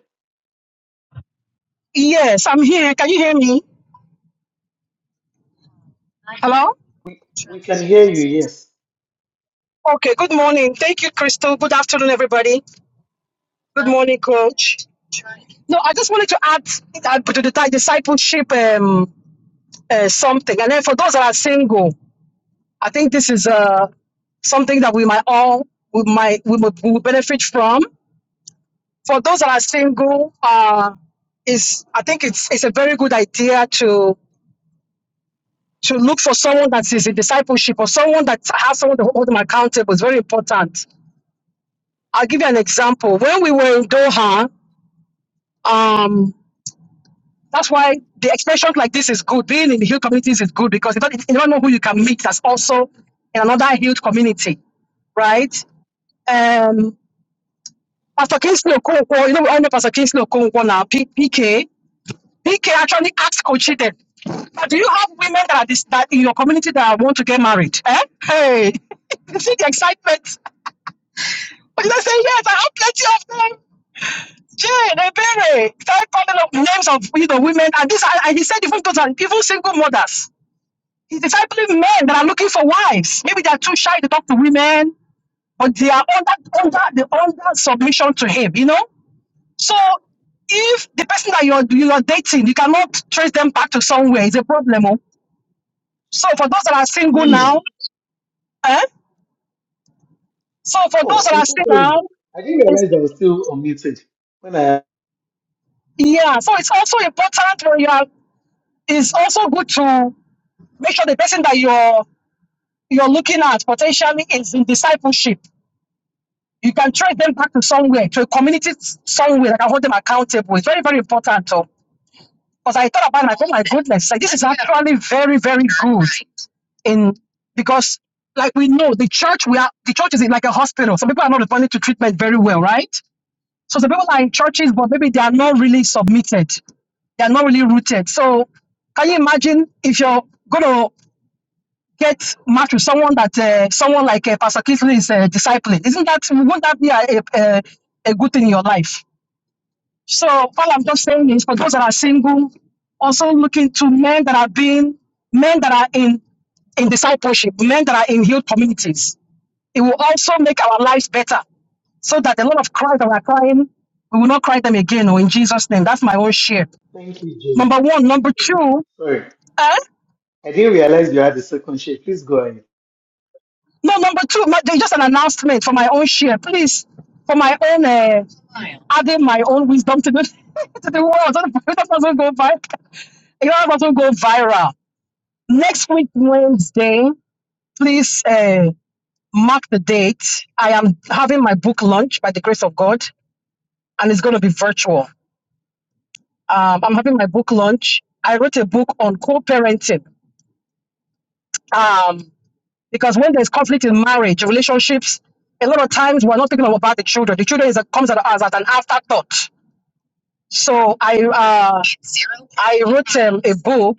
Speaker 9: Yes, I'm here. Can you hear me? Hello?
Speaker 1: We can hear you, yes.
Speaker 9: Okay, good morning. Thank you, Crystal. Good afternoon, everybody. Good morning, Coach. No, I just wanted to add uh, to the di- discipleship um, uh, something. And then for those that are single, I think this is uh, something that we might all we might we would, we would benefit from. For those that are single, uh, is I think it's it's a very good idea to to look for someone that is in discipleship or someone that has someone to hold them accountable. It's very important I'll give you an example. When we were in Doha, um, that's why the expressions like this is good. Being in the Hill communities is good because you don't, you don't know who you can meet that's also in another Hill community, right? Um, Pastor Kingsley Okonkwo, you know, we all know Pastor Kingsley Okonkwo now, P- PK. PK actually asked Kochi then, "But do you have women that are this, that in your community that want to get married? Eh? Hey, you see the excitement. But they say, yes, I have plenty of them. Jane, Ebere, five the names of you know women, and this and and he said even those are even single mothers. He's discipling men that are looking for wives. Maybe they are too shy to talk to women, but they are under under the under submission to him, you know? So if the person that you're you are dating, you cannot trace them back to somewhere, it's a problem. oh. So for those that are single now,
Speaker 1: Mm.
Speaker 9: eh? So for
Speaker 1: Oh, I'm
Speaker 9: those that are
Speaker 1: so
Speaker 9: single
Speaker 1: sorry.
Speaker 9: now,
Speaker 1: I didn't realize I was still unmuted. When I
Speaker 9: yeah. So it's also important when you are it's also good to make sure the person that you're you're looking at potentially is in discipleship. You can trace them back to somewhere, to a community somewhere that can hold them accountable. It's very, very important. Because I thought about it, and I thought, my goodness, like this is actually very, very good in because like we know the church we are the church is like a hospital. Some people are not responding to treatment very well, right? So some people are in churches, but maybe they are not really submitted. They are not really rooted. So can you imagine if you're gonna get matched with someone that uh, someone like uh, Pastor Clifton is uh, discipling. Isn't that won't that be a, a, a good thing in your life? So all I'm just saying is for those that are single, also looking to men that are being men that are in in discipleship, men that are in healed communities. It will also make our lives better so that a lot of cries that we're crying, we will not cry them again or in Jesus' name. That's my own share.
Speaker 1: thank you, Jane.
Speaker 9: Number one. Number two,
Speaker 1: Sorry.
Speaker 9: eh?
Speaker 1: I didn't realize you had the second share. Please go ahead.
Speaker 9: No, number two, my, there's just an announcement for my own share, please. For my own, uh, adding my own wisdom to the, to the world. Don't don't go viral. You know, let us go viral. Next week, Wednesday, please uh, mark the date. I am having my book launch by the grace of God, and it's going to be virtual. Um, I'm having my book launch. I wrote a book on co parenting. Because when there's conflict in marriage, relationships, a lot of times we're not thinking about the children. The children is a, comes at us as an afterthought. So I uh, I wrote um, a book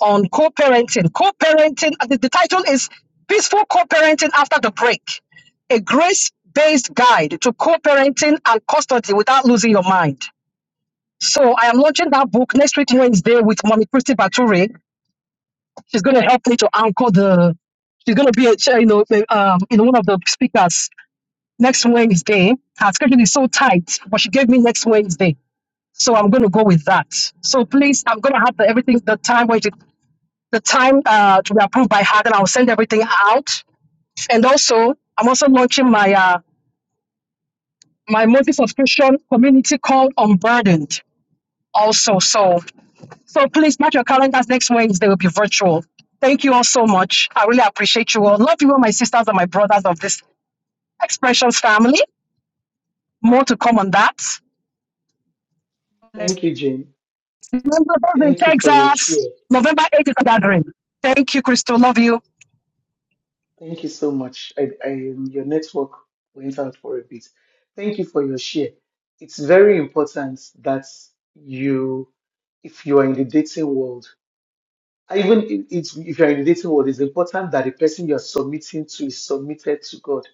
Speaker 9: on co-parenting. Co-parenting. uh, The, the title is "Peaceful Co-parenting After the Break: A Grace-Based Guide to Co-parenting and Custody Without Losing Your Mind." So I am launching that book next week Wednesday with Mommy Christy Baturi She's going to help me to anchor the. She's going to be a chair, you know, the, um, you know, one of the speakers next Wednesday. Her schedule is so tight, but she gave me next Wednesday, so I'm going to go with that. So please, I'm going to have the, everything, the time where she- the time uh, to be approved by her, and I'll send everything out. And also, I'm also launching my uh, my monthly subscription community called Unburdened. Also, so So please mark your calendars next Wednesday will be virtual. Thank you all so much. I really appreciate you all. Love you all, my sisters and my brothers of this expressions family. More to come on that.
Speaker 1: Thank you, Jane.
Speaker 9: Remember, those in
Speaker 1: Thank you for your
Speaker 9: Texas,
Speaker 1: share.
Speaker 9: November 8th is a gathering. Thank you, Crystal. Love you.
Speaker 1: Thank you so much. I, I, um, your network went out for a bit. Thank you for your share. It's very important that you, if you are in the dating world, I even if, it's- if you are in the dating world, it's important that the person you are submitting to is submitted to God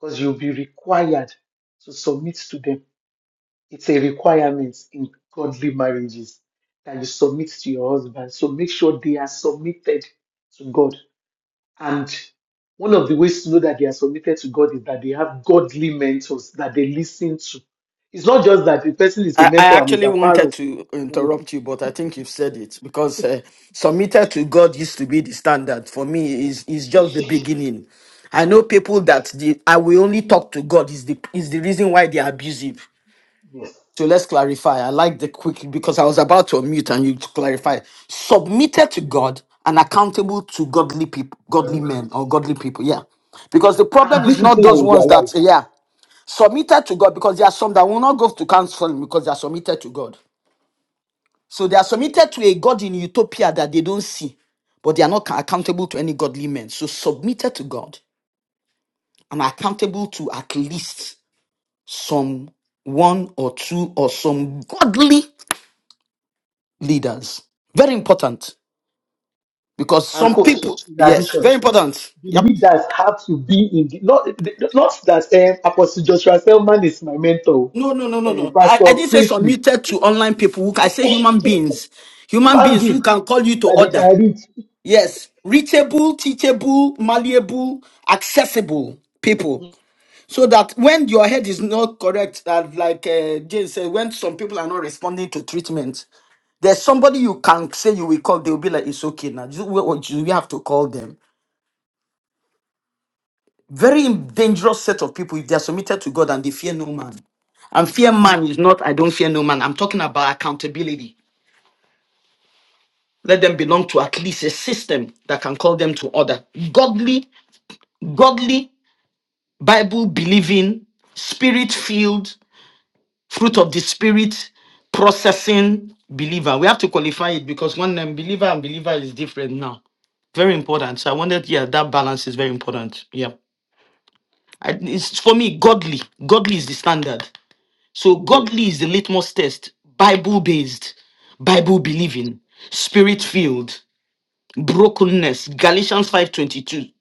Speaker 1: because you'll be required to submit to them. It's a requirement in godly marriages that you submit to your husband. So make sure they are submitted to God and one of the ways to know that they are submitted to God is that they have godly mentors that they listen to. It's not just that the person is a
Speaker 6: I, I
Speaker 1: mentor and is
Speaker 6: actually
Speaker 1: a part
Speaker 6: wanted
Speaker 1: of
Speaker 6: to
Speaker 1: godly
Speaker 6: interrupt you, but I think you've said it because uh, submitted to God used to be the standard. For me, is is just the beginning. I know people that the I will only talk to God is the is the reason why they are abusive.
Speaker 1: people.
Speaker 6: So let's clarify. I like the quick because I was about to unmute and you to clarify. Submitted to God and accountable to godly people,
Speaker 1: godly
Speaker 6: godly men
Speaker 1: people.
Speaker 6: or godly people. Yeah. Because the problem
Speaker 1: And these
Speaker 6: is not
Speaker 1: people are
Speaker 6: those
Speaker 1: in their
Speaker 6: ones that,
Speaker 1: life.
Speaker 6: yeah, submitted to God because there are some that will not go to counseling because they are submitted to God. So they are submitted to a God in utopia that they don't see, but they are not accountable to any godly men. So submitted to God and accountable to at least some one or two or some godly leaders. Very important because
Speaker 1: And
Speaker 6: some
Speaker 1: coach,
Speaker 6: people,
Speaker 1: in
Speaker 6: yes,
Speaker 1: addition,
Speaker 6: very important.
Speaker 1: the
Speaker 6: Yep.
Speaker 1: leaders have to be in the, not, not that um, Apostle Joshua Selman is my mentor,
Speaker 6: No, no, no, no,
Speaker 1: um,
Speaker 6: no. I,
Speaker 1: Pastor
Speaker 6: I didn't say
Speaker 1: Christy,
Speaker 6: submitted to online people. Who, I say human beings, human
Speaker 1: human
Speaker 6: beings
Speaker 1: being
Speaker 6: who can call you to
Speaker 1: that they
Speaker 6: order.
Speaker 1: can reach.
Speaker 6: Yes, reachable, teachable, malleable, accessible people. So that when your head is not correct, that like uh, Jane said, when some people are not responding to treatment, there's somebody you can say you will call. They will be like, it's okay now. You, we we have to call them Very dangerous set of people if they are submitted to God and they fear no man. And fear man is not, I don't fear no man. I'm talking about accountability. Let them belong to at least a system that can call them to order. Godly, godly, Bible believing, spirit filled, fruit of the spirit processing believer. We have to qualify it because one um, believer and believer is different now very important. So I wanted, yeah, that balance is very important. Yeah, I, it's for me godly. Godly is the standard. So godly is the litmus test, Bible based, Bible believing, spirit filled, brokenness, Galatians 5:22.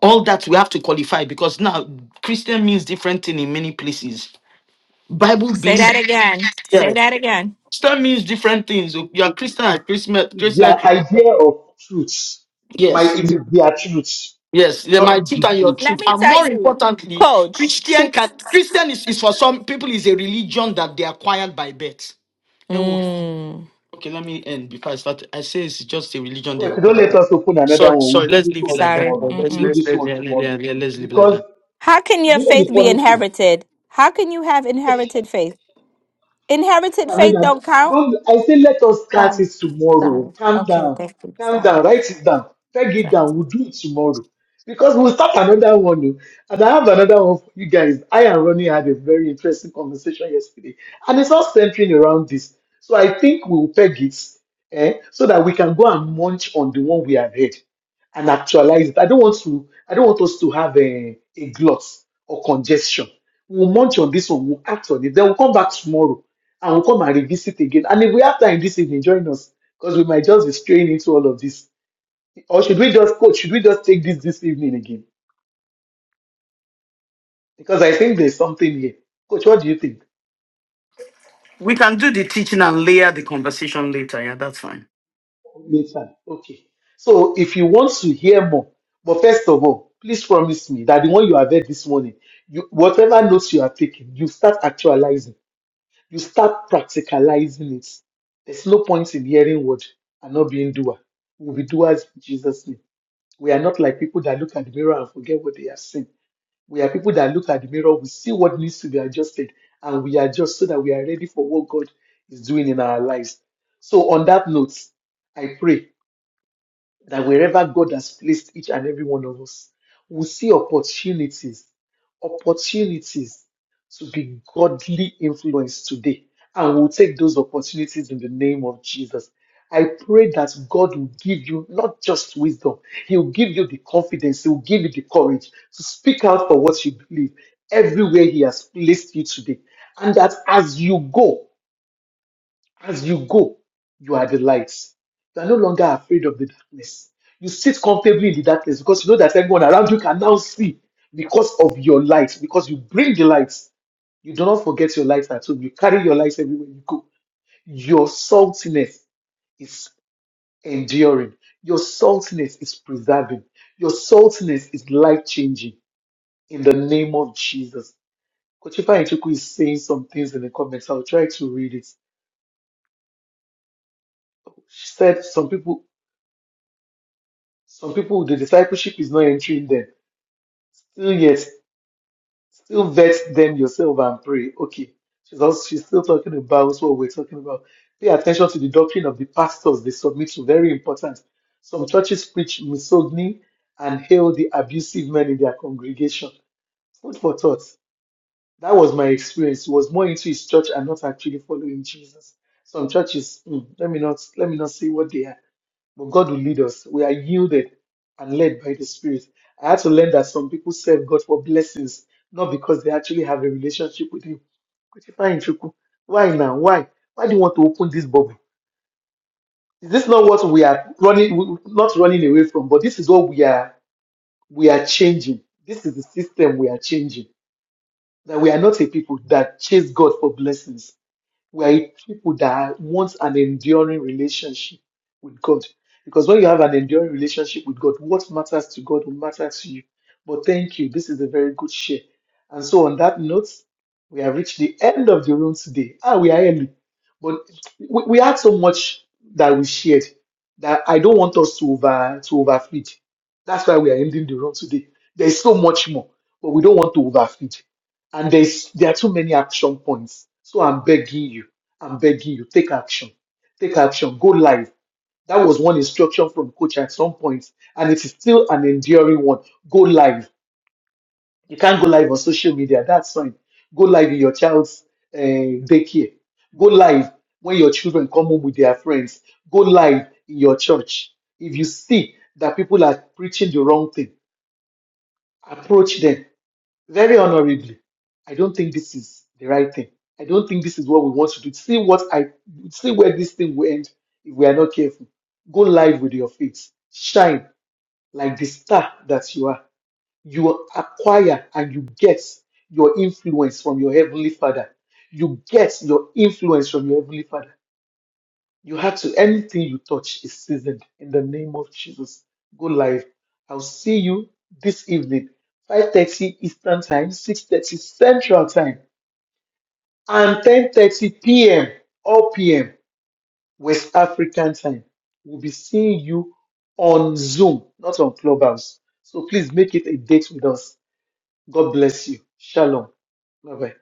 Speaker 6: All that we have to qualify because now Christian means different thing in many places. Bible
Speaker 7: Say
Speaker 6: belief,
Speaker 7: that again. Say
Speaker 6: yes.
Speaker 7: that again.
Speaker 6: Christian means different things. If You are Christian at Christmas,
Speaker 1: It's
Speaker 6: Christian,
Speaker 1: their idea of truth. My,
Speaker 6: yes,
Speaker 1: it is their truth,
Speaker 6: yes. They're my
Speaker 1: not
Speaker 6: truth
Speaker 1: the
Speaker 6: and your
Speaker 1: truth.
Speaker 7: Let
Speaker 6: truth,
Speaker 7: me
Speaker 6: and
Speaker 7: tell
Speaker 6: more
Speaker 7: you,
Speaker 6: importantly,
Speaker 7: coach.
Speaker 6: Christian can Christian is, is for some people is a religion that they acquired by birth.
Speaker 7: Mm,
Speaker 6: Okay, let me end before I start. I say it's just a religion they
Speaker 1: But don't
Speaker 6: require.
Speaker 1: let us open another
Speaker 6: Sorry,
Speaker 1: one.
Speaker 6: sorry.
Speaker 1: We'll do
Speaker 6: Let's
Speaker 1: this
Speaker 6: leave it
Speaker 1: one
Speaker 6: like that.
Speaker 7: sorry.
Speaker 6: Uh,
Speaker 1: tomorrow. We'll
Speaker 6: Let's
Speaker 1: do
Speaker 6: let's
Speaker 1: this
Speaker 6: let's,
Speaker 1: one tomorrow.
Speaker 6: let's, let's, let's leave it like
Speaker 1: Because
Speaker 6: that.
Speaker 7: How can your
Speaker 1: you know
Speaker 7: faith
Speaker 1: the
Speaker 7: be
Speaker 1: funny thing.
Speaker 7: inherited? How can you have inherited faith? Inherited
Speaker 1: I mean,
Speaker 7: faith
Speaker 1: I-
Speaker 7: don't count.
Speaker 1: don't I say let us start
Speaker 7: Sorry,
Speaker 1: it tomorrow.
Speaker 7: sorry.
Speaker 1: Calm
Speaker 7: Okay,
Speaker 1: down,
Speaker 7: thank you.
Speaker 1: calm down,
Speaker 7: Sorry.
Speaker 1: write it down, peg it down. We'll do it tomorrow because we'll start another one. oh. And I have another one for you guys. I and Ronnie had a very interesting conversation yesterday, and it's all centering around this. So I think we'll peg it eh, so that we can go and munch on the one we have heard and actualize it. I don't want to. I don't want us to have a, a glut or congestion. We'll munch on this one. We'll act on it. Then we'll come back tomorrow I will come and revisit again. And if we have time this evening, join us because we might just be straying into all of this. Or should we just, coach, should we just take this this evening again? Because I think there's something here. Coach, what do you think?
Speaker 6: We can do the teaching and layer the conversation later. Yeah, that's fine.
Speaker 1: Later. Okay. So if you want to hear more, but first of all, please promise me that the one you have heard this morning, you, whatever notes you are taking, you start actualizing, you start practicalizing it. There's no point in hearing word and not being doer. We'll be doers in Jesus' name. We are not like people that look at the mirror and forget what they have seen. We are people that look at the mirror, we see what needs to be adjusted, and we adjust so that we are ready for what God is doing in our lives. So, on that note, I pray that wherever God has placed each and every one of us, we see opportunities, opportunities to be godly influenced today. And we'll take those opportunities in the name of Jesus. I pray that God will give you not just wisdom, He will give you the confidence, He will give you the courage to speak out for what you believe everywhere He has placed you today. And that as you go, as you go, you are the light. You are no longer afraid of the darkness. You sit comfortably in the darkness because you know that everyone around you can now see because of your light, because you bring the light. You do not forget your light at home. You carry your light everywhere you go. Your saltiness is enduring. Your saltiness is preserving. Your saltiness is life changing in the name of Jesus. Kochifa Ichuku is saying some things in the comments. I'll try to read it. She said some people Some people, the discipleship is not entering them. Still, yes, still vet them yourself and pray. Okay. She's also she's still talking about what we're talking about. Pay attention to the doctrine of the pastors they submit to. Very important. Some churches preach misogyny and hail the abusive men in their congregation. Food for thought. That was my experience. He was more into his church and not actually following Jesus. Some churches, mm, let me not let me not say what they are but God will lead us. We are yielded and led by the Spirit. I had to learn that some people serve God for blessings, not because they actually have a relationship with Him. Christopher Nchuku, Why now? Why? Why do you want to open this bubble? Is this not what we are running, we- not running away from, but this is what we are, we are changing. This is the system we are changing. That we are not a people that chase God for blessings we are people that want an enduring relationship with God. Because when you have an enduring relationship with God, what matters to God will matter to you. But thank you. This is a very good share. And so, on that note, we have reached the end of the room today. Ah, we are early. But we, we had so much that we shared that I don't want us to over to overfeed. That's why we are ending the room today. There's so much more, but we don't want to overfeed. And there's there are too many action points. So I'm begging you, I'm begging you, take action, take action, go live. That was one instruction from coach at some point, and it is still an enduring one. Go live. You can't go live on social media. That's fine. Go live in your child's uh, daycare. Go live when your children come home with their friends. Go live in your church. If you see that people are preaching the wrong thing, approach them very honorably, I don't think this is the right thing. I don't think this is what we want to do. See what I see where this thing will end if we are not careful. Go live with your faith. Shine like the star that you are. You acquire and you get your influence from your heavenly father. You get your influence from your heavenly father. You had to, anything you touch is seasoned in the name of Jesus. Go live. I'll see you this evening, 5.30 Eastern Time, 6.30 Central Time, and 10.30 p.m. or p.m. West African Time. We'll be seeing you on Zoom, not on Clubhouse. So please make it a date with us. God bless you. Shalom. Bye-bye.